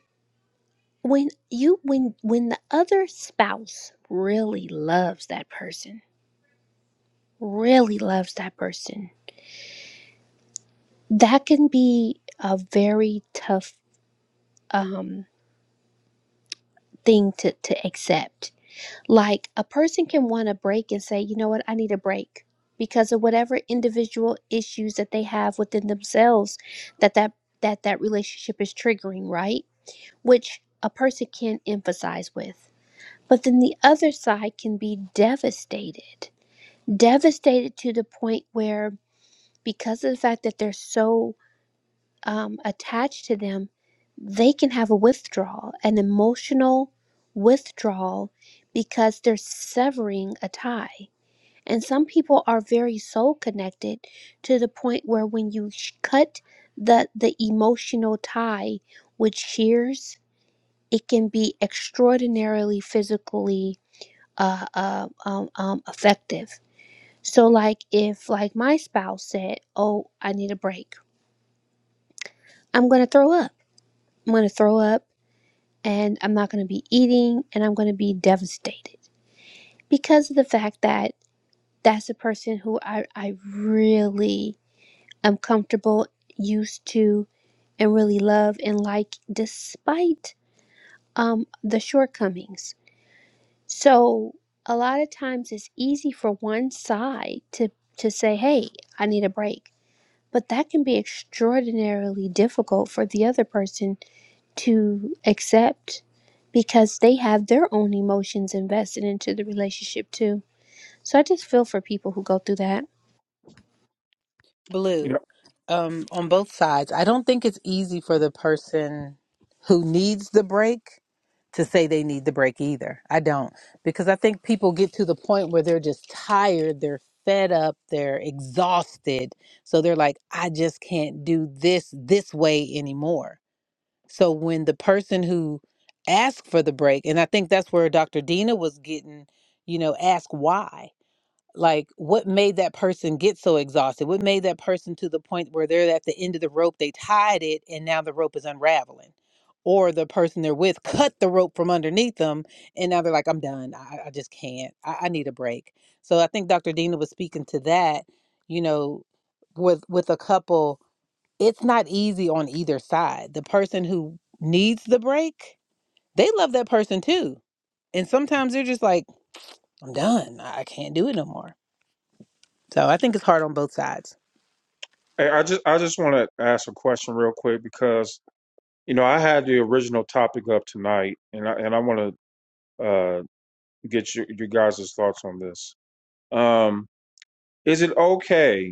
Speaker 5: when you when when the other spouse really loves that person, really loves that person, that can be a very tough um thing to to accept. Like a person can want a break and say, you know what, I need a break because of whatever individual issues that they have within themselves that that that that relationship is triggering right which a person can emphasize with. But then the other side can be devastated, devastated to the point where, because of the fact that they're so um, attached to them, they can have a withdrawal, an emotional withdrawal, because they're severing a tie. And some people are very soul connected to the point where when you sh- cut the, the emotional tie with shears it can be extraordinarily physically uh, uh, um, um, effective. So, like if like my spouse said, "Oh, I need a break. I'm going to throw up. I'm going to throw up, and I'm not going to be eating, and I'm going to be devastated because of the fact that that's a person who I I really am comfortable, used to, and really love and like, despite um the shortcomings So a lot of times it's easy for one side to to say, "Hey, I need a break." But that can be extraordinarily difficult for the other person to accept because they have their own emotions invested into the relationship too. So I just feel for people who go through that.
Speaker 1: You
Speaker 11: Blue,
Speaker 1: know.
Speaker 11: um, on both sides, I don't think it's easy for the person who needs the break to say they need the break either. I don't because I think people get to the point where they're just tired, they're fed up, they're exhausted. So they're like I just can't do this this way anymore. So when the person who asked for the break and I think that's where Dr. Dina was getting, you know, ask why like what made that person get so exhausted what made that person to the point where they're at the end of the rope they tied it and now the rope is unraveling or the person they're with cut the rope from underneath them and now they're like i'm done i, I just can't I, I need a break so i think dr dina was speaking to that you know with with a couple it's not easy on either side the person who needs the break they love that person too and sometimes they're just like i'm done i I can't do it no more so I think it's hard on both sides.
Speaker 1: Hey, I just I just want to ask a question real quick because you know I had the original topic up tonight, and I and I want to uh, get your you guys' thoughts on this. Um, is it okay?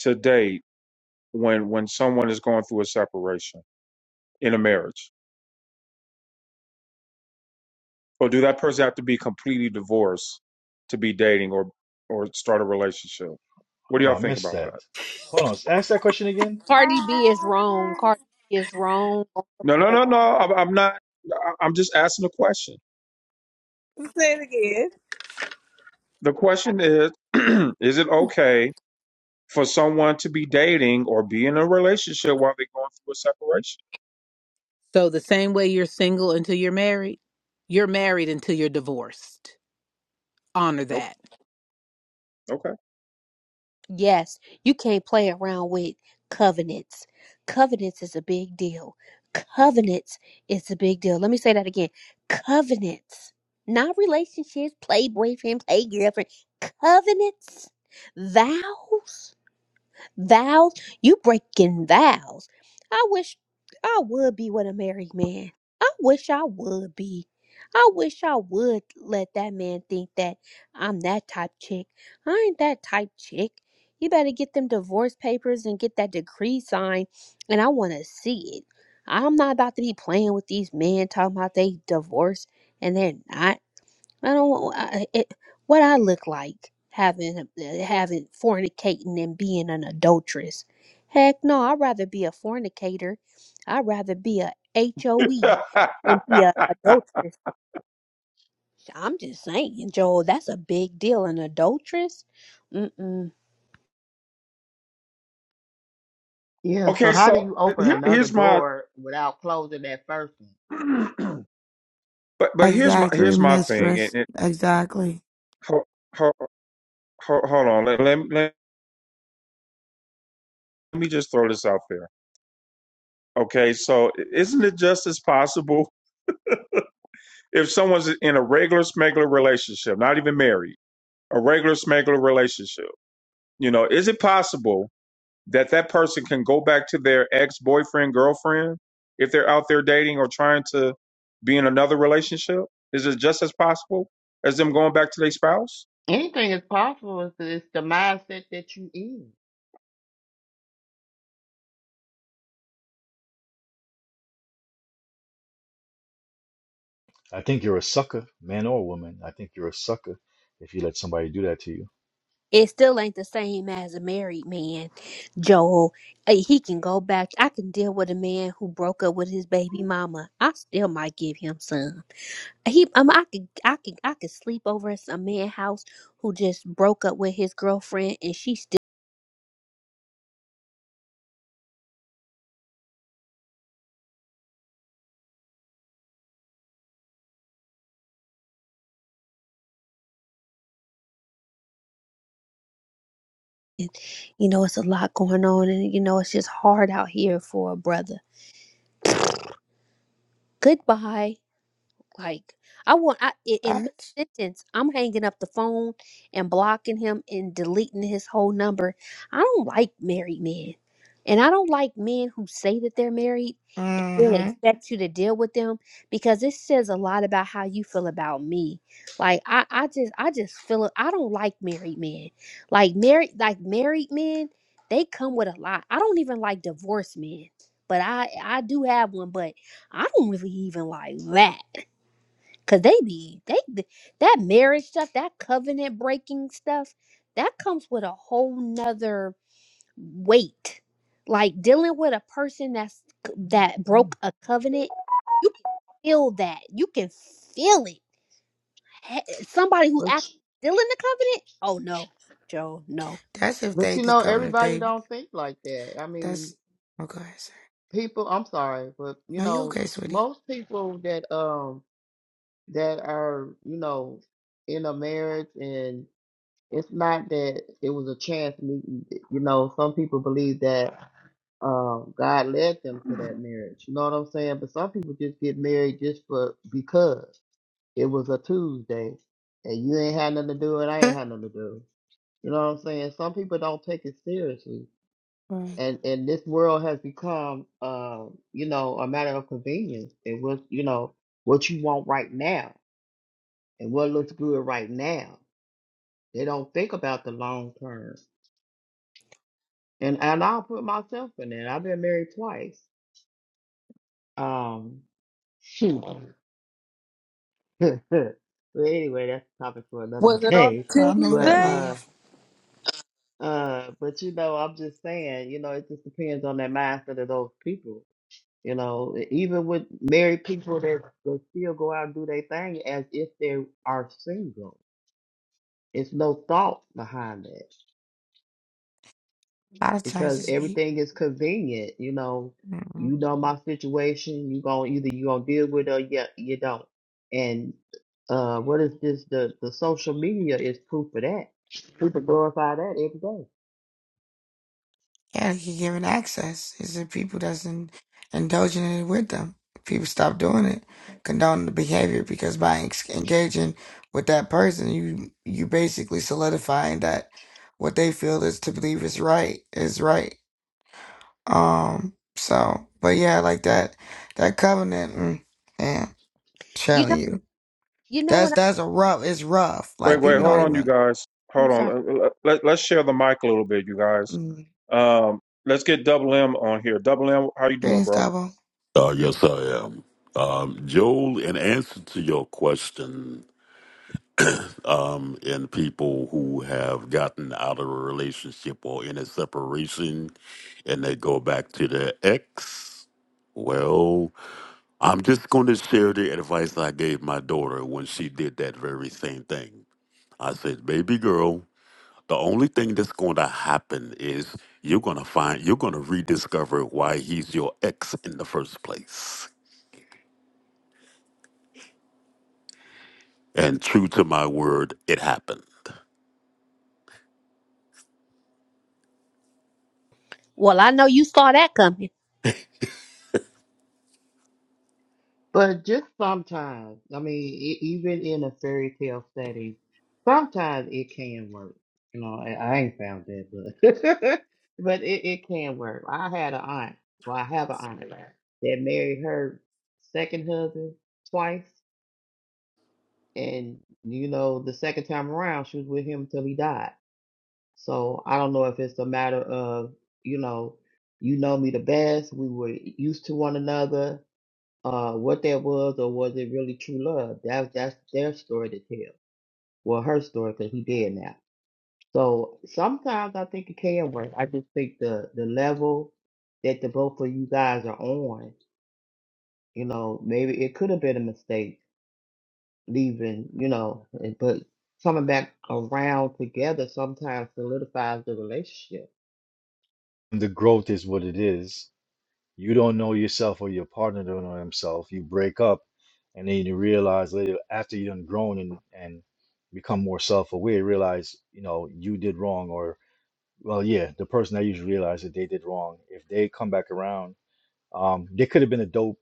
Speaker 1: To date, when when someone is going through a separation in a marriage or do that person have to be completely divorced to be dating or or start a relationship what do
Speaker 9: hold
Speaker 1: y'all
Speaker 9: on, I
Speaker 1: think
Speaker 9: missed
Speaker 1: about
Speaker 9: that.
Speaker 1: that
Speaker 9: Hold on, ask that question again.
Speaker 5: Cardi B is wrong. Cardi B is wrong.
Speaker 1: no no no no i'm, I'm not I- i'm just asking a question
Speaker 11: It-
Speaker 1: the question is is it okay for someone to be dating or be in a relationship while they're going through a separation
Speaker 11: So the same way you're single until you're married, you're married until you're divorced. Honor that.
Speaker 1: okay
Speaker 5: Yes, you can't play around with covenants. Covenants is a big deal. Covenants is a big deal. Let me say that again. Covenants, not relationships, play boyfriend, play girlfriend. Covenants, vows. Vows, you breaking vows. I wish I would be with a married man. I wish I would be. I wish I would let that man think that I'm that type chick. I ain't that type chick. You better get them divorce papers and get that decree signed, and I want to see it. I'm not about to be playing with these men talking about they divorce and they're not. I don't want I, it, what I look like having having fornicating and being an adulteress. Heck no, I'd rather be a fornicator. I'd rather be a HOE
Speaker 1: okay
Speaker 5: than be a adulteress. I'm just saying, Joel, that's a big deal. An adulteress, mm-mm.
Speaker 13: Yeah, so
Speaker 1: okay
Speaker 13: how do
Speaker 1: so
Speaker 13: you open
Speaker 1: here,
Speaker 13: another
Speaker 1: here's my
Speaker 13: door without closing that first one?
Speaker 1: but but here's my
Speaker 3: Exactly,
Speaker 1: here's my thing
Speaker 3: mistress.
Speaker 1: and.
Speaker 3: Exactly.
Speaker 1: Ho- ho- ho- hold on. Let, let, let me just throw this out there. Okay, so isn't it just as possible if someone's in a regular smuggler relationship, not even married, a regular smuggler relationship? You know, is it possible that that person can go back to their ex boyfriend, girlfriend, if they're out there dating or trying to be in another relationship? Is it just as possible as them going back to their spouse?
Speaker 13: Anything is possible. It's the, it's the mindset that you in.
Speaker 9: I think you're a sucker, man or woman. I think you're a sucker if you let somebody do that to you.
Speaker 5: It still ain't the same as a married man, Joel. Uh, He can go back. I can deal with a man who broke up with his baby mama. I still might give him some. He, um, I could, I could, I could sleep over at some man house who just broke up with his girlfriend, and she still, you know, it's a lot going on, and you know, it's just hard out here for a brother. Goodbye. Like I want I in, in mid sentence, I'm hanging up the phone and blocking him and deleting his whole number. I don't like married men. And I don't like men who say that they're married and then Mhm.
Speaker 3: Mm-hmm.
Speaker 5: expect you to deal with them because it says a lot about how you feel about me. Like I, I just I just feel it- I don't like married men. Like married like married men, they come with a lot. I don't even like divorced men. But I I do have one, but I don't really even like that. Cause they be they be- that marriage stuff, that covenant breaking stuff, that comes with a whole nother weight. Like dealing with a person that's that broke a covenant, you can feel that. You can feel it. He- Somebody who
Speaker 13: But
Speaker 5: actually
Speaker 13: you-
Speaker 5: still in the covenant, oh no, Joe, no.
Speaker 3: That's if
Speaker 13: but
Speaker 3: they
Speaker 13: you
Speaker 3: the
Speaker 13: know,
Speaker 3: covenant.
Speaker 13: everybody
Speaker 3: they
Speaker 13: don't think like that. I
Speaker 3: that's
Speaker 13: mean,
Speaker 3: okay. Sir.
Speaker 13: people. I'm sorry, but you
Speaker 3: No, you
Speaker 13: know,
Speaker 3: okay, sweetie?
Speaker 13: most people that um that are you know in a marriage and it's not that it was a chance meeting. You know, some people believe that um God led them to that marriage. You know what I'm saying? But some people just get married just for because. It was a Tuesday, and you ain't had nothing to do, and I ain't had nothing to do. You know what I'm saying? Some people don't take it seriously,
Speaker 3: right.
Speaker 13: and and this world has become, uh, you know, a matter of convenience. It was, you know, what you want right now and what looks good right now. They don't think about the long term, and and I'll put myself in it. I've been married twice. Um, shoot. but anyway, that's a topic for another
Speaker 11: Was it on
Speaker 13: day.
Speaker 11: a
Speaker 3: I know that
Speaker 13: But uh.
Speaker 11: Tuesday?
Speaker 3: life.
Speaker 13: Uh, but you know, I'm just saying, you know, it just depends on that mindset of those people. You know, E- even with married people that, that still go out and do their thing as if they are single. It's no thought behind that
Speaker 3: A lot of
Speaker 13: because
Speaker 3: times it's
Speaker 13: everything is convenient. You know,
Speaker 3: me.
Speaker 13: you know my situation. You gonna either you gonna deal with it or yeah, you don't. And uh, what is this? The the social media is proof of that. People glorify that every day.
Speaker 3: Yeah, he giving access. It's the people that's in, indulging in it with them. People stop doing it, condone the behavior because by ex- engaging with that person, you you basically solidifying that what they feel is to believe is right is right. Um. So, but yeah, like that that covenant. Mm, man,
Speaker 5: You know,
Speaker 3: telling you,
Speaker 5: you know
Speaker 3: that's
Speaker 5: what? I,
Speaker 3: that's a rough. It's rough.
Speaker 1: Wait,
Speaker 3: Like
Speaker 1: wait,
Speaker 3: people
Speaker 1: hold
Speaker 3: don't
Speaker 1: on, you
Speaker 3: even.
Speaker 1: guys.
Speaker 5: I'm
Speaker 1: Hold
Speaker 5: sorry.
Speaker 1: on. Let, let, us share the mic a little bit, you guys.
Speaker 3: Mm,
Speaker 1: Um, let's get Double M on here. Double M, how you doing,
Speaker 3: greetings,
Speaker 1: bro?
Speaker 3: Dabo.
Speaker 14: Uh, yes, I am. Um, Joel, in answer to your question, um, in people who have gotten out of a relationship or in a separation and they go back to their ex, well, I'm just going to share the advice I gave my daughter when she did that very same thing. I said, baby girl, the only thing that's going to happen is you're going to find, you're going to rediscover why he's your ex in the first place. And true to my word, it happened.
Speaker 5: Well, I know you saw that coming.
Speaker 13: But just sometimes, I mean, e- even in a fairy tale setting, sometimes it can work. You know, I, I ain't found that, but but it, it can work. I had an aunt, well, I have an aunt that married her second husband twice, and you know, the second time around, she was with him until he died. So I don't know if it's a matter of, you know, you know me the best. We were used to one another uh, what that was or was it really true love? That, that's their story to tell. Well, her story because he dead now. So sometimes I think it can work. I just think the the level that the both of you guys are on, you know, maybe it could have been a mistake leaving, you know, and- but coming back around together sometimes solidifies the relationship.
Speaker 9: And the growth is what it is. You don't know yourself or your partner don't know himself. You break up and then you realize later after you done grown and, and become more self-aware, realize, you know, you did wrong or well, yeah, the person that usually realized that they did wrong. If they come back around, um, they could have been a dope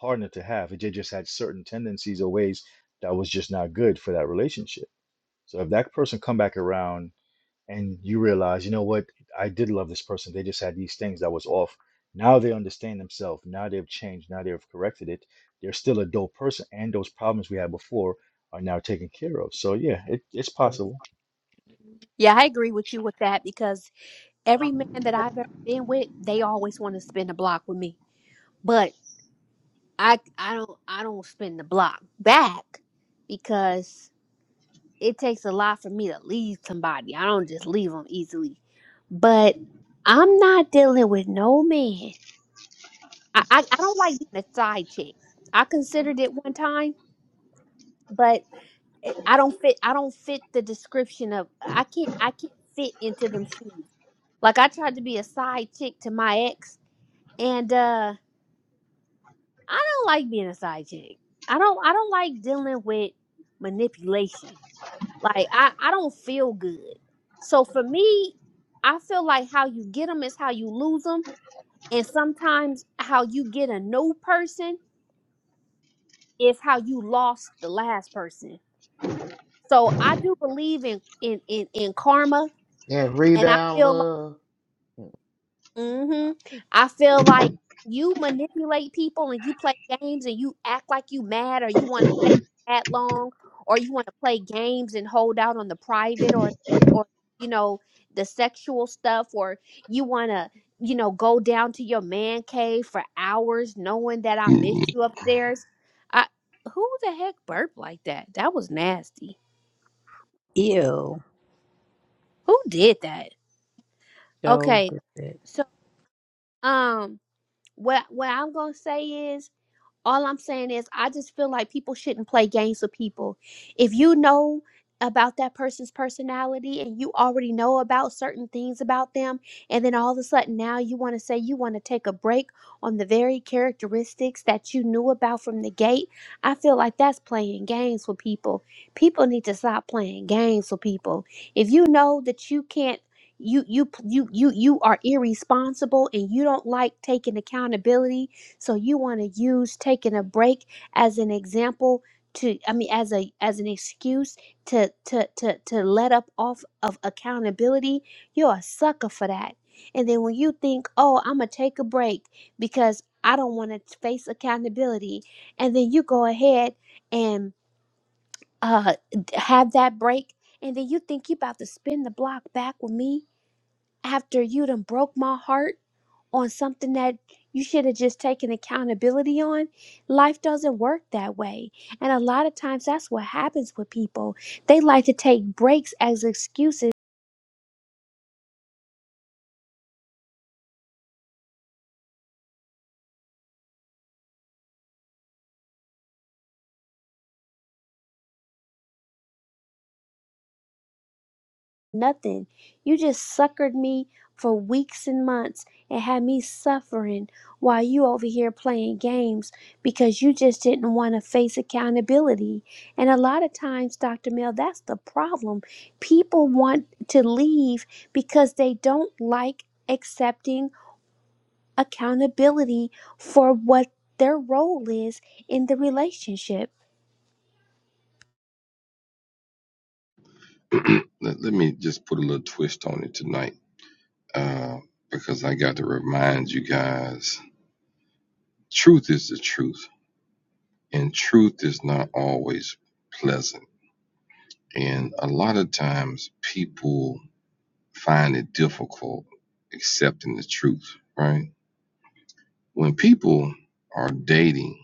Speaker 9: partner to have. if They just had certain tendencies or ways that was just not good for that relationship. So if that person come back around and you realize, you know what, I did love this person. They just had these things that was off. Now they understand themselves. Now they've changed. Now they've corrected it. They're still a dope person, and those problems we had before are now taken care of. So yeah, it, it's possible.
Speaker 5: Yeah, I agree with you with that because every man that I've ever been with, they always want to spin the block with me. But I I don't I don't spin the block back because it takes a lot for me to leave somebody. I don't just leave them easily. But I'm not dealing with no man. I I, I don't like being a side chick. I considered it one time, but it, I don't fit. I don't fit the description of I can't I can't fit into them shoes. Like I tried to be a side chick to my ex, and uh I don't like being a side chick. I don't I don't like dealing with manipulation. Like I I don't feel good. So for me, I feel like how you get them is how you lose them, and sometimes how you get a new person is how you lost the last person. So I do believe in in in, in karma,
Speaker 13: That
Speaker 5: and I
Speaker 13: rebound
Speaker 5: feel like
Speaker 13: love.
Speaker 5: hmm I feel like you manipulate people and you play games and you act like you mad or you want to stay that long or you want to play games and hold out on the private or or you know the sexual stuff or you want to you know go down to your man cave for hours knowing that I miss you upstairs. I who the heck burped like that? That was nasty.
Speaker 11: Ew.
Speaker 5: Who did that?
Speaker 11: Joe
Speaker 5: Okay.
Speaker 11: did it.
Speaker 5: So um what what I'm going to say is All I'm saying is, I just feel like people shouldn't play games with people. If you know about that person's personality and you already know about certain things about them, and then all of a sudden now you want to say you want to take a break on the very characteristics that you knew about from the gate, I feel like that's playing games with people. People need to stop playing games with people. If you know that you can't you you you you you are irresponsible and you don't like taking accountability so you want to use taking a break as an example to I mean as a as an excuse to to to to let up off of accountability. You're a sucker for that. And then when you think, "Oh, I'm going to take a break because I don't want to face accountability." And then you go ahead and uh have that break and then you think you about to spin the block back with me after you done broke my heart on something that you should have just taken accountability on. Life doesn't work that way. And a lot of times that's what happens with people. They like to take breaks as excuses. Nothing. You just suckered me for weeks and months and had me suffering while you over here playing games because you just didn't want to face accountability. And a lot of times, Dr. Mel, that's the problem. People want to leave because they don't like accepting accountability for what their role is in the relationship
Speaker 2: let, let me just put a little twist on it tonight uh, because I got to remind you guys truth is the truth, and truth is not always pleasant. And a lot of times people find it difficult accepting the truth, right? When people are dating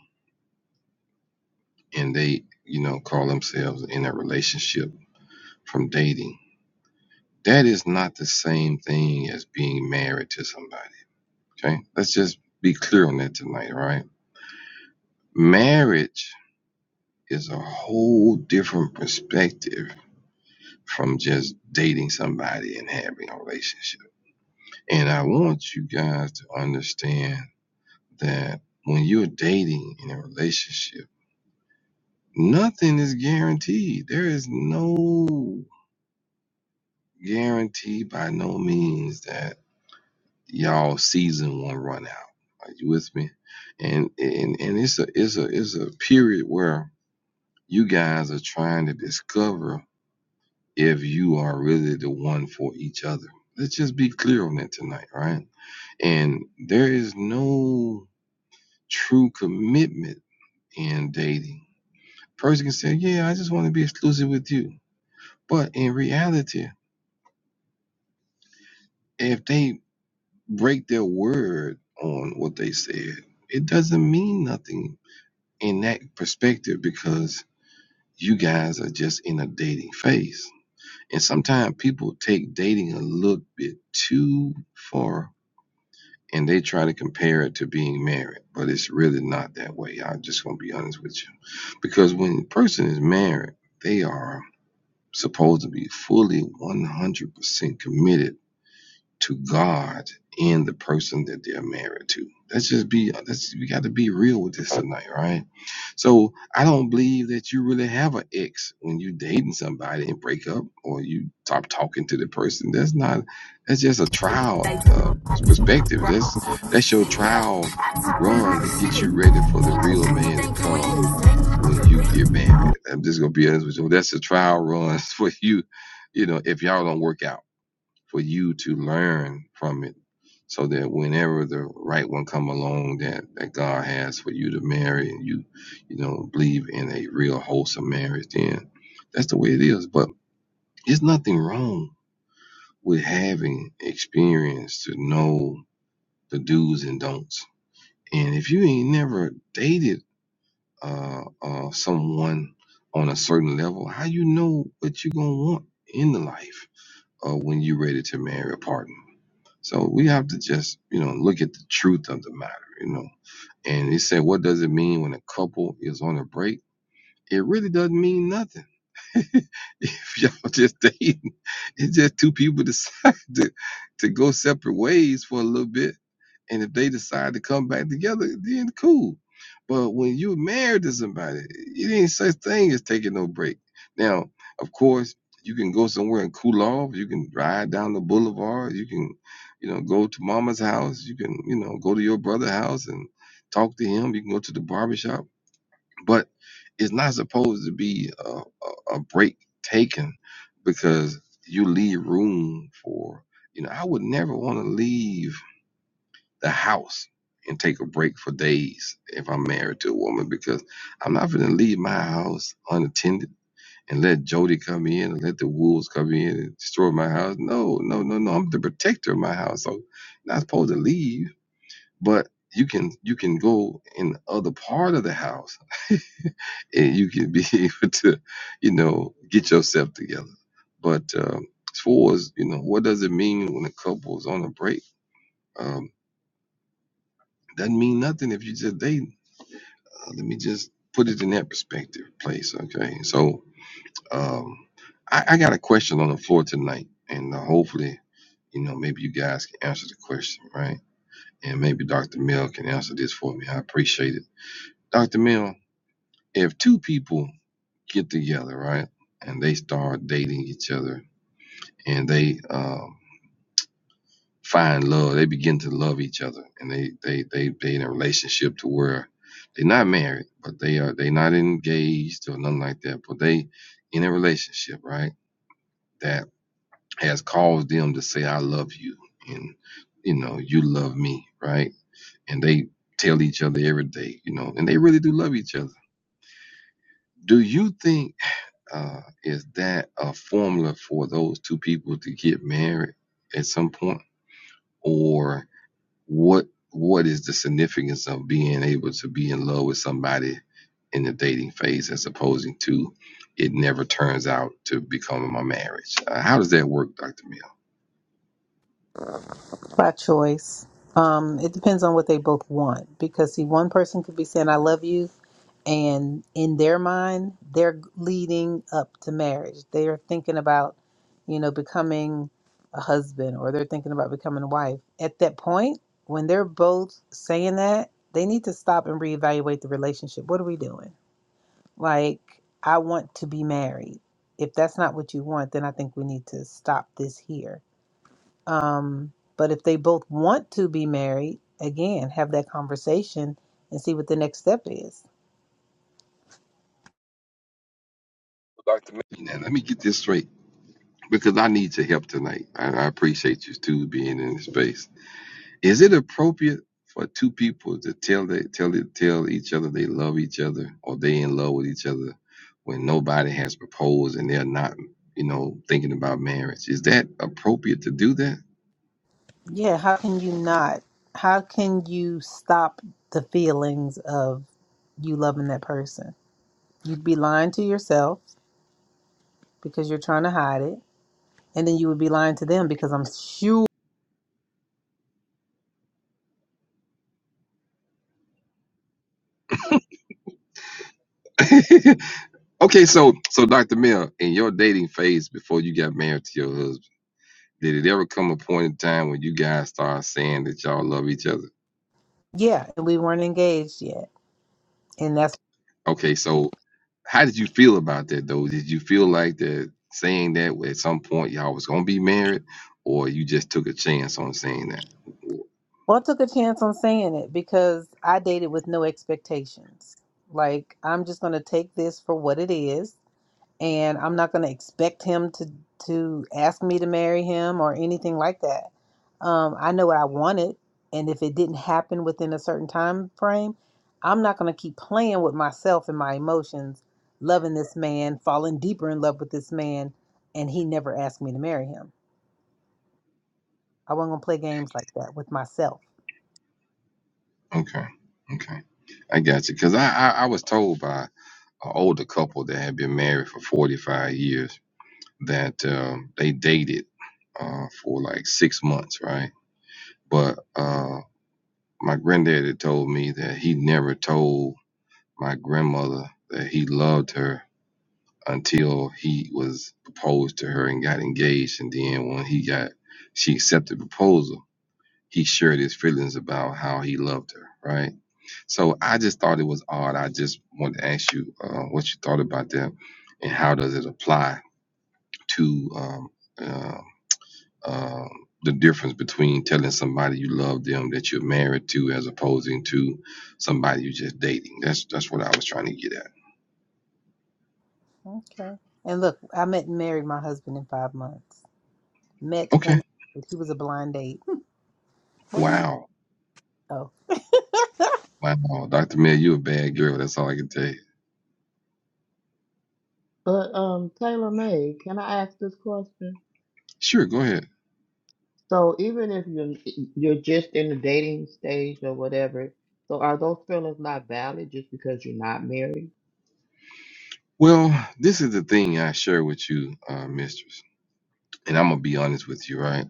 Speaker 2: and they, you know, call themselves in a relationship from dating, that is not the same thing as being married to somebody, okay? Let's just be clear on that tonight, all right? Marriage is a whole different perspective from just dating somebody and having a relationship. And I want you guys to understand that when you're dating in a relationship, nothing is guaranteed. There is no guarantee by no means that y'all season won't run out. Are you with me? And and, and it's a it's a it's a period where you guys are trying to discover if you are really the one for each other. Let's just be clear on that tonight, right? And there is no true commitment in dating. Person can say, Yeah, I just want to be exclusive with you. But in reality, if they break their word on what they said, it doesn't mean nothing in that perspective because you guys are just in a dating phase. And sometimes people take dating a little bit too far and they try to compare it to being married, but it's really not that way. I'm just gonna be honest with you, because when a person is married, they are supposed to be fully 100% committed to God and the person that they're married to. Let's just be, let's, we got to be real with this tonight, right? So I don't believe that you really have an ex when you are dating somebody and break up or you stop talking to the person. That's not, that's just a trial uh, perspective. That's, that's your
Speaker 6: Yeah,
Speaker 2: trial run to get you ready for the
Speaker 6: who
Speaker 2: real
Speaker 6: you
Speaker 2: man to
Speaker 6: think you
Speaker 2: come
Speaker 6: is?
Speaker 2: when you get married. I'm just going to be honest with you. That's a trial run for you, you know, if y'all don't work out for you to learn from it so that whenever the right one come along that, that God has for you to marry and you you know believe in a real wholesome marriage then that's the way it is but there's nothing wrong with having experience to know the do's and don'ts and if you ain't never dated uh, uh someone on a certain level how you know what you're gonna want in the life uh, when you're ready to marry a partner So we have to just, you know, look at the truth of the matter, you know. And he said, what does it mean when a couple is on a break? It really doesn't mean nothing if y'all just dating, it's just two people decide to, to go separate ways for a little bit. And if they decide to come back together, then cool. But when you're married to somebody, it ain't such thing as taking no break. Now, of course, you can go somewhere and cool off. You can ride down the boulevard. You can, you know, go to mama's house. You can, you know, go to your brother's house and talk to him. You can go to the barbershop but it's not supposed to be a, a, a break taken because you leave room for you know i would never want to leave the house and take a break for days if i'm married to a woman because i'm not going to leave my house unattended and let Jody come in and let the wolves come in and destroy my house. No, no, no, no. I'm the protector of my house. So you're not supposed to leave, but you can you can go in the other part of the house and you can be able to, you know, get yourself together. But um, as far as you know, what does it mean when a couple is on a break? Um, doesn't mean nothing if you just dating. Uh, let me just put it in that perspective, place. Okay, so um, I, I got a question on the floor tonight, and uh, hopefully, you know, maybe you guys can answer the question, right? And maybe Dr. Mill can answer this for me. I appreciate it, Dr. Mill. If two people get together, right, and they start dating each other and they um, find love. They begin to love each other, and they they they they in a relationship to where they're not married, but they are they not engaged or nothing like that. But they in a relationship, right? That has caused them to say, "I love you," and you know, "You love me," right? And they tell each other every day, you know, and they really do love each other. Do you think uh, is that a formula for those two people to get married at some point, or what what is the significance of being able to be in love with somebody in the dating phase as opposing to it never turns out to becoming my marriage? Uh, how does that work, Dr. Mill?
Speaker 11: by choice. Um, it depends on what they both want because see, one person could be saying "I love you," and in their mind, they're leading up to marriage. They are thinking about, you know, becoming a husband or they're thinking about becoming a wife. At that point, when they're both saying that, they need to stop and reevaluate the relationship. What are we doing? Like, I want to be married. If that's not what you want, then I think we need to stop this here um, but if they both want to be married, again, have that conversation and see what the next step is.
Speaker 2: Now, let me get this straight because I need your help tonight. I, I appreciate you too being in this space. Is it appropriate for two people to tell they tell it tell each other they love each other or they in love with each other when nobody has proposed and they're not, you know, thinking about marriage? Is that appropriate to do that?
Speaker 11: Yeah, how can you not? How can you stop the feelings of you loving that person? You'd be lying to yourself because you're trying to hide it, and then you would be lying to them because I'm sure,
Speaker 2: okay, so so Dr. Mill, in your dating phase before you got married to your husband, did it ever come a point in time when you guys started saying that y'all love each other?
Speaker 11: yeah, we weren't engaged yet. And that's
Speaker 2: Okay, so how did you feel about that though? Did you feel like that saying that at some point y'all was gonna be married, or you just took a chance on saying that?
Speaker 11: well, I took a chance on saying it because I dated with no expectations. Like, I'm just going to take this for what it is and I'm not going to expect him to to ask me to marry him or anything like that. Um, I know what I wanted, and if it didn't happen within a certain time frame, I'm not going to keep playing with myself and my emotions, loving this man, falling deeper in love with this man, and he never asked me to marry him. I wasn't going to play games like that with myself.
Speaker 2: Okay, okay, I got you. Cause I I, I was told by an older couple that had been married for forty five years that um, they dated uh, for like six months, right? But uh, my granddaddy told me that he never told my grandmother that he loved her until he was proposed to her and got engaged. And then when he got, she accepted the proposal, he shared his feelings about how he loved her, right? So I just thought it was odd. I just wanted to ask you uh, what you thought about that and how does it apply to um, uh, um, the difference between telling somebody you love them that you're married to as opposing to somebody you're just dating. That's that's what I was trying to get at.
Speaker 11: Okay. And look, I met and married my husband in five months. Met
Speaker 2: Okay.
Speaker 11: and married. he was a blind date. Why you?
Speaker 2: Wow.
Speaker 11: Oh,
Speaker 2: Wow. Dr. Mel, you're a bad girl. That's all I can tell you.
Speaker 13: But um, Taylor May, can I ask this question?
Speaker 2: Sure, go ahead.
Speaker 13: So even if you you're just in the dating stage or whatever, so are those feelings not valid just because you're not married?
Speaker 2: Well, this is the thing I share with you, uh, mistress, and I'm gonna be honest with you, right?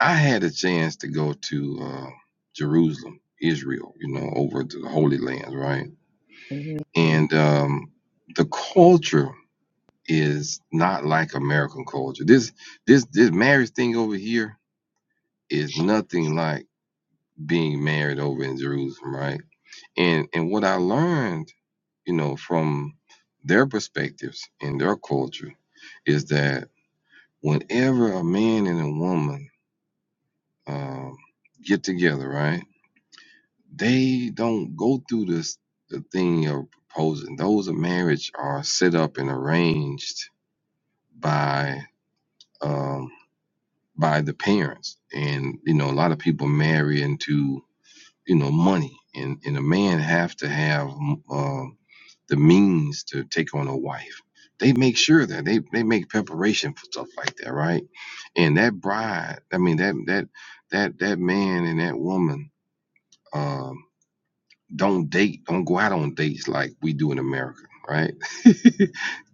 Speaker 2: I had a chance to go to uh, Jerusalem, Israel, you know, over to the Holy Land, right?
Speaker 13: hmm
Speaker 2: And um, the culture is not like American culture. This this this marriage thing over here is nothing like being married over in Jerusalem, right? And and what I learned, you know, from their perspectives and their culture is that whenever a man and a woman um, get together, right, they don't go through this the thing of proposing. Those of marriage are set up and arranged by um, by the parents and you know a lot of people marry into you know money and and a man have to have um, um, the means to take on a wife they make sure that they they make preparation for stuff like that right and that bride i mean that that that that man and that woman um don't date don't go out on dates like we do in america right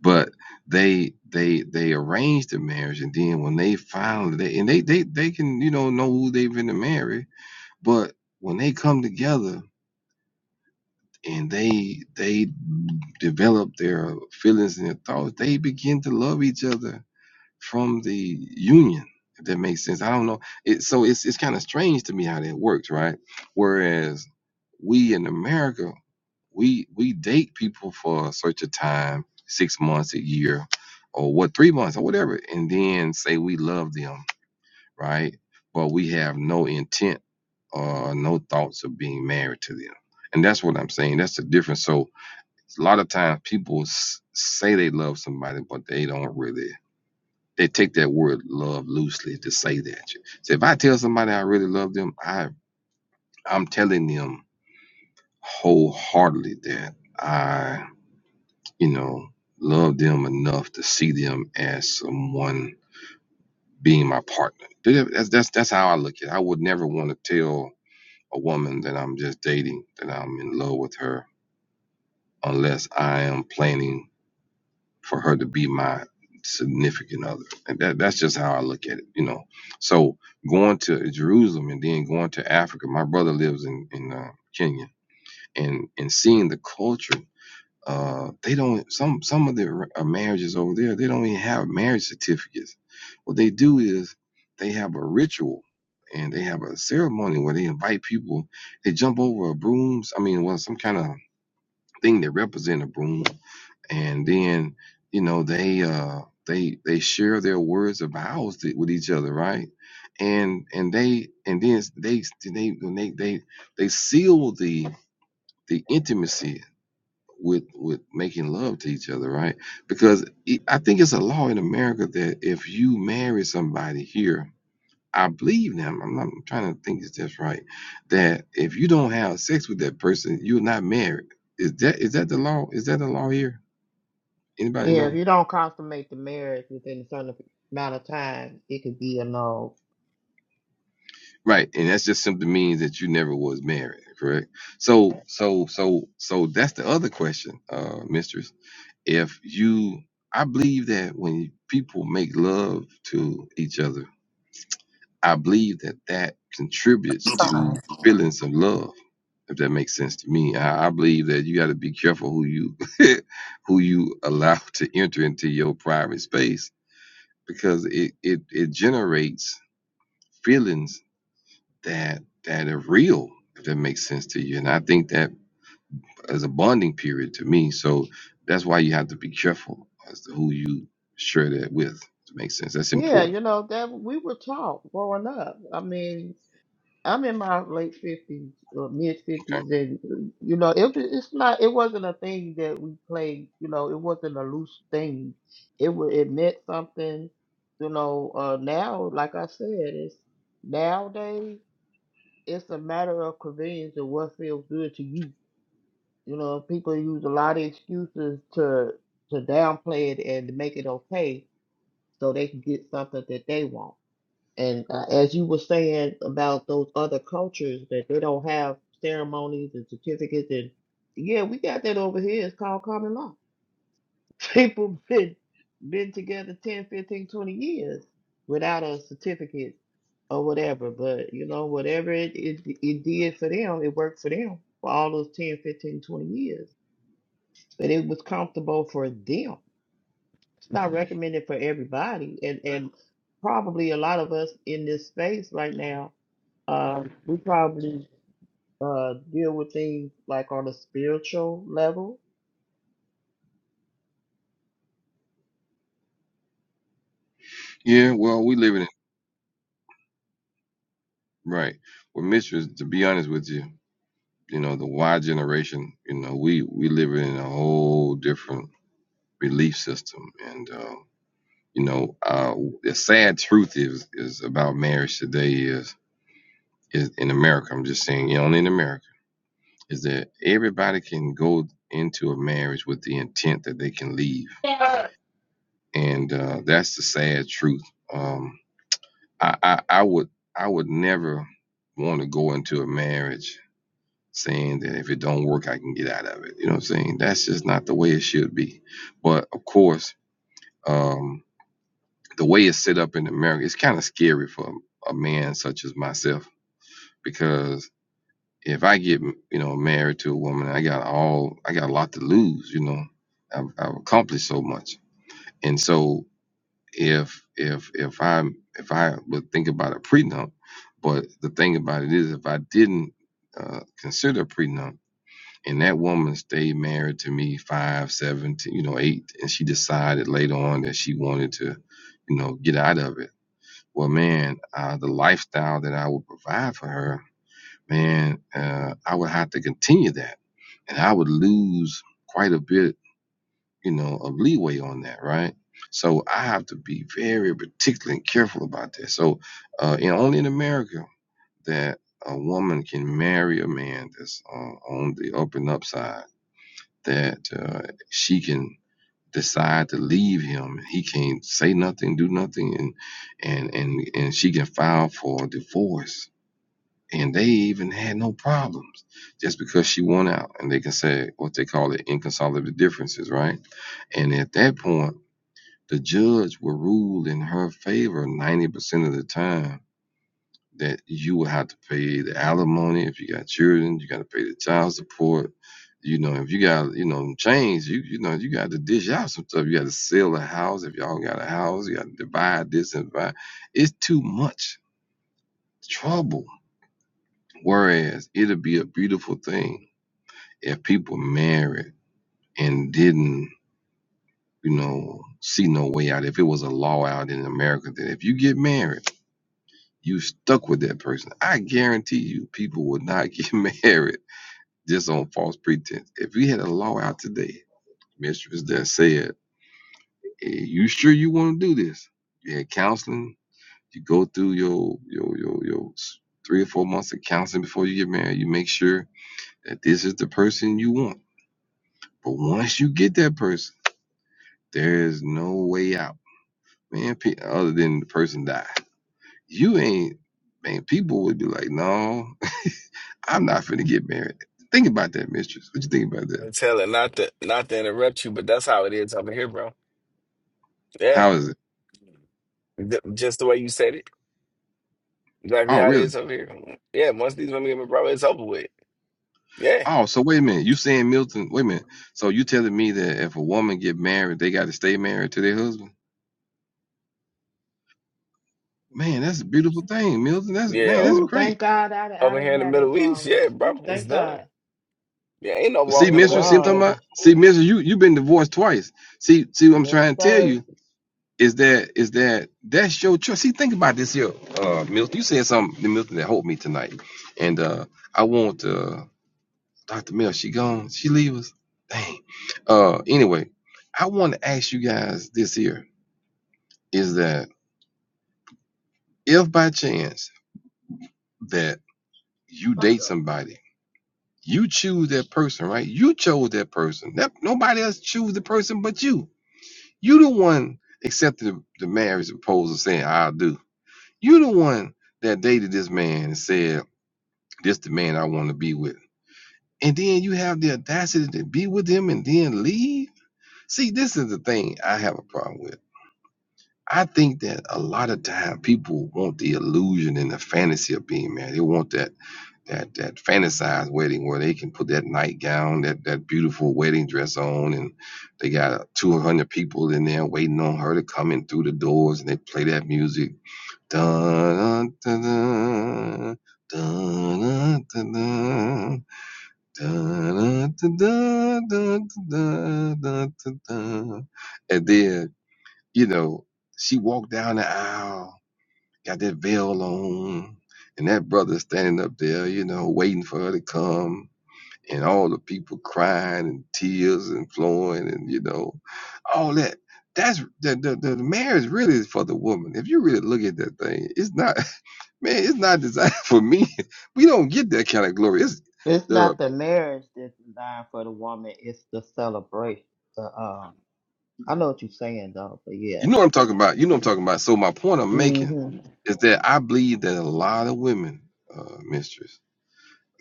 Speaker 2: but they they they arrange the marriage and then when they finally they and they they they can you know know who they've been to marry but when they come together and they they develop their feelings and their thoughts they begin to love each other from the union if that makes sense i don't know it so it's it's kind of strange to me how that works right whereas we in america we we date people for such a time, six months, a year, or what three months or whatever, and then say we love them, right? But we have no intent or no thoughts of being married to them. And that's what I'm saying. That's the difference. So a lot of times people s- say they love somebody, but they don't really. They take that word love loosely to say that. So if I tell somebody I really love them, I I'm telling them wholeheartedly that I. you know, love them enough to see them as someone being my partner. That- That's that's that's how I look at it. I would never want to tell a woman that I'm just dating that I'm in love with her unless I am planning for her to be my significant other. And that that's just how I look at it, you know. So going to Jerusalem and then going to Africa, my brother lives in in uh, Kenya, and and seeing the culture Uh, they don't. Some some of the uh, marriages over there, they don't even have marriage certificates. What they do is they have a ritual and they have a ceremony where they invite people. They jump over a brooms. I mean, well, some kind of thing that represents a broom, and then you know they uh they they share their words of vows to- with each other right and and they and then they they they they they seal the the intimacy with with making love to each other, right? Because it, I think it's a law in America that if you marry somebody here, I believe them. I'm not I'm trying to think is that's right. That if you don't have sex with that person, you're not married. Is that is that the law? Is that the law here? Anybody
Speaker 13: Yeah, if
Speaker 2: know?
Speaker 13: you don't consummate the marriage within a certain amount of time, it could be a no.
Speaker 2: Right, and that's just simply means that you never was married, correct? So so so so that's the other question, uh, mistress. If you I believe that when people make love to each other I believe that that contributes
Speaker 11: sorry.
Speaker 2: to feelings of love. If that makes sense to me, I, I believe that you got to be careful who you who you allow to enter into your private space because it it it generates feelings that that are real. If that makes sense to you, and I think that as a bonding period to me, so that's why you have to be careful as to who you share that with. If it makes sense. That's
Speaker 13: Yeah,
Speaker 2: important.
Speaker 13: you know that we were taught growing up. I mean, I'm in my late fifties or mid
Speaker 2: Okay.
Speaker 13: fifties, and you know, it, it's not. It wasn't a thing that we played. You know, it wasn't a loose thing. It wa it meant something. You know, uh, now, like I said, it's nowadays it's a matter of convenience and what feels good to you. You know, people use a lot of excuses to to downplay it and make it okay so they can get something that they want. And uh, as you were saying about those other cultures that they don't have ceremonies and certificates, and yeah, we got that over here. It's called common law. People been been together 10, 15, 20 years without a certificate or whatever. But you know, whatever it, it it did for them, it worked for them for all those 10, 15, 20 years. But it was comfortable for them. It's not recommended for everybody, and and probably a lot of us in this space right now Um, we probably uh deal with things like on a spiritual level.
Speaker 2: Yeah. Well, we live in. Right. Well, Mitch was to be honest with you, you know, the Y generation, you know, we we live in a whole different belief system, and uh, you know, uh, the sad truth is is about marriage today is is in America. I'm just saying, you know, only in America is that everybody can go into a marriage with the intent that they can leave, and uh, that's the sad truth. Um, I, I I would I would never want to go into a marriage saying that if it don't work, I can get out of it. You know what I'm saying? That's just not the way it should be. But of course, um, the way it's set up in America, it's kind of scary for a man such as myself because if I get you know married to a woman, I got all I got a lot to lose. You know, I've, I've accomplished so much, and so if if if I if I would think about a prenup, but the thing about it is, if I didn't uh, consider a prenup and that woman stayed married to me five, seven, t- you know, eight, and she decided later on that she wanted to, you know, get out of it. Well, man, uh, the lifestyle that I would provide for her, man, uh, I would have to continue that, and I would lose quite a bit, you know, of leeway on that, right? So I have to be very particular and careful about that. So, uh, and only in America that a woman can marry a man that's uh, on the up and up side that uh, she can decide to leave him. He can't say nothing, do nothing, and and and and she can file for divorce. And they even had no problems just because she won out. And they can say what they call it inconsolable differences, right? And at that point, the judge will rule in her favor 90% of the time that you will have to pay the alimony if you got children. You got to pay the child support. You know, if you got you know change, you you know you got to dish out some stuff. You got to sell a house if y'all got a house. You got to divide this and divide. It's too much trouble. Whereas it'll be a beautiful thing if people married and didn't you know see no way out. If it was a law out in America that if you get married, you stuck with that person. I guarantee you, people would not get married just on false pretense. If we had a law out today, mistress, that said, hey, "You sure you want to do this?" You had counseling. You go through your your your your three or four months of counseling before you get married. You make sure that this is the person you want. But once you get that person, there is no way out, man. pe- Other than the person die, you ain't. Man, people would be like, "No, I'm not finna get married." Think about that, mistress. What you think about that?
Speaker 7: I'm telling not to not to interrupt you, but that's how it is over here, bro. Yeah.
Speaker 2: How is it?
Speaker 7: Th- Just the way you said it, exactly
Speaker 2: Oh,
Speaker 7: how it
Speaker 2: really?
Speaker 7: is over here. Yeah, once these women get my brother, it's over with. Yeah,
Speaker 2: Oh, so wait a minute. You saying Milton? Wait a minute. So you telling me that if a woman get married, they got to stay married to their husband? Man, that's a beautiful thing, Milton. That's
Speaker 7: yeah.
Speaker 2: man, that's
Speaker 7: Over,
Speaker 13: Ooh, thank
Speaker 2: great.
Speaker 13: God I, I
Speaker 7: over here
Speaker 13: didn't
Speaker 7: in the
Speaker 13: have that
Speaker 7: Middle East,
Speaker 13: problem.
Speaker 7: yeah, bro,
Speaker 13: Ooh,
Speaker 7: it's
Speaker 13: thank
Speaker 7: done.
Speaker 13: God.
Speaker 7: Yeah, ain't no
Speaker 2: Well, see,
Speaker 7: walking
Speaker 13: Thank
Speaker 2: Mister, see,
Speaker 7: away.
Speaker 2: what I'm talking
Speaker 13: God.
Speaker 2: about. See, Mister, you you've been divorced twice. See, see, what I'm
Speaker 13: Yes,
Speaker 2: trying to tell
Speaker 13: sir.
Speaker 2: you is that is that that's your choice. See, think about this here, uh, Milton. You said something, Milton, that helped me tonight, and uh, I want uh, Doctor Mill. She gone. She leave us. Dang. Uh, anyway, I want to ask you guys this here is that. if by chance that you
Speaker 13: What
Speaker 2: date
Speaker 13: the-
Speaker 2: somebody, you choose that person, right? You chose that person. That, nobody else choose the person but you. You the one accepted the, the marriage proposal saying, I'll do. You the one that dated this man and said, This the man I want to be with. And then you have the audacity to be with him and then leave. See, this is the thing I have a problem with. I think that a lot of time people want the illusion and the fantasy of being married. They want that that that fantasized wedding where they can put that nightgown, that that beautiful wedding dress on, and they got two hundred people in there waiting on her to come in through the doors, and they play that music, dun dun dun dun dun dun dun dun dun dun dun dun and then you know she walked down the aisle got that veil on, and that brother standing up there, you know, waiting for her to come, and all the people crying and tears and flowing, and you know, all that. That's the the, the marriage really is for the woman. If you really look at that thing, it's not man, it's not designed for me. We don't get that kind of glory. It's
Speaker 13: It's
Speaker 2: the
Speaker 13: not the marriage that's designed for the woman. It's the celebration. The um, I know what you're saying though, but
Speaker 2: you
Speaker 13: yeah.
Speaker 2: know what I'm talking about. You know what I'm talking about. So my point I'm making
Speaker 13: hmm
Speaker 2: is that I believe that a lot of women, uh, mistress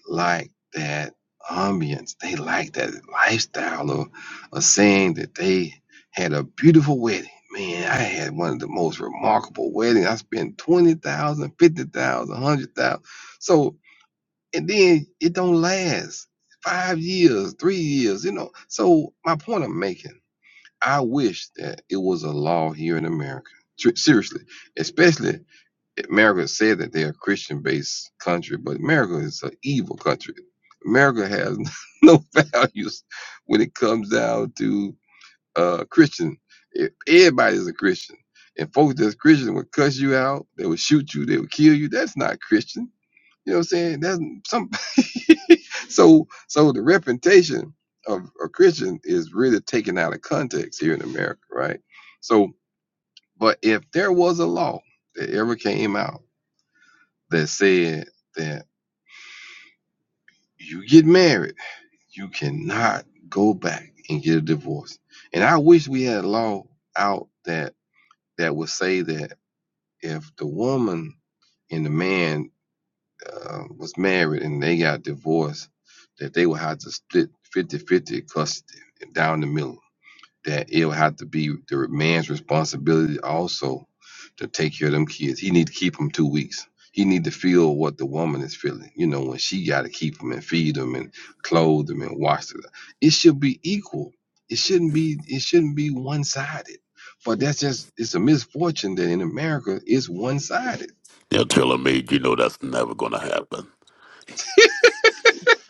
Speaker 2: like that ambience. They like that lifestyle of, of saying that they had a beautiful wedding. Man, I had one of the most remarkable weddings. I spent 20000, 50000, a 100000 So, and then it don't last five years, three years, you know. So, my point I'm making, I wish that it was a law here in America. Tr- Seriously, especially America said that they're a Christian based country, but America is an evil country. America has no values when it comes down to uh, Christian. If everybody's a Christian, and folks that's Christian would cuss you out, they would shoot you, they would kill you. That's not Christian. You know what I'm saying? That's some. so, so the reputation of a Christian is really taken out of context here in America, right? So, but if there was a law that ever came out that said that you get married, you cannot go back and get a divorce. And I wish we had a law out that that would say that if the woman and the man uh, was married and they got divorced, that they would have to split fifty-fifty custody down the middle that it will have to be the man's responsibility also to take care of them kids. He need to keep them two weeks. He need to feel what the woman is feeling. You know, when she got to keep them and feed them and clothe them and wash them. It should be equal. It shouldn't be. It shouldn't be one sided. But that's just. It's a misfortune that in America it's one sided.
Speaker 14: Now tell a maid, you know that's never gonna happen.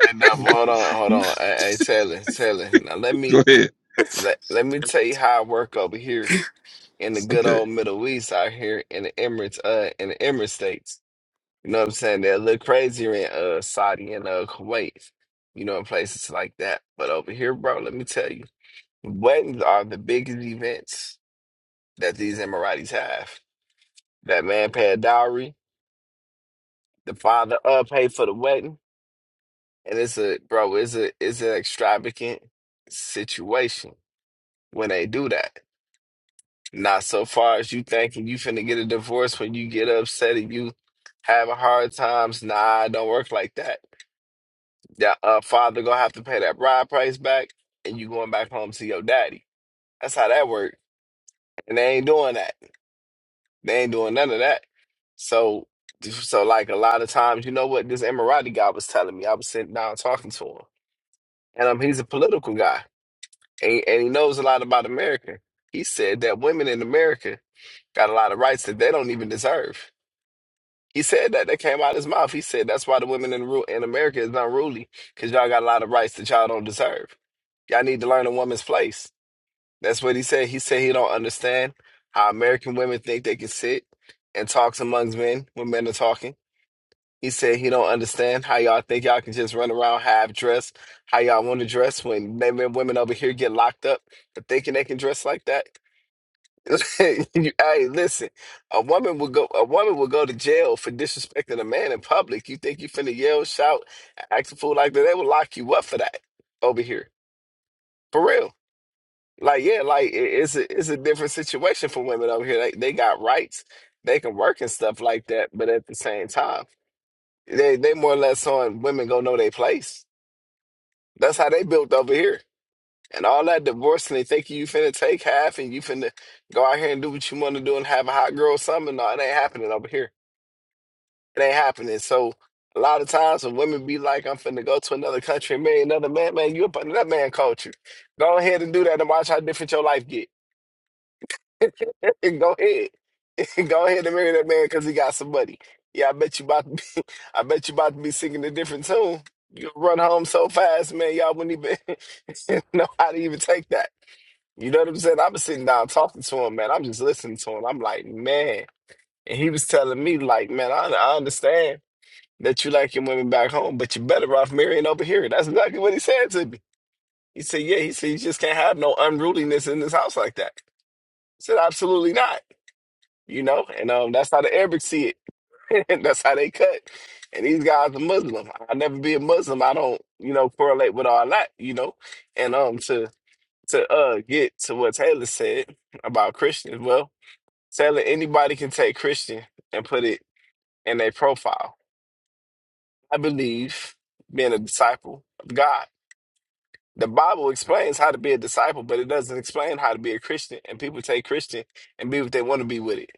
Speaker 7: And now, hold on, hold on. Hey, hey, Taylor, Taylor. Now let me
Speaker 2: Go ahead.
Speaker 7: let let me tell you how I work over here in the good
Speaker 2: Okay.
Speaker 7: old Middle East out here in the Emirates, uh, in the Emirates states. You know what I'm saying? They're a little crazier in uh Saudi and uh Kuwait, you know, in places like that. But over here, bro, let me tell you, weddings are the biggest events that these Emiratis have. That man pay a dowry, the father uh paid for the wedding, and it's a bro, it's a it's an extravagant situation when they do that. Not so far as you thinking you finna get a divorce when you get upset and you having hard times. Nah, it don't work like that That uh, father gonna have to pay that bride price back, and you going back home to your daddy. That's how that works. And they ain't doing that. They ain't doing none of that. So, so like a lot of times, you know what this Emirati guy was telling me. I was sitting down talking to him, and um, he's a political guy, and, and he knows a lot about America. He said that women in America got a lot of rights that they don't even deserve. He said that. That came out of his mouth. He said that's why the women in ru- in America is unruly because y'all got a lot of rights that y'all don't deserve. Y'all need to learn a woman's place. That's what he said. He said he don't understand how American women think they can sit and talk amongst men when men are talking. He said he don't understand how y'all think y'all can just run around half dressed, how y'all want to dress when men men- women over here get locked up for thinking they can dress like that. You, hey, listen. A woman will go. A woman will go to jail for disrespecting a man in public. You think you finna yell, shout, act a fool like that? They will lock you up for that over here, for real. Like, yeah, like it- it's a it's a different situation for women over here. They they got rights. They can work and stuff like that. But at the same time, they they more or less on women go know their place. That's how they built over here. And all that divorcing, they think you finna take half and you finna go out here and do what you wanna do and have a hot girl summer. No, it ain't happening over here. It ain't happening. So a lot of times when women be like, I'm finna go to another country and marry another man, man, you up under that man culture. Go ahead and do that and watch how different your life get. And go ahead. go ahead and marry that man because he got some money. Yeah, I bet you about to be, I bet you about to be singing a different tune. You run home so fast, man, y'all wouldn't even know how to even take that. You know what I'm saying? I'm sitting down talking to him, man. I'm just listening to him. I'm like, man. And he was telling me, like, man, I, I understand that you like your women back home, but you're better off marrying over here. That's exactly what he said to me. He said, yeah, he said, you just can't have no unruliness in this house like that. I said, absolutely not. You know, and um, that's how the Arabics see it. that's how they cut. And these guys are Muslim. I'll never be a Muslim. I don't, you know, correlate with all that, you know. And um to to uh get to what Taylor said about Christians. Well, Taylor, anybody can take Christian and put it in their profile. I believe being a disciple of God. The Bible explains how to be a disciple, but it doesn't explain how to be a Christian. And people take Christian and be what they want to be with it.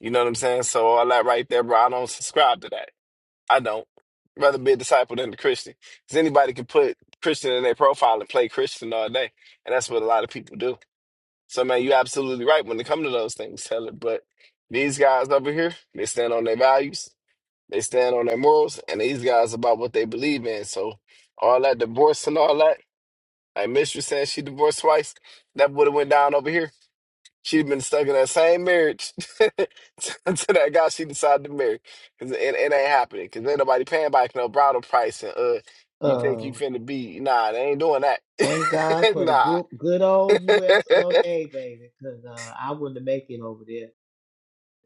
Speaker 7: You know what I'm saying? So all that right there, bro, I don't subscribe to that. I don't. Rather be a disciple than a Christian. Because anybody can put Christian in their profile and play Christian all day. And that's what a lot of people do. So man, you're absolutely right when it comes to those things, Taylor. But these guys over here, they stand on their values They stand on their morals, and these guys about what they believe in. So all that divorce and all that, like Mistress said, she divorced twice. That would have went down over here. She'd been stuck in that same marriage until that guy she decided to marry. Cause it, it ain't happening. Cause ain't nobody paying back no bridal price. And uh, you think
Speaker 13: Uh,
Speaker 7: you finna be? Nah, they ain't doing that.
Speaker 13: thank God for the
Speaker 7: nah.
Speaker 13: good good old U.S. of A. Baby, because uh, I wouldn't make it over there.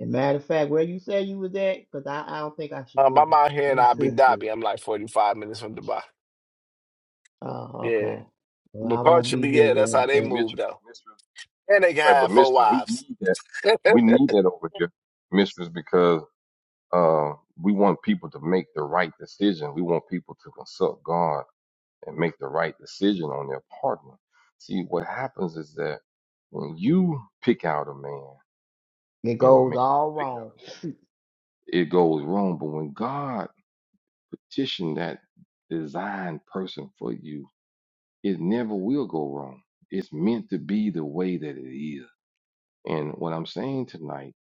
Speaker 13: And matter of fact, where you say you was at, because I, I don't think I should
Speaker 7: um, I'm out here and I'll be
Speaker 13: visit.
Speaker 7: Dhabi. I'm like 45 minutes from Dubai.
Speaker 13: oh,
Speaker 7: Yeah,
Speaker 13: okay. Well,
Speaker 7: but
Speaker 13: I won't be
Speaker 7: culturally, yeah, that's
Speaker 13: visiting.
Speaker 7: how they
Speaker 2: See,
Speaker 13: so
Speaker 7: move
Speaker 2: mistress,
Speaker 7: though.
Speaker 2: mistress,
Speaker 7: And they can
Speaker 2: right? But
Speaker 7: have four
Speaker 2: mistress, we
Speaker 7: wives.
Speaker 2: need that. We need that over here, mistress, because Uh, we want people to make the right decision. We want people to consult God and make the right decision on their partner. See, what happens is that when you pick out a man
Speaker 13: It
Speaker 2: and a
Speaker 13: goes
Speaker 2: man
Speaker 13: all
Speaker 2: pick out
Speaker 13: wrong.
Speaker 2: a woman, it goes wrong. But when God petitioned that designed person for you, it never will go wrong. It's meant to be the way that it is. And what I'm saying tonight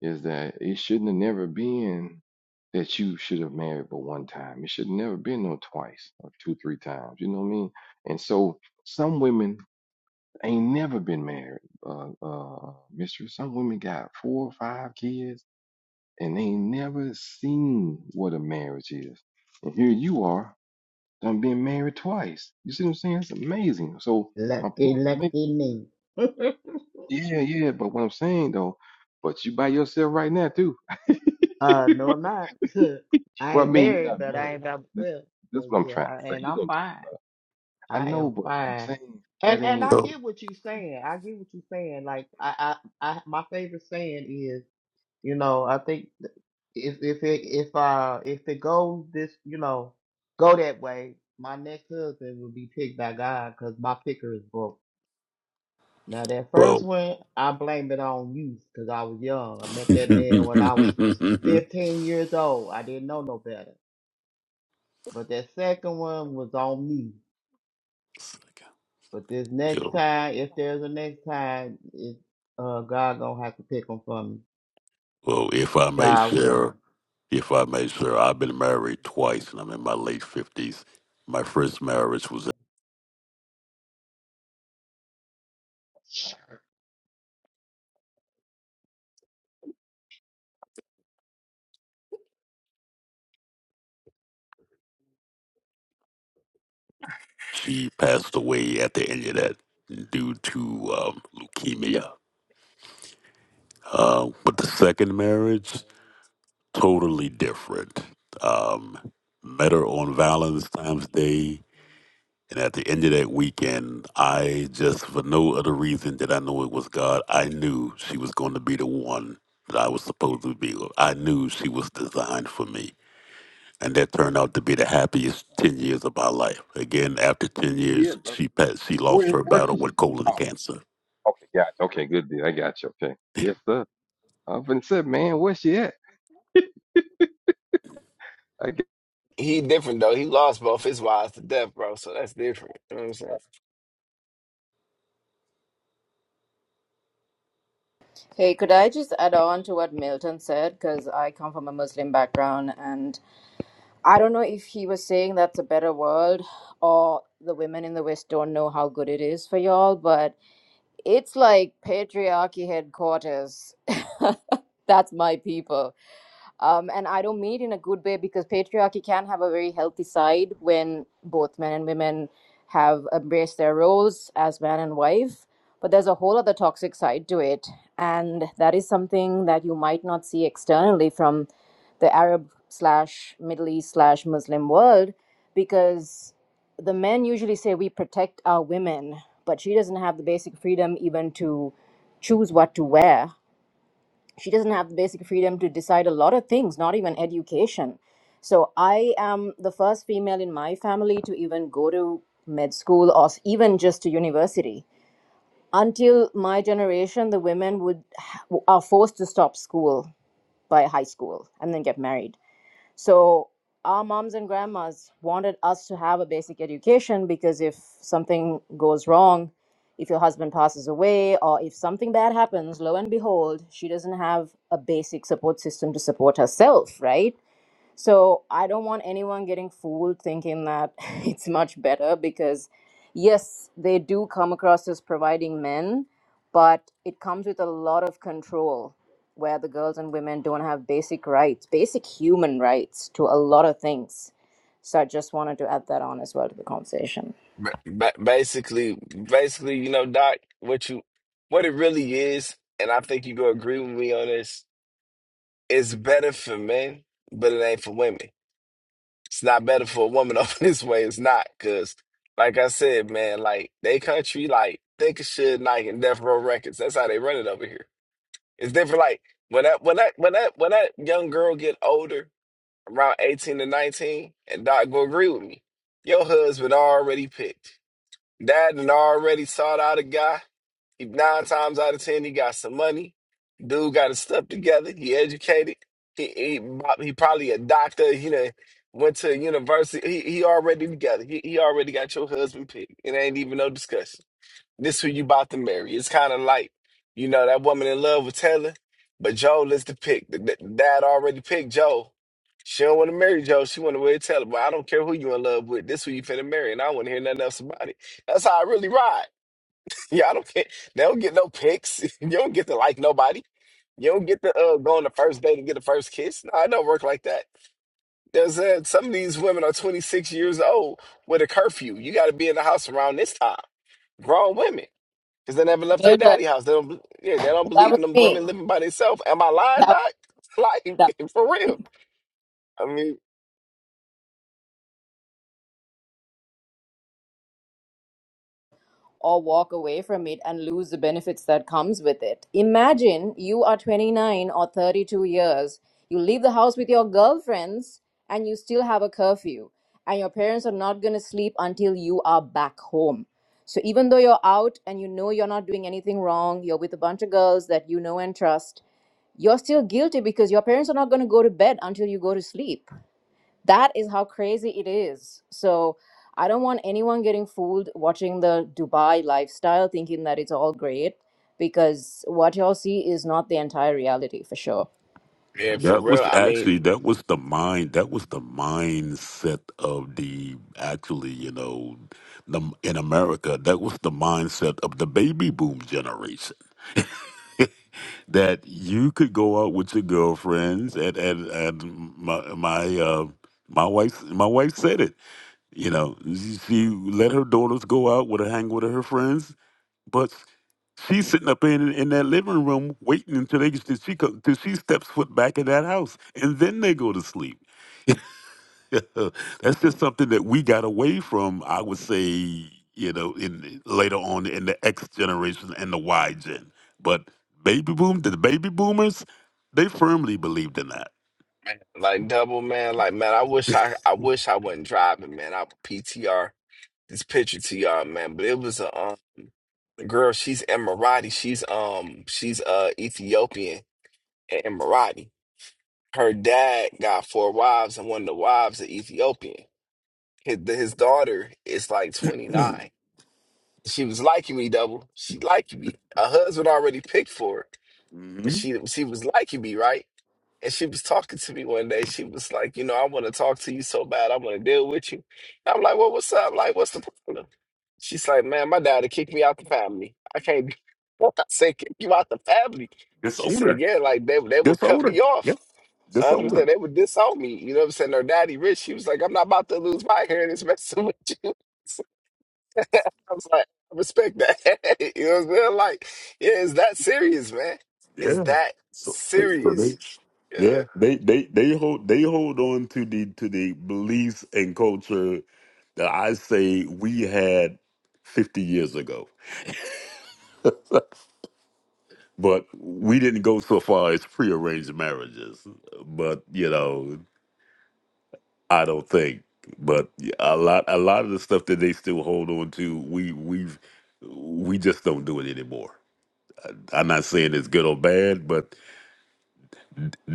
Speaker 2: is that it shouldn't have never been that you should have married but one time. It should have never been no twice or two, three times. You know what I mean? And so some women ain't never been married, uh, uh, mistress. Some women got four or five kids and they ain't never seen what a marriage is. And here you are, done been married twice. You see what I'm saying? It's amazing. So my
Speaker 13: Lucky,
Speaker 2: point, I'm making-
Speaker 13: lucky me.
Speaker 2: yeah, yeah. But what I'm saying though, but you by yourself right now too.
Speaker 13: uh, no, I'm not. I
Speaker 2: Well, I
Speaker 13: ain't
Speaker 2: mean, you're
Speaker 13: married,
Speaker 2: not
Speaker 13: but I
Speaker 2: married.
Speaker 13: ain't by
Speaker 2: This,
Speaker 13: myself.
Speaker 2: this
Speaker 13: So
Speaker 2: what I'm
Speaker 13: yeah,
Speaker 2: trying
Speaker 13: I,
Speaker 2: to say.
Speaker 13: and
Speaker 2: You
Speaker 13: I'm
Speaker 2: know what I'm talking
Speaker 13: fine.
Speaker 2: about. I
Speaker 13: I
Speaker 2: know,
Speaker 13: am
Speaker 2: but what I'm
Speaker 13: fine.
Speaker 2: saying, that
Speaker 13: And and
Speaker 2: ain't
Speaker 13: I
Speaker 14: Well,
Speaker 13: get what you're saying. I get what you're saying. Like I, I, I my favorite saying is. You know, I think th- if if it if uh if it goes this, you know, go that way, my next husband will be picked by God because my picker is broke. Now that first
Speaker 14: well,
Speaker 13: one, I blame it on youth because I was young. I met that
Speaker 14: you
Speaker 13: man when I was 15 years old. I didn't know no better. But that second one was on me. But this next
Speaker 14: know,
Speaker 13: time, if there's a next time, it, uh, God gonna have to pick pick 'em for me.
Speaker 14: well, if I may
Speaker 13: God
Speaker 14: share,
Speaker 13: willing.
Speaker 14: if I may share, I've been married twice, and I'm in my late fifties. My first marriage was she passed away at the end of that due to um, leukemia. Uh, but the second marriage, totally different. Um, met her on Valentine's Day And at the end of that weekend, I just, for no other reason that I know it was God, I knew she was going to be the one that I was supposed to be. with. I knew she was designed for me. And that turned out to be the happiest 10 years of my life. Again, after 10 years,
Speaker 2: shit, brother.
Speaker 14: she passed, she lost
Speaker 2: Where,
Speaker 14: her
Speaker 2: where
Speaker 14: battle
Speaker 2: is she?
Speaker 14: with colon
Speaker 2: Oh,
Speaker 14: cancer.
Speaker 2: okay, gotcha. Okay, good deal. I got you. Okay, yes, sir. I've been said, man, where's she at? I
Speaker 7: He different though. He lost both his wives to death, bro. So that's different. You know what I'm saying?
Speaker 12: Hey, could I just add on to what Milton said? Because I come from a Muslim background, and I don't know if he was saying that's a better world or the women in the West don't know how good it is for y'all, but it's like patriarchy headquarters. that's my people. um, and I don't mean it in a good way because patriarchy can have a very healthy side when both men and women have embraced their roles as man and wife. But there's a whole other toxic side to it, and that is something that you might not see externally from the Arab slash Middle East slash Muslim world, because the men usually say we protect our women, but she doesn't have the basic freedom even to choose what to wear she doesn't have the basic freedom to decide a lot of things, not even education. So I am the first female in my family to even go to med school or even just to university. Until my generation, the women would are forced to stop school by high school and then get married so our moms and grandmas wanted us to have a basic education because if something goes wrong, if your husband passes away or if something bad happens, lo and behold, she doesn't have a basic support system to support herself, right? So I don't want anyone getting fooled thinking that it's much better because, yes, they do come across as providing men, but it comes with a lot of control where the girls and women don't have basic rights, basic human rights to a lot of things. So I just wanted to add that on as well to the conversation.
Speaker 7: Ba- ba- basically, basically, you know, Doc, what you, what it really is, and I think you gonna agree with me on this. It's better for men, but it ain't for women. It's not better for a woman over this way. It's not because, like I said, man, like they country, like think of shit, like in Death Row Records. That's how they run it over here. It's different. Like when that when that when that when that young girl get older, around eighteen to nineteen, and Doc will agree with me. Your husband already picked. Dad and already sought out a guy. He nine times out of ten, he got some money. Dude got his stuff together. He educated. He he, prob- he probably a doctor. He done went to university. He he already together. He he already got your husband picked. It ain't even no discussion. This who you about to marry. It's kind of like, you know, that woman in love with Taylor, but Joel is the pick. The, the- dad already picked Joel. She don't want to marry Joe. She want to marry Taylor. But I don't care who you in love with. This who you finna marry, and I want to hear nothing else about it. That's how I really ride. Yeah, I don't care. They don't get no picks. You don't get to like nobody. You don't get to uh, go on the first date and get the first kiss. No, it don't work like that. There's uh, some of these women are 26 years old with a curfew. You got to be in the house around this time. Grown women. Cause they never left their
Speaker 12: Muted.
Speaker 7: daddy house. They don't, yeah, they don't
Speaker 12: That
Speaker 7: believe
Speaker 12: was
Speaker 7: in them
Speaker 12: me.
Speaker 7: women living by themselves. Am I lying,
Speaker 12: That.
Speaker 7: Doc? Like
Speaker 12: that
Speaker 7: for real? I mean,
Speaker 12: or walk away from it and lose the benefits that comes with it imagine you are 29 or 32 years you leave the house with your girlfriends and you still have a curfew and your parents are not going to sleep until you are back home so even though you're out and you know you're not doing anything wrong you're with a bunch of girls that you know and trust you're still guilty because your parents are not going to go to bed until you go to sleep that is how crazy it is so i don't want anyone getting fooled watching the dubai lifestyle thinking that it's all great because what y'all see is not the entire reality for sure
Speaker 7: yeah, for
Speaker 14: That
Speaker 7: real.
Speaker 14: was
Speaker 7: I mean,
Speaker 14: actually, that was the mind, that was the mindset of the, actually, you know, the, in America, that was the mindset of the baby boom generation that you could go out with your girlfriends and and, and my my uh my wife my wife said it you know she, she let her daughters go out with her hang with her friends but she's sitting up in in that living room waiting until they till she co- till she steps foot back in that house and then they go to sleep That's just something that we got away from, I would say, you know, in later on in the X generation and the Y gen. But baby boom, the baby boomers, they firmly believed in that.
Speaker 7: man, like double man. Like man, I wish I, I wish I wasn't driving, man. I PTR this picture to y'all, man. But it was a um, girl. She's Emirati. She's um, she's uh Ethiopian and Emirati. Her dad got four wives, and one of the wives is Ethiopian. His, his daughter is like twenty nine She was liking me, double. She liking me. A husband already picked for her, but
Speaker 14: Mm-hmm.
Speaker 7: she she was liking me, right? And she was talking to me one day. She was like, you know, I want to talk to you so bad. I want to deal with you. And I'm like, well, what's up? Like, what's the problem? She's like, man, my daddy kicked me out the family. I can't. Be- I said, kick you out the family. She said,
Speaker 14: Disorder,
Speaker 7: yeah, like they they would cut
Speaker 14: disorder,
Speaker 7: me
Speaker 14: yeah,
Speaker 7: off. I
Speaker 14: disorder,
Speaker 7: understand they would disown me. You know what I'm saying? Her daddy rich. She was like, I'm not about to lose my hair and it's messing with you. I was like, I respect that. you know what I'm saying? Like, yeah, is that serious, man? Is
Speaker 14: yeah.
Speaker 7: that
Speaker 14: So, they, so
Speaker 7: serious?
Speaker 14: they,
Speaker 7: Yeah.
Speaker 14: yeah, they, they, they hold, they hold on to the to the beliefs and culture that I say we had fifty years ago. But we didn't go so far as prearranged marriages. But you know, I don't think. But yeah, a lot, a lot of the stuff that they still hold on to, we we've we just don't do it anymore. I'm not saying it's good or bad, but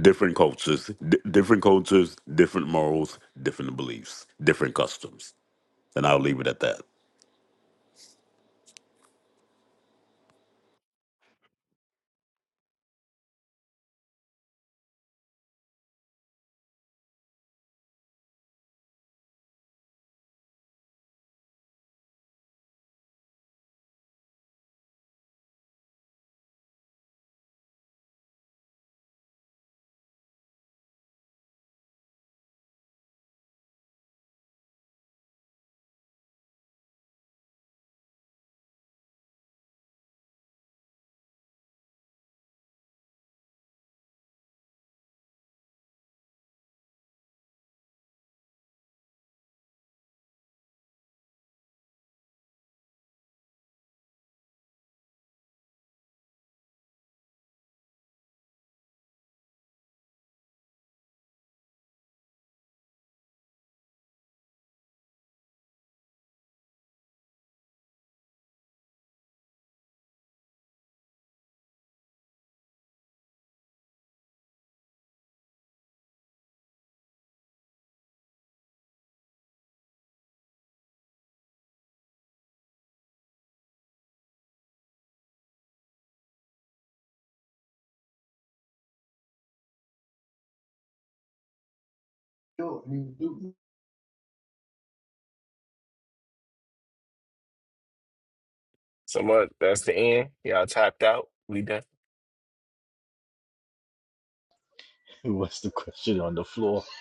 Speaker 14: different cultures, d- different cultures, different morals, different beliefs, different customs, and I'll leave it at that.
Speaker 13: Sure, you do.
Speaker 7: So much. That's the end. Y'all tapped out. We done.
Speaker 9: What's the question on the floor?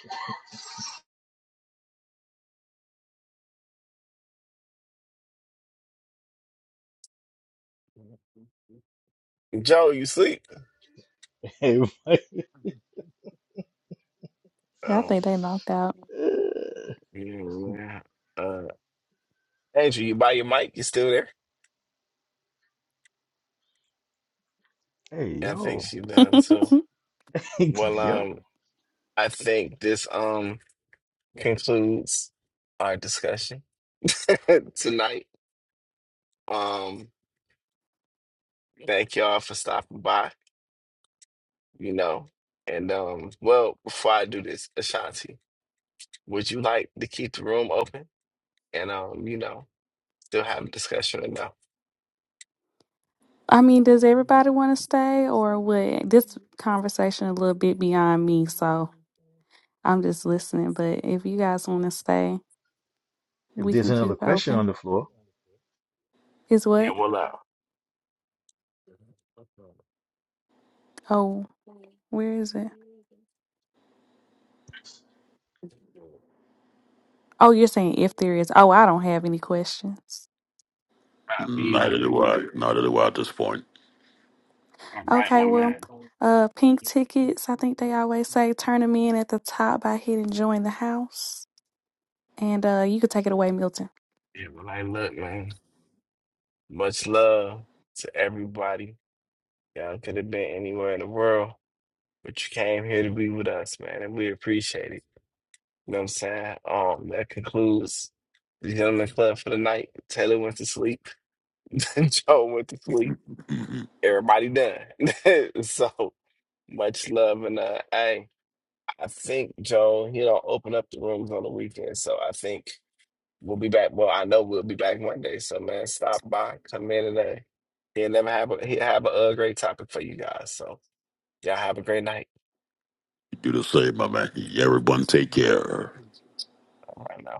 Speaker 7: Joe, you sleep?
Speaker 9: Hey, Mike.
Speaker 4: Yeah, I
Speaker 7: Oh,
Speaker 4: think they knocked out.
Speaker 9: hey
Speaker 7: yeah, man. Uh, Andrew, you buy your mic? You still there? Yeah, I think
Speaker 9: yo,
Speaker 7: she done too. Well, um,
Speaker 9: yo.
Speaker 7: I think this um concludes our discussion tonight. Um, thank y'all for stopping by. you know. And um, well, before I do this, Ashanti, would you like to keep the room open and um, you know, still have a discussion or no?
Speaker 4: I mean, does everybody want to stay or what? This conversation a little bit beyond me, so I'm just listening. But if you guys want to stay,
Speaker 9: If
Speaker 4: we
Speaker 9: there's
Speaker 4: can
Speaker 9: another
Speaker 4: keep it
Speaker 9: question
Speaker 4: open.
Speaker 9: on the floor.
Speaker 4: Is
Speaker 7: Yeah,
Speaker 4: what?
Speaker 7: well, uh,
Speaker 4: Oh, where is it?
Speaker 7: uh,
Speaker 4: Oh, you're saying if there is. Oh, I don't have any questions.
Speaker 7: me either,
Speaker 14: Neither
Speaker 7: man.
Speaker 14: do I. Neither do I at this point.
Speaker 7: All right,
Speaker 4: Okay,
Speaker 7: well,
Speaker 4: well,
Speaker 7: man.
Speaker 4: uh, pink tickets. I think they always say turn them in at the top by hitting join the house, and uh, you could take it away, Milton.
Speaker 7: Yeah, well, I look, man. Much love to everybody. Y'all could have been anywhere in the world, but you came here to be with us, man, and we appreciate it. You know what I'm saying? Um, that concludes the Gentleman Club for the night. Taylor went to sleep. Joe went to sleep.
Speaker 14: Mhm.
Speaker 7: Everybody done. so much love and uh hey, I think Joe, he don't open up the rooms on the weekend. So I think we'll be back. Well, I know we'll be back Monday. So man, stop by, come in today. He'll never have a he'll have a uh, great topic for you guys. So y'all have a great night.
Speaker 14: You do the same, my man. Everyone take care.
Speaker 7: All right now.